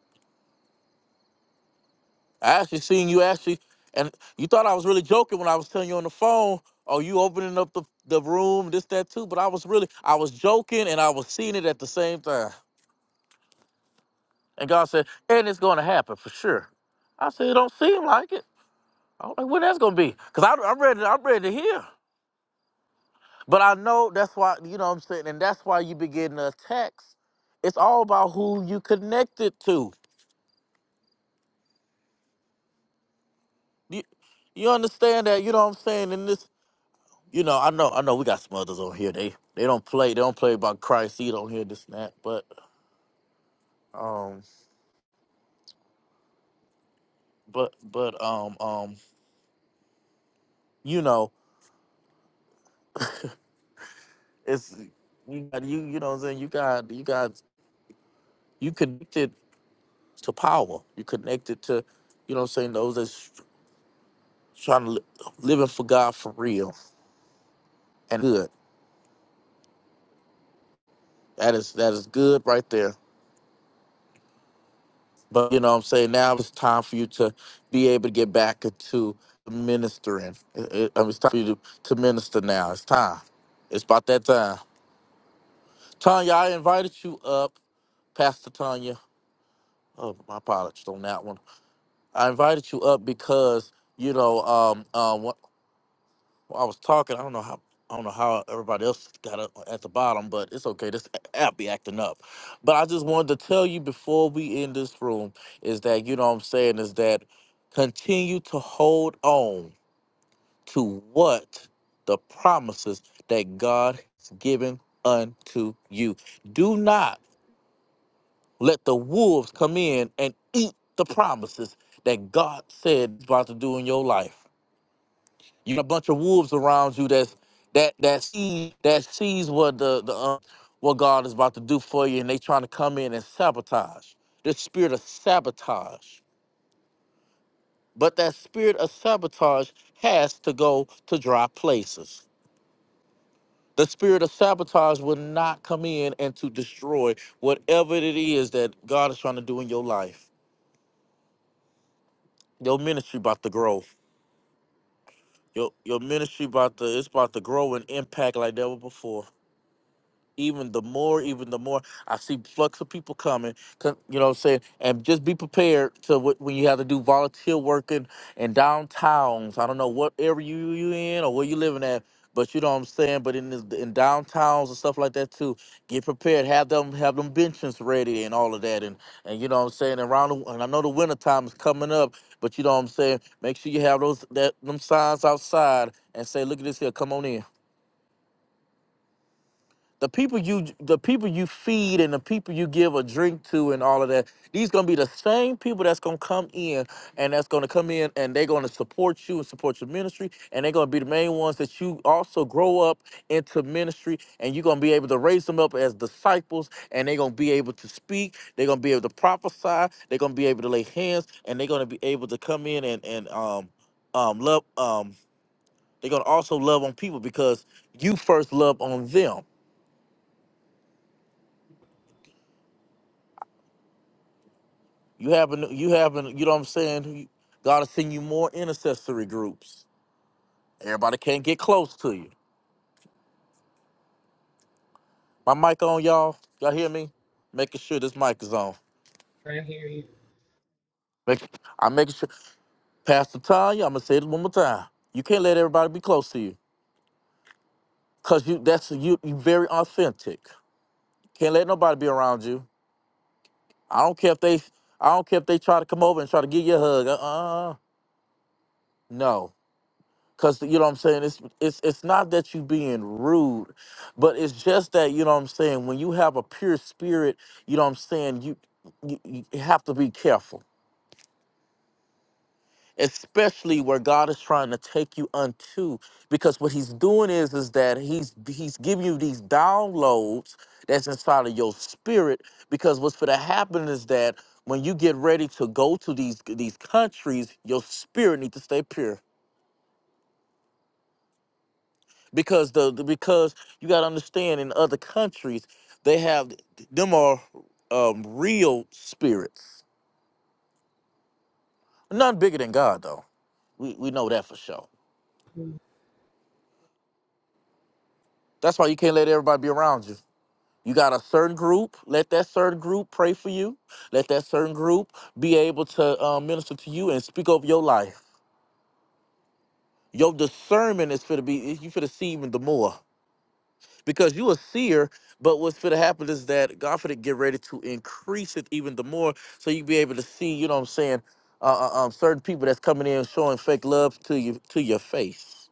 I actually seen you actually, and you thought I was really joking when I was telling you on the phone, oh, you opening up the, the room, this, that, too. But I was really, I was joking and I was seeing it at the same time. And God said, and it's going to happen for sure. I said, it don't seem like it. I was like, when that's going to be? Because I'm ready, I'm ready to hear. But I know that's why, you know what I'm saying? And that's why you be getting the attacks. It's all about who you connected to. You, you understand that, you know what I'm saying? In this you know, I know, I know, we got some others on here. They they don't play, they don't play about Christ either on here, this and that. But um, but but um um, you know, it's you got you you know what I'm saying. You got you got you connected to power. You connected to, you know, what I'm saying those that's trying to li- living for God for real and good. That is that is good right there. But you know what I'm saying? Now it's time for you to be able to get back into ministering. It- it- I mean, it's time for you to, to minister now. It's time. It's about that time. Tanya, I invited you up, Pastor Tanya. Oh, my apologies on that one. I invited you up because, you know, um, um, Well, I was talking. I don't know how. I don't know how everybody else got up at the bottom, but it's okay. This app be acting up. But I just wanted to tell you before we end this room is that you know what I'm saying is that continue to hold on to what the promises that God has given unto you. Do not let the wolves come in and eat the promises that God said is about to do in your life. You got a bunch of wolves around you that's that that see that sees what the the uh, what God is about to do for you, and they trying to come in and sabotage. The spirit of sabotage, but that spirit of sabotage has to go to dry places. The spirit of sabotage will not come in and to destroy whatever it is that God is trying to do in your life. Your ministry about to grow. Your your ministry about to it's about to grow and impact like never before even the more, even the more. I see flux of people coming, 'cause- you know what I'm saying? And just be prepared to wh- when you have to do volunteer work in, in downtowns. I don't know what area you, you in or where you living at, but you know what I'm saying? But in, this, in downtowns and stuff like that too, get prepared. Have them have them benches ready and all of that. And, and you know what I'm saying? Around, the, and I know the winter time is coming up, but you know what I'm saying? Make sure you have those that them signs outside and say, look at this here, come on in the people you the people you feed and the people you give a drink to and all of that these gonna be the same people that's gonna come in and that's gonna come in and they're gonna support you and support your ministry and they're gonna be the main ones that you also grow up into ministry and you're gonna be able to raise them up as disciples and they're gonna be able to speak they're gonna be able to prophesy they're gonna be able to lay hands and they're gonna be able to come in and and um um love um they're gonna also love on people because you first love on them You having you having you know what I'm saying? God is sending you more intercessory groups. Everybody can't get close to you. My mic on, y'all. Y'all hear me? Making sure this mic is on.
I hear you.
Make, I'm making sure. Pastor Tanya, I'm gonna say this one more time. You can't let everybody be close to you, cause you that's you you very authentic. Can't let nobody be around you. I don't care if they I don't care if they try to come over and try to give you a hug. Uh uh. No Cause you know what I'm saying. It's it's it's not that you being rude, but it's just that you know what I'm saying. When you have a pure spirit, you know what I'm saying. You you, you have to be careful, especially where God is trying to take you unto. Because what He's doing is is that He's He's giving you these downloads that's inside of your spirit. Because what's going to happen is that when you get ready to go to these these countries, your spirit needs to stay pure because the, the because you got to understand in other countries they have them are um, real spirits none bigger than god though we, we know that for sure
Mm,
that's why you can't let everybody be around you you got a certain group let that certain group pray for you let that certain group be able to um, minister to you and speak over your life your discernment is for to be you for to see even the more because you a seer. But what's going to happen is that God for to get ready to increase it even the more, so you be able to see. You know what I'm saying? Uh, uh, um, certain people that's coming in showing fake love to you to your face.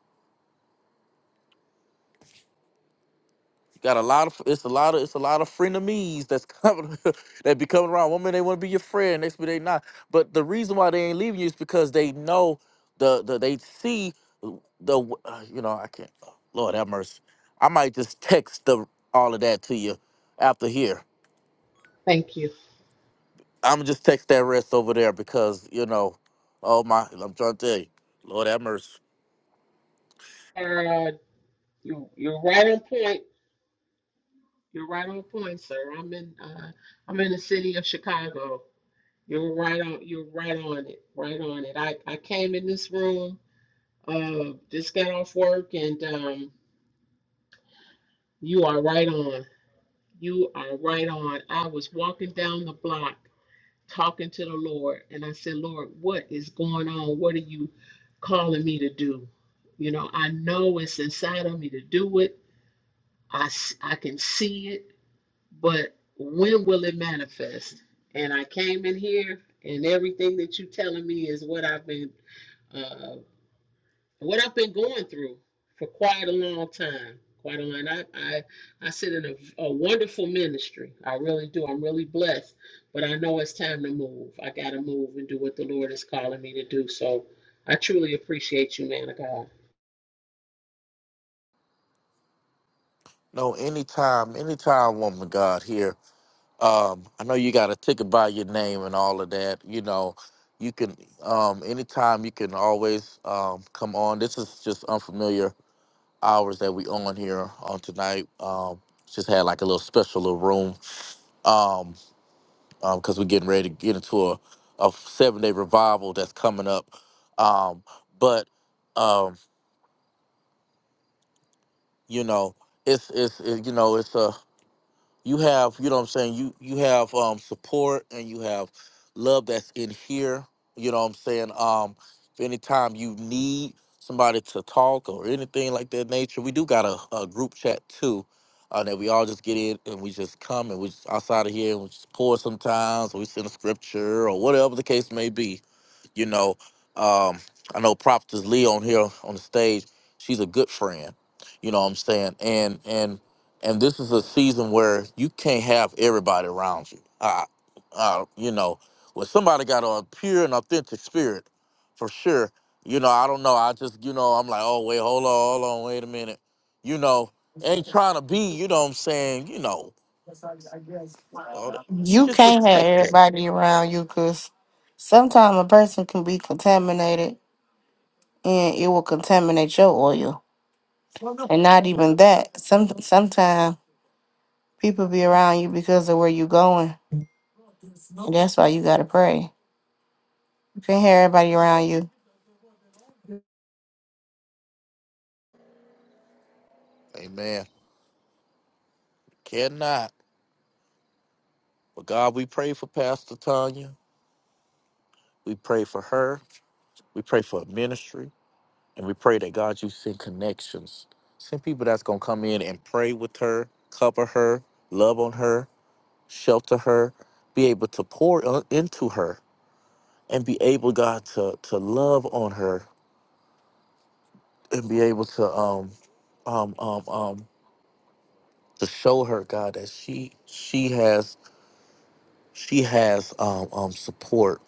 You got a lot of it's a lot of it's a lot of frenemies that's coming that be coming around. One minute they want to be your friend, next minute they not. But the reason why they ain't leaving you is because they know the the they see the uh, you know I can't. Lord have mercy. I might just text the all of that to you after here
Thank you.
I'm just text that rest over there because you know, oh my, I'm trying to tell you, Lord have mercy.
Uh, you you're right on point. You're right on point, sir. I'm in uh, I'm in the city of Chicago. You're right on. You're right on it. Right on it. I I came in this room. Uh, just got off work, and um, you are right on. You are right on. I was walking down the block talking to the Lord, and I said, Lord, what is going on? What are you calling me to do? You know, I know it's inside of me to do it. I, s- I can see it, but when will it manifest? And I came in here, and everything that you're telling me is what I've been uh, what I've been going through for quite a long time. Quite a long. I I, I sit in a, a wonderful ministry. I really do. I'm really blessed. But I know it's time to move. I got to move and do what the Lord is calling me to do. So I truly appreciate you, man of God.
No, anytime, anytime, woman of God here. Um, I know you got a ticket by your name and all of that. You know, you can um, anytime you can always um, come on. This is just unfamiliar hours that we on here on tonight. Um, just had like a little special little room. Um, because we're getting ready to get into a, a seven day revival that's coming up. Um, but um, you know, it's it's it, you know it's a you have you know what I'm saying you you have um, support and you have love that's in here. You know what I'm saying. Um, if anytime you need somebody to talk or anything like that nature, we do got a, a group chat too. Uh, that we all just get in and we just come and we just outside of here and we just pour sometimes or we send a scripture or whatever the case may be You know, um, I know Prophetess Lee on here on the stage. She's a good friend. You know what I'm saying? And and and this is a season where you can't have everybody around you. Uh, uh, you know, when somebody got a pure and authentic spirit, for sure. You know, I don't know. I just, you know, I'm like, oh wait, hold on, hold on, wait a minute. You know, ain't trying to be. You know what I'm saying? You know, all that. You
You
just
can't have
protect it.
everybody around you because sometimes a person can be contaminated and it will contaminate your oil. And not even that. Some sometimes people be around you because of where you going. That's why you gotta pray. You can't have everybody around you.
Amen. Cannot. But God, we pray for Pastor Tanya. We pray for her. We pray for her ministry. And we pray that God, you send connections. Send people that's going to come in and pray with her, cover her, love on her, shelter her, be able to pour on- into her, and be able, God, to, to love on her and be able to, um, um, um, um, to show her, God, that she, she has, she has, um, um, support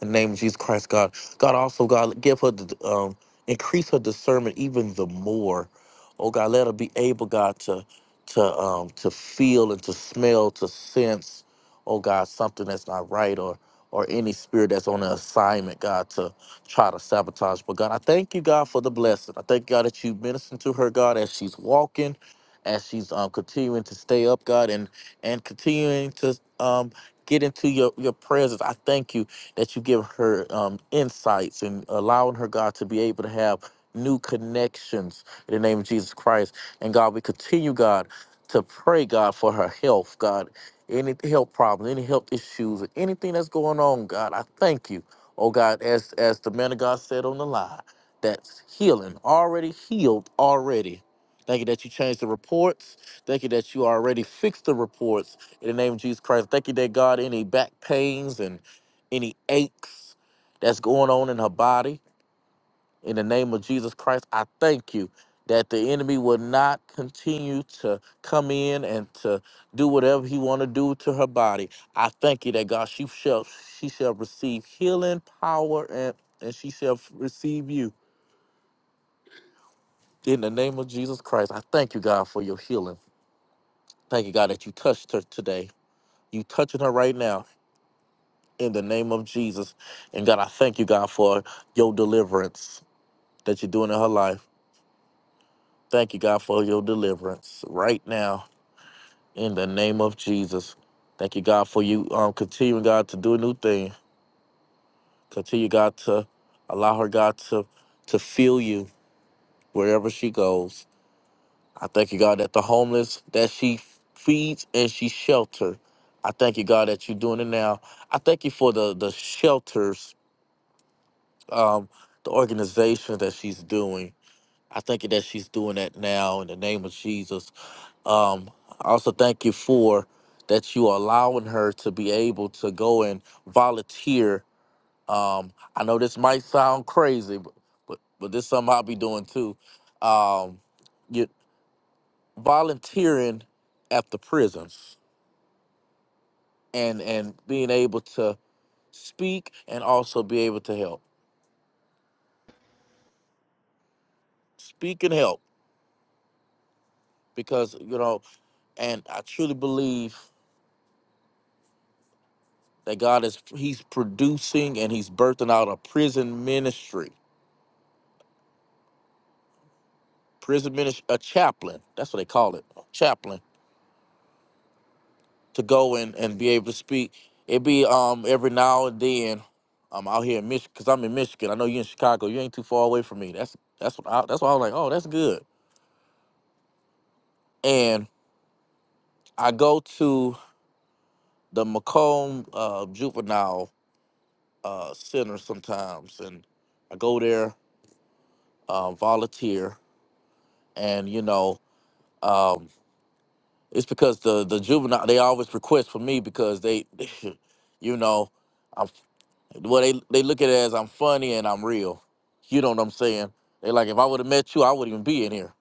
In the name of Jesus Christ, God. God also, God, give her, the, um, increase her discernment even the more. Oh, God, let her be able, God, to, to, um, to feel and to smell, to sense, oh, God, something that's not right or, or any spirit that's on an assignment, God, to try to sabotage. But God, I thank you, God, for the blessing. I thank you, God that you minister to her, God, as she's walking, as she's um, continuing to stay up, God, and and continuing to um, get into your your presence. I thank you that you give her um, insights and allowing her, God, to be able to have new connections in the name of Jesus Christ. And God, we continue, God, to pray, God, for her health, God, any health problem, any health issues, anything that's going on, God, I thank you. Oh God, as as the man of God said on the line, that's healing, already healed, already. Thank you that you changed the reports. Thank you that you already fixed the reports in the name of Jesus Christ. Thank you that God, any back pains and any aches that's going on in her body. In the name of Jesus Christ, I thank you that the enemy will not continue to come in and to do whatever he want to do to her body. I thank you that God, she shall she shall receive healing power and and she shall receive you in the name of Jesus Christ. I thank you, God, for your healing. Thank you, God, that you touched her today. You touching her right now in the name of Jesus. And God, I thank you, God, for your deliverance. that you're doing in her life. Thank you, God, for your deliverance right now in the name of Jesus. Thank you, God, for you um, continuing, God, to do a new thing. Continue, God, to allow her, God, to to feel you wherever she goes. I thank you, God, that the homeless that she feeds and she shelters. I thank you, God, that you're doing it now. I thank you for the the shelters, um, the organization that she's doing. I thank you that she's doing that now in the name of Jesus. Um, I also thank you for that you are allowing her to be able to go and volunteer. Um, I know this might sound crazy, but but, but this is something I'll be doing too. Um, you volunteering at the prisons and and being able to speak and also be able to help. Speak and help because you know, and I truly believe that God is He's producing and He's birthing out a prison ministry prison minister, a chaplain. That's what they call it, chaplain, to go and, and be able to speak. It be um every now and then, I'm out here in Michigan, cause I'm in Michigan. I know you are in Chicago. You ain't too far away from me. That's that's what I, that's why I was like, oh, that's good. And I go to the Macomb uh, Juvenile uh, Center sometimes, and I go there uh, volunteer, and you know. Um, it's because the the juvenile they always request for me because they, you know, I'm. Well, they they look at it as I'm funny and I'm real. You know what I'm saying? They like if I would have met you, I wouldn't even be in here.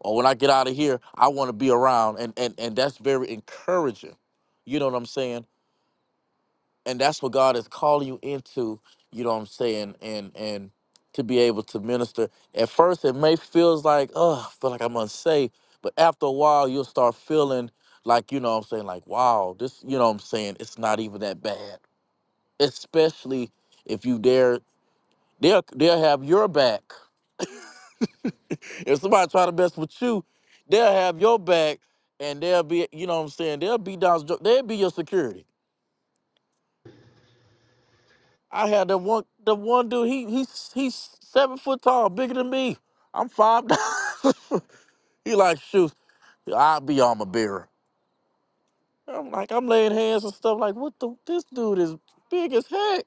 Or when I get out of here, I want to be around, and and and that's very encouraging. You know what I'm saying? And that's what God is calling you into. You know what I'm saying? And and to be able to minister. At first, it may feels like oh, I feel like I'm unsafe, but after a while, you'll start feeling like you know what I'm saying like wow, this you know what I'm saying it's not even that bad, especially if you dare They'll they'll have your back. If somebody try to mess with you, they'll have your back, and they'll be you know what I'm saying. They'll be down. They'll be your security. I had the one the one dude. He he's he's seven foot tall, bigger than me. I'm five. nine. he like shoot. I'll be on my bearer. I'm like I'm laying hands and stuff. Like what the this dude is big as heck.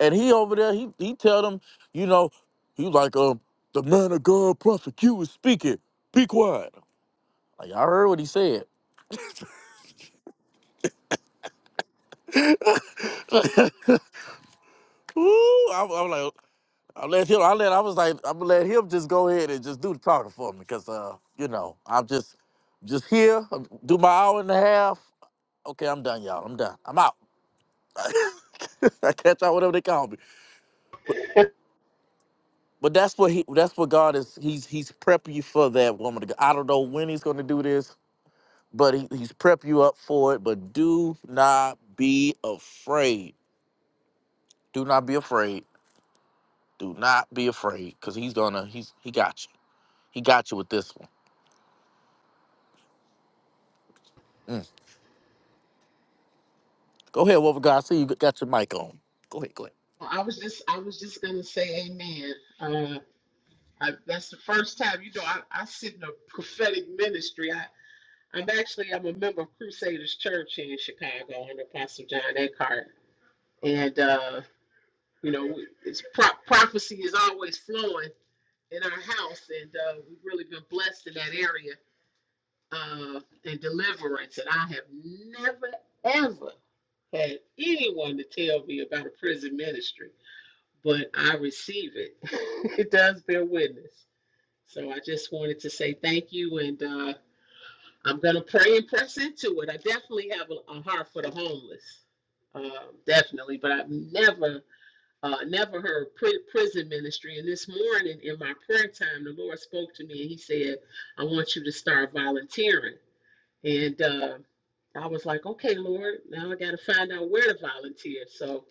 And he over there. He he tell them you know he like um the man of God prophet Q is speaking. Be quiet. Like I heard what he said. Ooh, I'm, I'm like, I let him. I let. I was like, I'm gonna let him just go ahead and just do the talking for me, cause uh, you know, I'm just, just here, um, do my hour and a half. Okay, I'm done, y'all. I'm done. I'm out. I catch out whatever they call me. But that's what he. That's what God is. He's he's prepping you for that woman. To go. I don't know when he's gonna do this, but he, he's prepping you up for it. But do not be afraid. Do not be afraid. Do not be afraid, cause he's gonna. He's he got you. He got you with this one. Mm. Go ahead, Wolf of God. I see you got your mic on. Go ahead, go ahead.
I was just I was just gonna say amen. Uh, I, that's the first time, you know, I, I sit in a prophetic ministry. I, I'm actually I'm a member of Crusaders Church here in Chicago under Pastor John Eckhart, and uh, you know, we- it's pro- prophecy is always flowing in our house, and uh, we've really been blessed in that area uh, and deliverance. And I have never ever had anyone to tell me about a prison ministry, but I receive it. it does bear witness. So I just wanted to say thank you, and uh, I'm gonna pray and press into it. I definitely have a, a heart for the homeless, um, definitely. But I've never, uh, never heard pri- prison ministry. And this morning in my prayer time, the Lord spoke to me and He said, "I want you to start volunteering." And uh, I was like, "Okay, Lord, now I got to find out where to volunteer." So.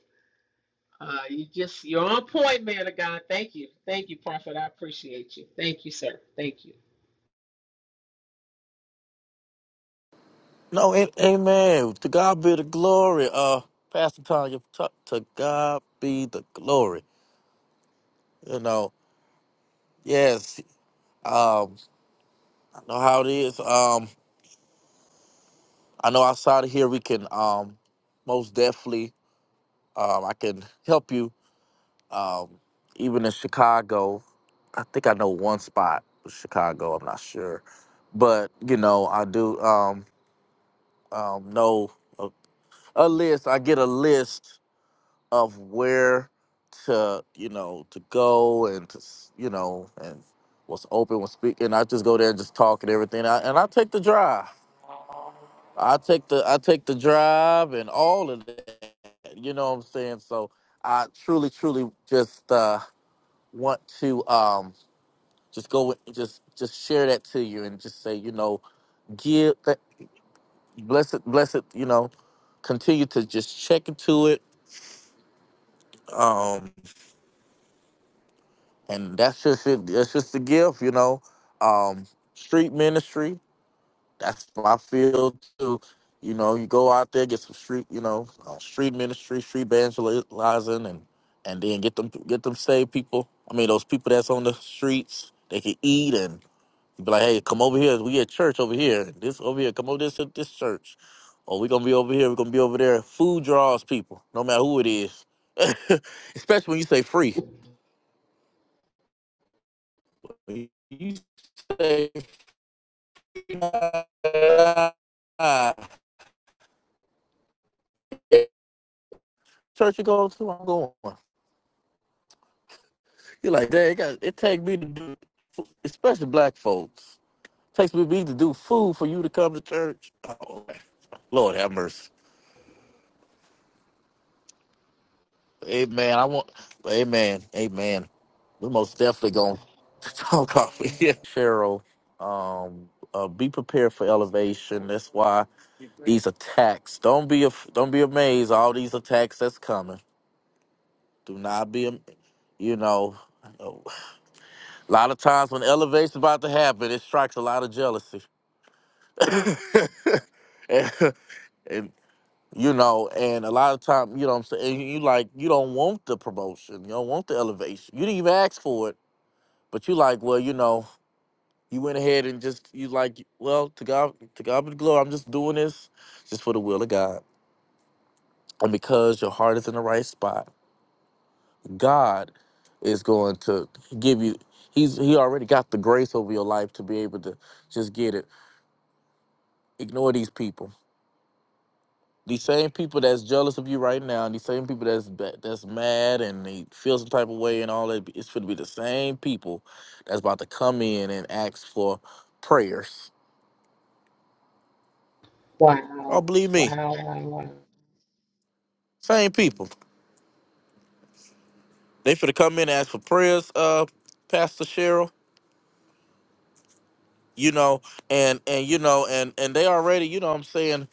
Uh, you just you're on point, man of God. Thank you, thank you, Prophet. I appreciate you. Thank you, sir. Thank you.
No, a- amen. To God be the glory. Uh, Pastor Tanya, to, to God be the glory. You know, yes. Um, I know how it is. Um, I know outside of here we can um, most definitely um, I can help you. Um, even in Chicago, I think I know one spot for Chicago. I'm not sure, but you know I do um, um, know. uh, a list. I get a list of where to, you know, to go and to, s- you know, and what's open, what's speak, and I just go there and just talk and everything. I, and I take the drive. I take the I take the drive and all of that. You know what I'm saying? So I truly, truly just uh, want to um, just go with- just just share that to you and just say, you know, give that bless it, bless it, you know, continue to just check into it. Um, and that's just it. That's just a gift, you know. Um, street ministry, that's my field too. You know, you go out there get some street, you know, uh, street ministry, street evangelizing, and and then get them get them saved people. I mean, those people that's on the streets, they can eat and be like, hey, come over here. We at church over here. This over here. Come over this to this church. Or we gonna be over here. We gonna be over there. Food draws people, no matter who it is. Especially when you say free. When You say Church you go to, I'm going. You're like, dang, it, got, it take me to do, especially black folks, it takes me me to do food for you to come to church. Oh, Lord have mercy. Amen. I want, amen, amen. We most definitely going to talk off of here. Cheryl, um, uh, be prepared for elevation. That's why these attacks, don't be, af- don't be amazed. All these attacks that's coming. Do not be, am- you know. A lot of times when elevation's about to happen, it strikes a lot of jealousy. and, and, you know, and a lot of time, you know what I'm saying, and you like you don't want the promotion. You don't want the elevation. You didn't even ask for it. But you like, well, you know, you went ahead and just you like, well, to God to God be the glory. I'm just doing this just for the will of God. And because your heart is in the right spot, God is going to give you he's he already got the grace over your life to be able to just get it ignore these people. These same people that's jealous of you right now, and these same people that's ba- that's mad and they feel some type of way and all that. It's going to be the same people that's about to come in and ask for prayers. Oh,
Wow.
believe me,
Wow. Wow. Wow.
same people. They for to come in and ask for prayers, uh, Pastor Cheryl. You know, and and you know, and and they already, you know, what I'm saying,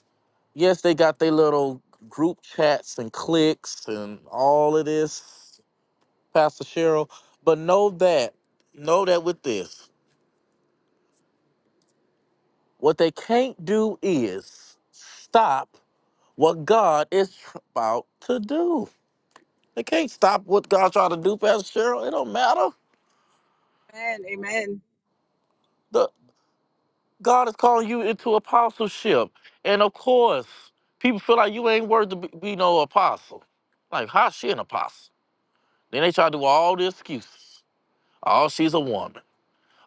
yes, they got their little group chats and cliques and all of this Pastor Cheryl. But know that, know that with this, what they can't do is stop what God is tr- about to do. They can't stop what God's trying to do, Pastor Cheryl. It don't matter.
Amen. Amen.
The God is calling you into apostleship, and of course, people feel like you ain't worth to be, be no apostle. Like, how she an apostle? Then they try to do all the excuses. Oh, she's a woman.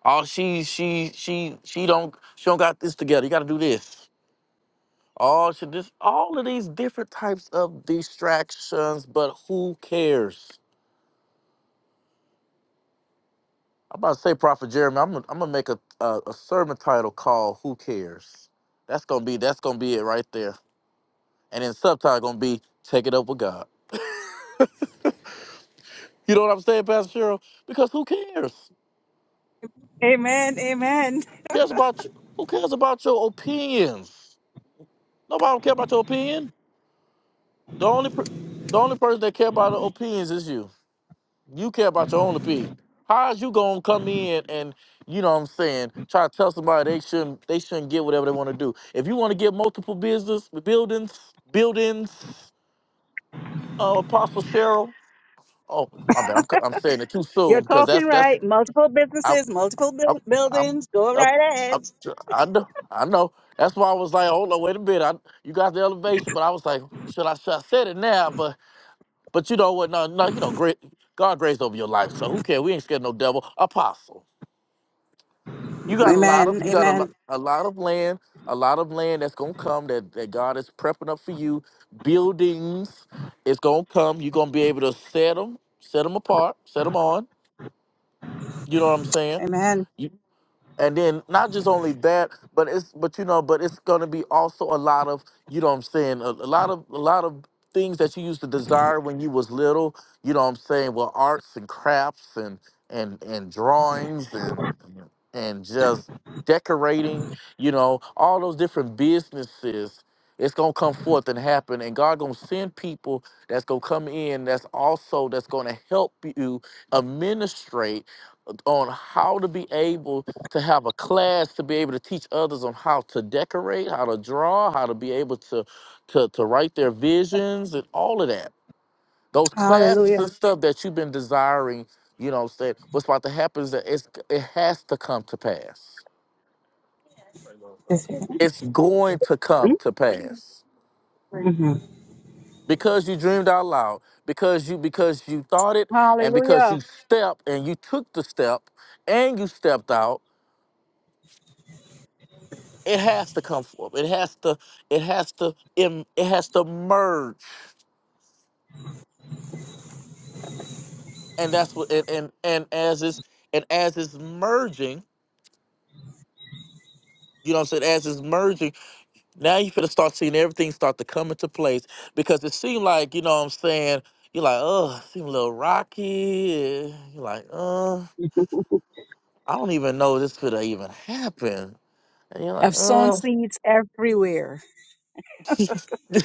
Oh, she she she she don't she don't got this together. You got to do this. All should just all of these different types of distractions, but who cares? I'm about to say, Prophet Jeremy, I'm gonna, I'm gonna make a, a a sermon title called "Who Cares." That's gonna be that's gonna be it right there, and then subtitle gonna be "Take It Up with God." You know what I'm saying, Pastor Cheryl? Because who cares?
Amen. Amen.
Cares about you? Who cares about your opinions? Nobody don't care about your opinion. The only per, the only person that care about the opinions is you. You care about your own opinion. How's you gonna come in and you know what I'm saying, try to tell somebody they shouldn't they shouldn't get whatever they want to do. If you want to get multiple business buildings, buildings, uh, Apostle Cheryl. Oh, my bad. I'm c- I'm saying it too
You're
soon because
talking
that's that's
right. Multiple
I
businesses, multiple
I
buil-
I'm
buildings. Go
up
right
I,
ahead.
I know I know. That's why I was like, hold on, wait a minute. I, you got the elevation, but I was like, should I should I said it now? But but you know what? No, no, you know, great God grace over your life. So who cares? We ain't scared of no devil. Apostle. You got a lot
Amen.
of you got a lot
Amen.
a lot of land, a lot of land that's gonna come that, that God is prepping up for you. Buildings it's gonna come. You're gonna be able to set them, set them apart, set them on. You know what I'm saying?
Amen.
And then not just only that, but it's but you know, but it's gonna be also a lot of you know what I'm saying, a, a lot of a lot of things that you used to desire when you was little, you know what I'm saying, well arts and crafts and and and drawings and and just decorating, you know, all those different businesses. It's gonna come forth and happen, and God gonna send people that's gonna come in. That's also that's gonna help you administrate on how to be able to have a class to be able to teach others on how to decorate, how to draw, how to be able to to to write their visions and all of that. Those classes
Hallelujah.
and stuff that you've been desiring, you know, said what's about to happen is that it's it has to come to pass. It's going to come
hmm
to pass. Because you dreamed out loud, because you because you thought it and because
Hallelujah.
you stepped and you took the step and you stepped out It has to come forth. It has to. It has to. Im, it has to merge. And that's what. And and, and as it's and as it's merging, you know what I'm saying. As it's merging, now you finna start seeing everything start to come into place because it seemed like you know what I'm saying. You're like, oh, it seemed a little rocky. You're like, uh, I don't even know if this could even happen. And you're like,
I've sown
uh,
seeds everywhere.
it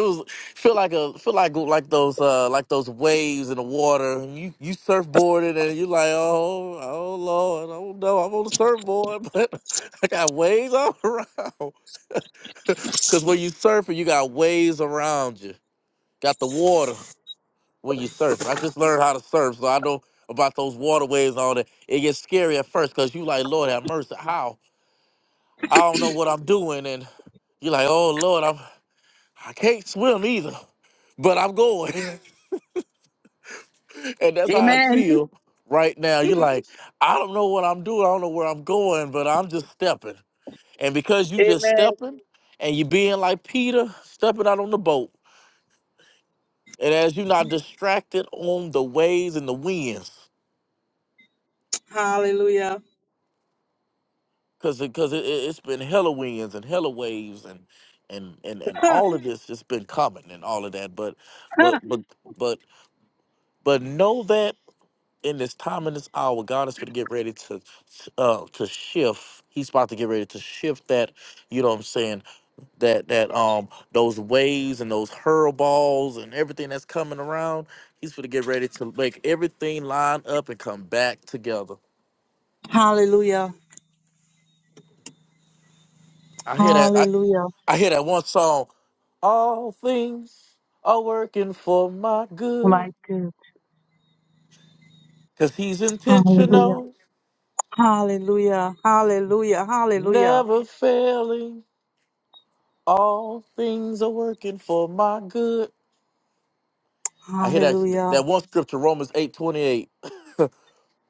was feel like a feel like like those uh like those waves in the water. You you surfboarded and you like oh oh lord I don't know I'm on the surfboard but I got waves all around. Cause when you surfing you got waves around you. Got the water when you surfing. I just learned how to surf so I know about those water waves on it. It gets scary at first cause you like Lord have mercy how I don't know what I'm doing and you're like oh lord I'm I can't swim either. but I'm going. and that's how I
Amen.
feel right now. You're like, I don't know what I'm doing. I don't know where I'm going, but I'm just stepping. And because you just
Amen.
stepping and you being like Peter, stepping out on the boat, and as you're not distracted on the waves and the winds,
Hallelujah.
because because it, it, has been hella winds and hella waves and and and and all of this just been coming and all of that. But but but but but know that. in this time and this hour, God is going to get ready to uh to shift. He's about to get ready to shift that, you know what I'm saying, that that um those waves and those hurlballs and everything that's coming around. He's going to get ready to make everything line up and come back together.
Hallelujah.
I hear that I,
Hallelujah.
I hear that one song, all things are working for my good
My good.
cuz he's
Hallelujah.
intentional,
Hallelujah. Hallelujah. Hallelujah.
never failing. All things are working for my good. I hear that
Hallelujah.
that one scripture, Romans eight twenty eight.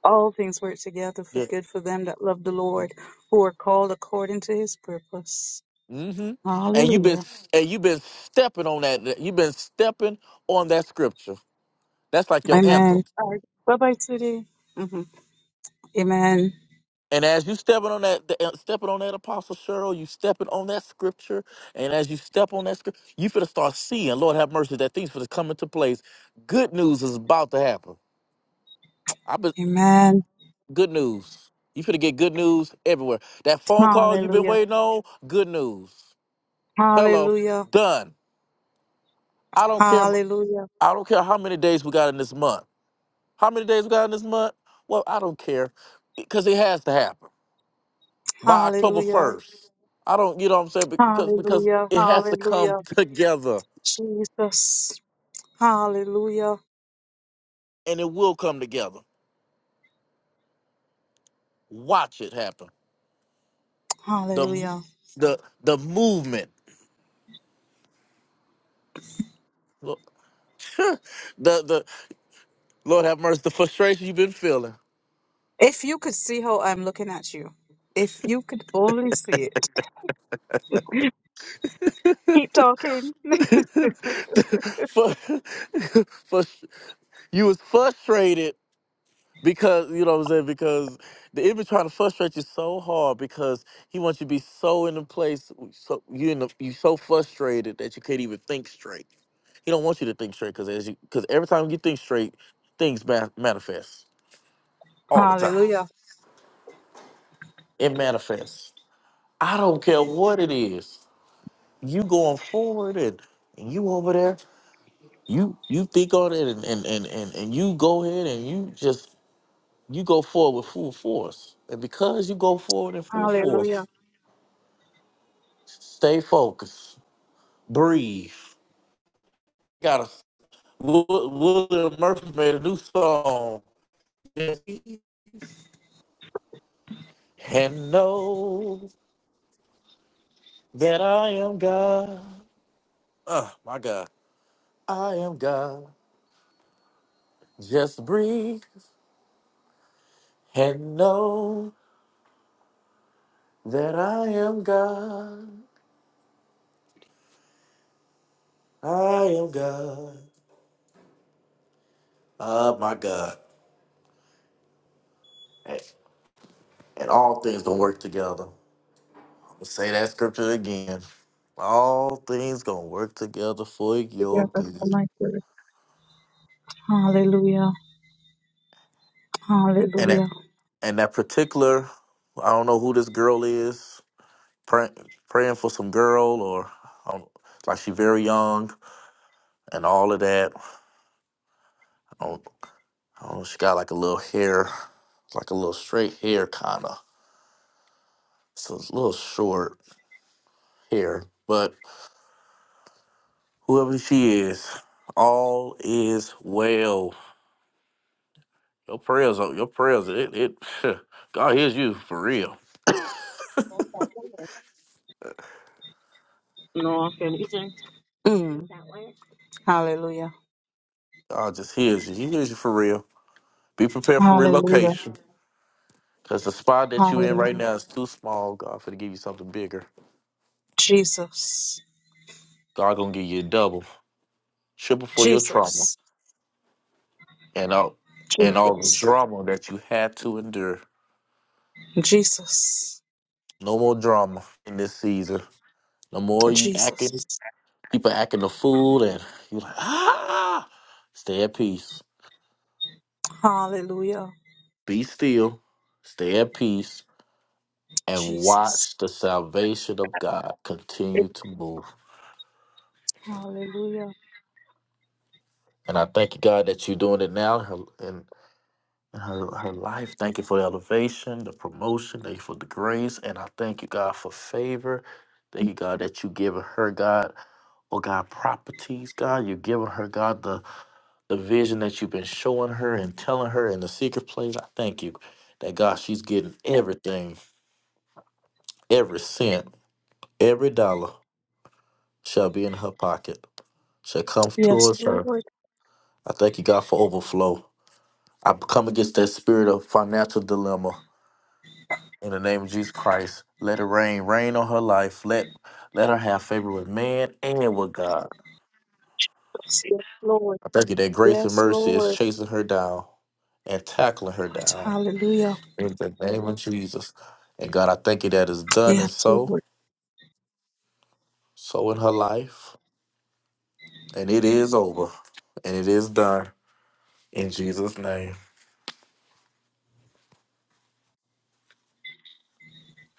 All things work together for good for them that love the Lord, who are called according to his purpose.
Mm-hmm. And you've been
Hallelujah.
and you've been stepping on that. You've been stepping on that scripture. That's like your
Amen.
anthem.
All right. Bye bye, Sudie. hmm Amen.
And as you stepping on that, the- stepping on that apostle Cheryl, you stepping on that scripture. And as you step on that scripture, you finna start seeing. Lord have mercy, that things finna come into place. Good news is about to happen. I been
Amen.
good news. You finna get good news everywhere. That phone call you've been
Hallelujah.
waiting on, good news. Hello,
Hallelujah.
done. I don't care.
Hallelujah.
I don't care how many days we got in this month. How many days we got in this month? Well, I don't care because it has to happen by October
Hallelujah.
first. I don't. You know what I'm saying? Because because
Hallelujah.
it has to come
Hallelujah.
together,
Jesus. Hallelujah.
and it will come together. Watch it happen. The mo-
Hallelujah.
the the movement. the the Lord have mercy. The frustration you've been feeling.
If you could see how I'm looking at you, if you could only see it, keep talking.
for, for you was frustrated Because you know what I'm saying? Because the enemy trying to frustrate you so hard because he wants you to be so in a place so you in the, you so frustrated that you can't even think straight. He don't want you to think straight because as you because every time you think straight, things ma- manifest all the time.
Hallelujah.
It manifests. I don't care what it is. You going forward and, and you over there, you you think on it and and, and and and you go ahead and you just you go forward with full force. And because you go forward in full
Hallelujah.
force, Stay focused. Breathe. Got a William Murphy made a new song. And know that I am God. Oh my God, I am God. Just breathe and know that I am God. I am God. Oh my God. And, and all things gonna work together. I'm gonna say that scripture again. All things gonna work together for your
together
good.
for my good. Hallelujah.
and that
Hallelujah.
and that particular I don't know who this girl is praying praying for some girl or I don't, like she very young and all of that. I don't, I don't know, she got like a little hair, like a little straight hair kinda. So it's a little short hair, but whoever she is, all is well. Your prayers, are your prayers, it it God hears you for real.
No, can eating. Mm. Hallelujah.
God just hears you. He hears you for real. Be prepared for
Hallelujah.
relocation. Cause the spot that you in right
Hallelujah.
now is too small. God finna give you something bigger.
Jesus.
God gonna give you a double, triple for your trauma
Jesus.
and all and all the
Jesus.
drama that you had to endure.
Jesus.
No more drama in this season. No more you
Jesus.
acting people acting a fool and you like ah. Stay at peace.
Hallelujah.
Be still. Stay at peace and
Jesus.
watch the salvation of God continue to move.
Hallelujah.
And I thank you, God, that you're doing it now. and. in her, her life. Thank you for the elevation, the promotion. Thank you for the grace. And I thank you, God, for favor. Thank you, God, that you giving her, God, oh God, properties, God. You're giving her, God, the, the vision that you've been showing her and telling her in the secret place. I thank you that, God, she's getting everything, every cent, every dollar shall be in her pocket, shall come
Yes,
towards her.
Lord.
I thank you, God, for overflow. I come against that spirit of financial dilemma in the name of Jesus Christ. Let it rain, rain on her life. Let let her have favor with man and with God.
Yes, Lord.
I thank you that grace and
Yes,
mercy is
Lord.
chasing her down and tackling her down
Hallelujah.
in the name of Jesus. And God, I thank you that is done
Yes,
and so,
Lord.
so in her life. And it is over. And it is done in Jesus' name.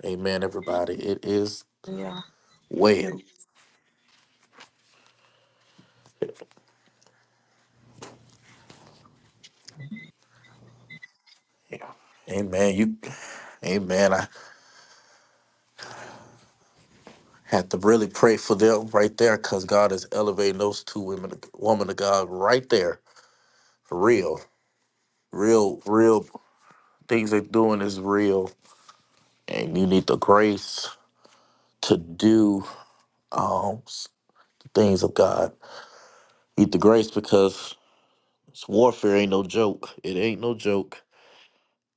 Amen, everybody. It is
Yeah.
well. Yeah. Amen. You amen. I. Had to really pray for them right there because God is elevating those two women, woman of God, right there. For real, real, real things they're doing is real, and you need the grace to do um things of God. You need the grace because it's warfare ain't no joke. It ain't no joke.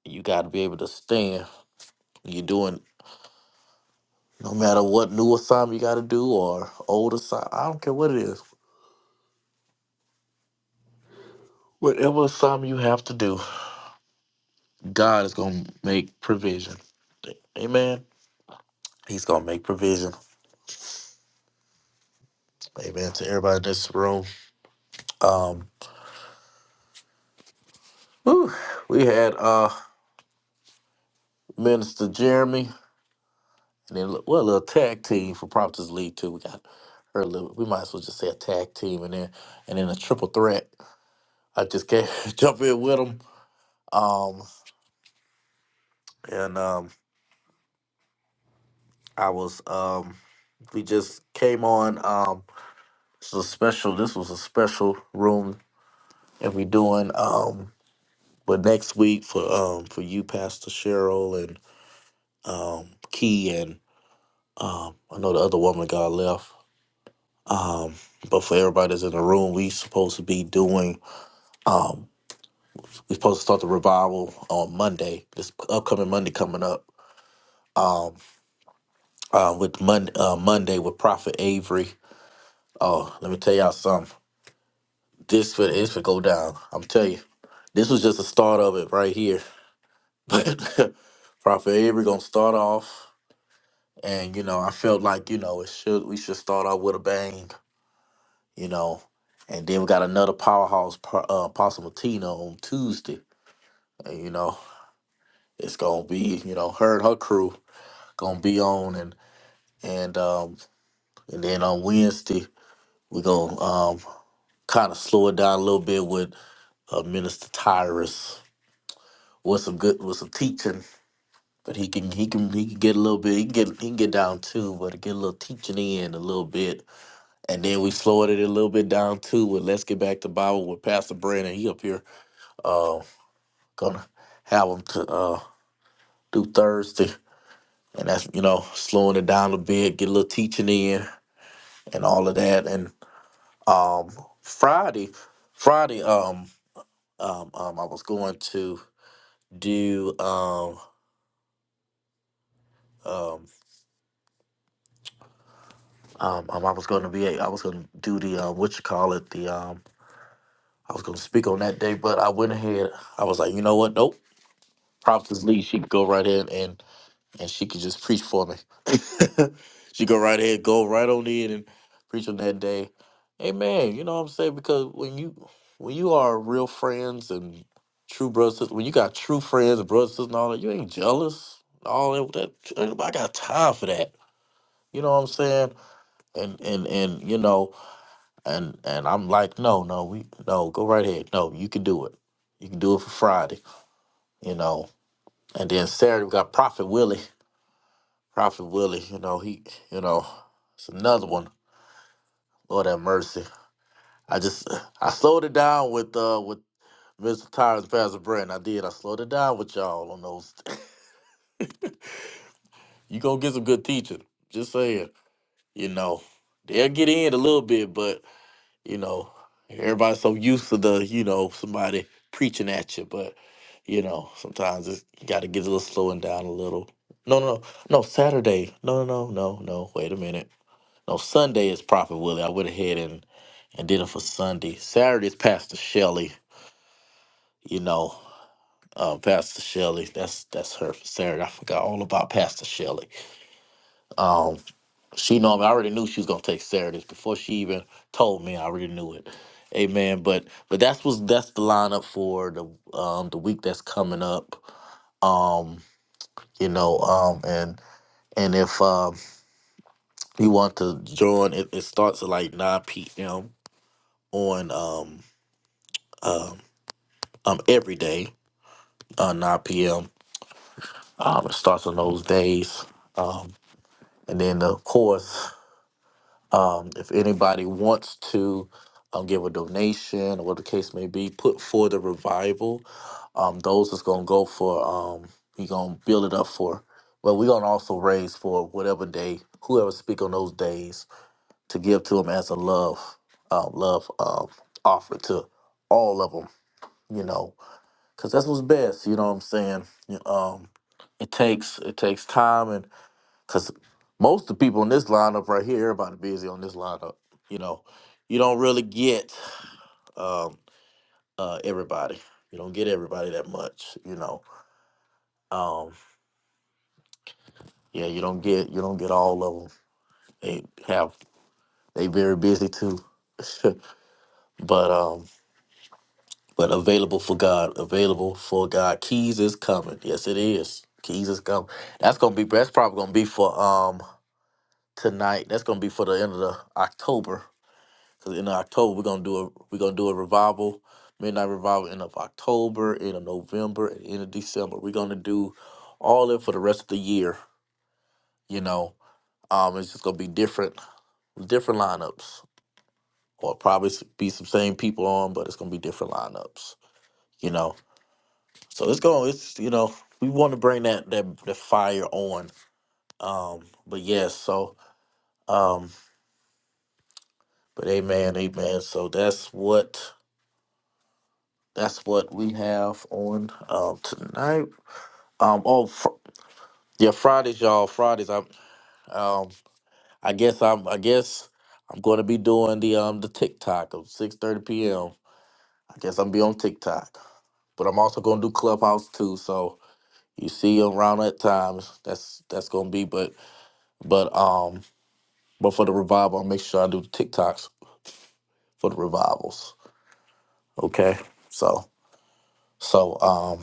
You got to be able to stand. You're doing no matter what new assignment you got to do or old assignment. I don't care what it is. Whatever assignment you have to do God is going to make provision. Amen. He's going to make provision. Amen to everybody in this room. Um, whew, we had uh Minister Jeremy, and then what a little tag team for Prompters League too. We got her. little- We might as well just say a tag team, and then and then a triple threat. I just can't jump in with them. Um, and um, I was um, we just came on. Um, this is a special. This was a special room, and we doing um But next week for um for you, Pastor Cheryl and um Key and um I know the other woman that got left. Um, but for everybody that's in the room, we supposed to be doing um we supposed to start the revival on Monday, this upcoming Monday coming up. Um uh with Mon- uh, Monday with Prophet Avery. Oh, let me tell y'all something. This for this would go down. I'm tell you. This was just the start of it right here. But Prophet Avery gonna start off. and you know I felt like you know it should we should start out with a bang, you know, and then we got another powerhouse po- uh, Apostle Martina on Tuesday, and you know it's gonna be you know her and her crew gonna be on and and um and then on Wednesday we're gonna um kind of slow it down a little bit with uh, Minister Tyrus with some good with some teaching, but he can he can he can get a little bit he can get he can get down too, but get a little teaching in a little bit And then we slowed it a little bit down too with Let's Get Back to Bible with Pastor Brandon. He up here uh gonna have him to uh do Thursday. And that's you know, slowing it down a bit, get a little teaching in and all of that. And um Friday Friday um um, um I was going to do um um um, um I was gonna be a- I was gonna do the uh, what you call it, the um I was gonna speak on that day, but I went ahead, I was like, you know what, nope. Prophetess Lee, she can go right in and and she could just preach for me. she go right ahead, go right on in and preach on that day. Amen. You know what I'm saying? Because when you when you are real friends and true brothers, sis- when you got true friends and brothers and all that, you ain't jealous. All that, that I got time for that. You know what I'm saying? And and and you know, and and I'm like, no, no, we no, go right ahead. No, you can do it. You can do it for Friday. You know. And then Saturday we got Prophet Willie. Prophet Willie, you know, he, you know, it's another one. Lord have mercy. I just, I slowed it down with, uh, with Mr. Tyrus, Pastor Brent. I did. I slowed it down with y'all on those. you gonna get some good teaching. Just saying, you know, they'll get in a little bit, but you know, everybody's so used to the, you know, somebody preaching at you, but you know, sometimes it's, you got to get a little slowing down a little. No, no, no, no. Saturday. No, no, no, no. Wait a minute. No, Sunday is Prophet Willie. I went ahead and and did it for Sunday. Saturday is Pastor Shelley. You know, uh, Pastor Shelley. That's that's her for Saturday. I forgot all about Pastor Shelley. Um, she know I already knew she was gonna take Saturdays before she even told me. I already knew it. Amen. But but that's was that's the lineup for the um the week that's coming up. Um, you know, um, and and if um you want to join, it, it starts at like nine p.m. on um. uh, um, every day, uh, 9 p.m. Um, it starts on those days. Um, and then, of course, um, if anybody wants to um, give a donation or what the case may be, put for the revival. Um, those is going to go for, um, we going to build it up for. But we're going to also raise for whatever day, whoever speak on those days, to give to them as a love, um, love um, offer to all of them, you know, because that's what's best, you know what I'm saying? Um, it takes it takes time and because most of the people in this lineup right here everybody busy on this lineup you know you don't really get um uh everybody you don't get everybody that much you know um yeah you don't get you don't get all of them they have they very busy too but um but available for god available for god keys is coming yes it is keys is coming that's gonna be that's probably gonna be for um tonight that's gonna be for the end of the october Cause in October we're gonna do a we're gonna do a revival, midnight revival end of October, end of November, and end of December. We're gonna do all that for the rest of the year. You know, um, it's just gonna be different different lineups, or probably s- be some same people on, but it's gonna be different lineups. You know, so it's going it's you know we want to bring that that the fire on. Um, but yes, so um, but amen, amen. So that's what that's what we have on um tonight. Um. Oh, fr- yeah. Fridays, y'all. Fridays. I'm. Um. I guess I'm. I guess I'm going to be doing the um the TikTok of 6:30 p.m. I guess I'm be on TikTok, but I'm also going to do Clubhouse too. So you see around that time. That's that's going to be. But but um. But for the revival, I'll make sure I do the TikToks for the revivals. Okay. So. So, um,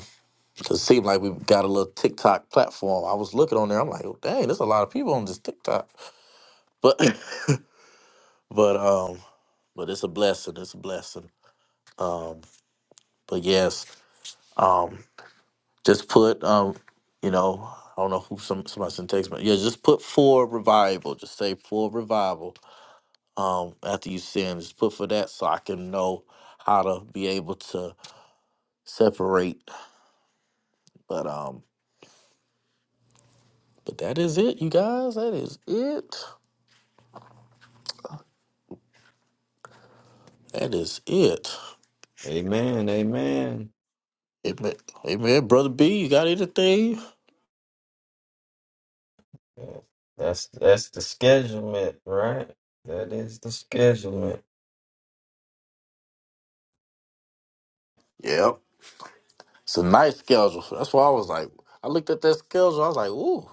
'cause it seemed like we got a little TikTok platform. I was looking on there. I'm like, oh, dang, there's a lot of people on this TikTok. But But um, but it's a blessing. It's a blessing. Um, but yes, um, just put um, you know, I don't know who some somebody sent text, but yeah, just put for revival. Just say for revival. Um, after you send, just put for that so I can know how to be able to separate. But um, but that is it, you guys. That is it. That is it.
Amen. Amen.
Amen, amen, brother B. You got anything?
That's that's the schedulement, right? That is the schedulement.
Yep. It's a nice schedule. That's why I was like, I looked at that schedule. I was like, ooh,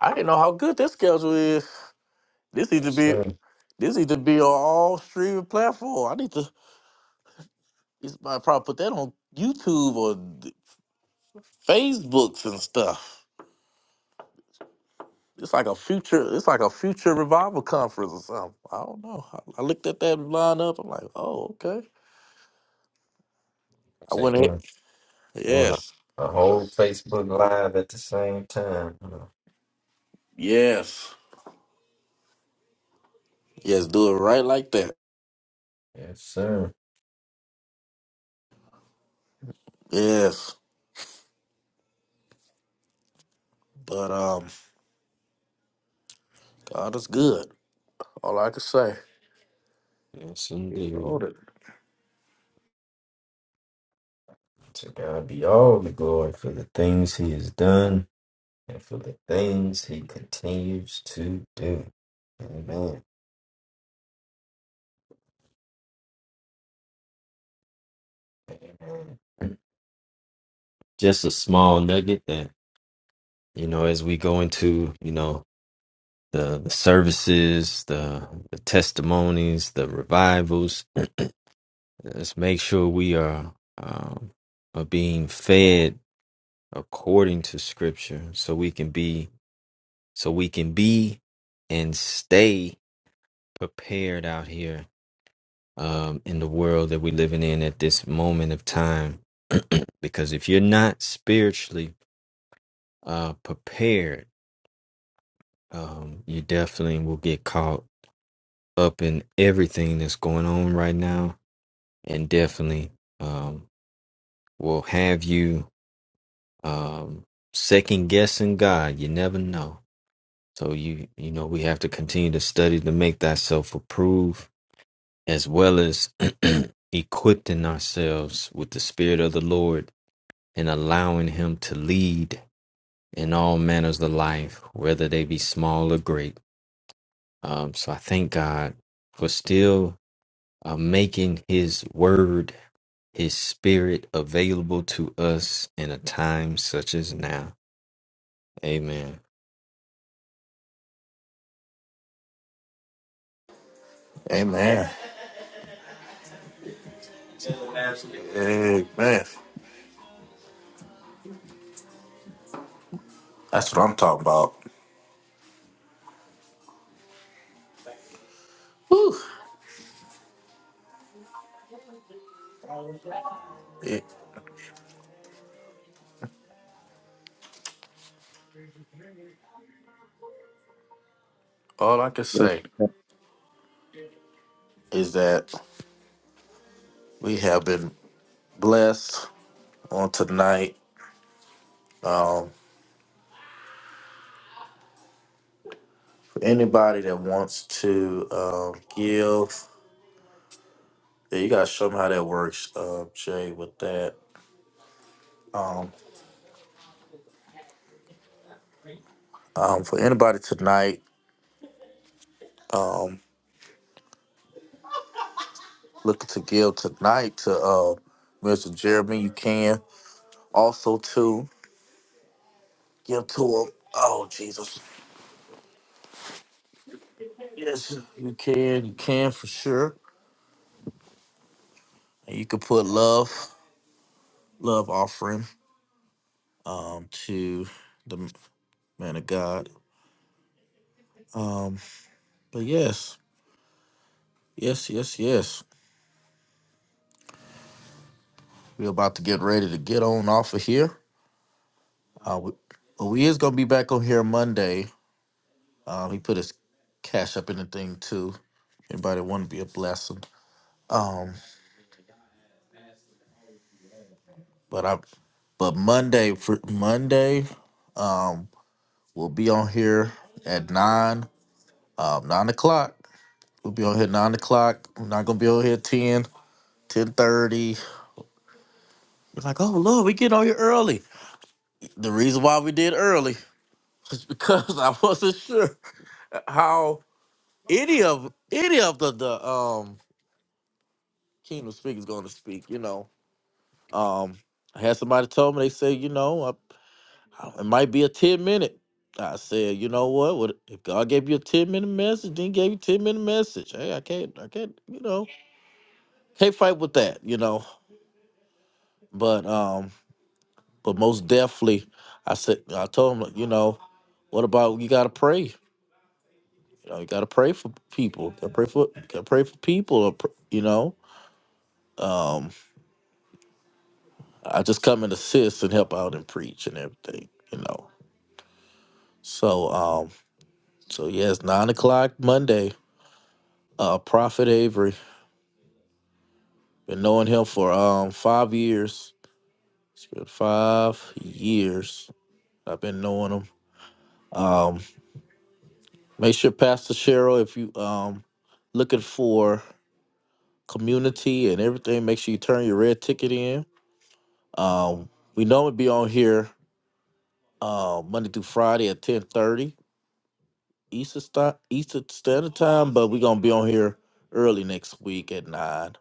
I didn't know how good this schedule is. This needs to
Yes,
be,
sir.
this needs to be on all streaming platform. I need to, this, I probably put that on YouTube or th- Facebooks and stuff. It's like a future, it's like a future revival conference or something. I don't know. I, I looked at that lineup. I'm like, oh, okay. I
Say
went ahead.
doing doing
Yes,
a, a whole Facebook live at the same time. huh?
yes, yes. Do it right like that.
Yes, sir.
Yes, but um, God is good. All I can say.
Yes,
He
indeed.
loaded.
To God be all the glory for the things He has done and for the things He continues to do. Amen. Amen. Just a small nugget that you know as we go into you know the, the services, the, the testimonies, the revivals. Let's make sure we are um, are being fed according to Scripture, so we can be so we can be and stay prepared out here um, in the world that we're living in at this moment of time. Because if you're not spiritually uh, prepared, um, you definitely will get caught up in everything that's going on right now and definitely um, will have you um, second guessing God. You never know. So you you know we have to continue to study to make thyself approved, as well as equipping ourselves with the Spirit of the Lord and allowing Him to lead in all manners of life, whether they be small or great. Um, so I thank God for still uh, making His Word his spirit available to us in a time such as now. Amen.
Amen. Amen. That's what I'm talking about. Whew. It- all I can say is that we have been blessed on tonight. Um, for anybody that wants to um, give, yeah, you gotta show them how that works, uh, Jay. With that, um, for anybody tonight um, looking to give tonight to uh, Mr. Jeremy, you can also to give to him. Oh Jesus! Yes, you can. You can for sure. And you can put love, love offering, um, to the man of God. Um, but yes, yes, yes, yes. We're about to get ready to get on off of here. Uh, we, well, we is gonna be back on here Monday. Um, he put his cash up in the thing too. Anybody want to be a blessing? Um, but I, but Monday for Monday, um, we'll be on here at nine, um, nine o'clock We'll be on here nine o'clock. We're not gonna be on here ten, ten thirty. We're like, oh Lord, we get on here early. The reason why we did early is because I wasn't sure how any of any of the, the um kingdom speakers gonna speak, you know. Um I had somebody told me, they said, you know, I, I- it might be a 10 minute. I said, you know what? What if God gave you a 10 minute message, then he gave you a 10 minute message. Hey, I can't I can't, you know, can't fight with that, you know. But um but most definitely, I said, I told him, like, you know, what about you got to pray? You know, you got to pray for people. Gotta pray for, gotta pray for people. or pr- You know, um, I just come and assist and help out and preach and everything. You know, so um, so yes, nine o'clock Monday. Uh, Prophet Avery, been knowing him for um five years. It's been five years. I've been knowing him. Um, make sure Pastor Cheryl, if you um looking for. community and everything. Make sure you turn your red ticket in. Um, we normally be on here uh, Monday through Friday at ten thirty Eastern Sta- Eastern Standard Time, but we're gonna be on here early next week at nine,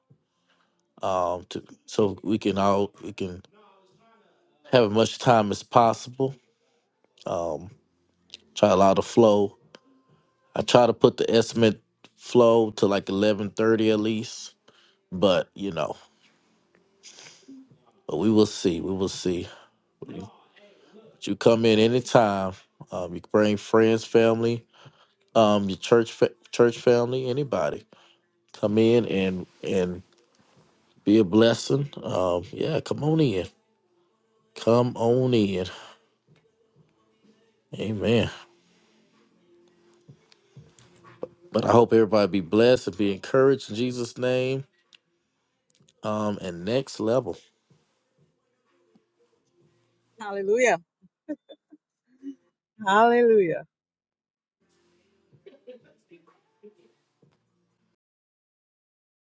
um, to, so we can all we can have as much time as possible. Um, try to allow the flow. I try to put the estimate flow to like eleven thirty at least, but you know, but we will see. We will see. You come in anytime. Um, you can bring friends, family, um, your church, fa- church family, anybody. Come in and and be a blessing. Um, yeah, come on in. Come on in. Amen. But I hope everybody be blessed and be encouraged in Jesus' name. Um, and next level.
Hallelujah. Hallelujah.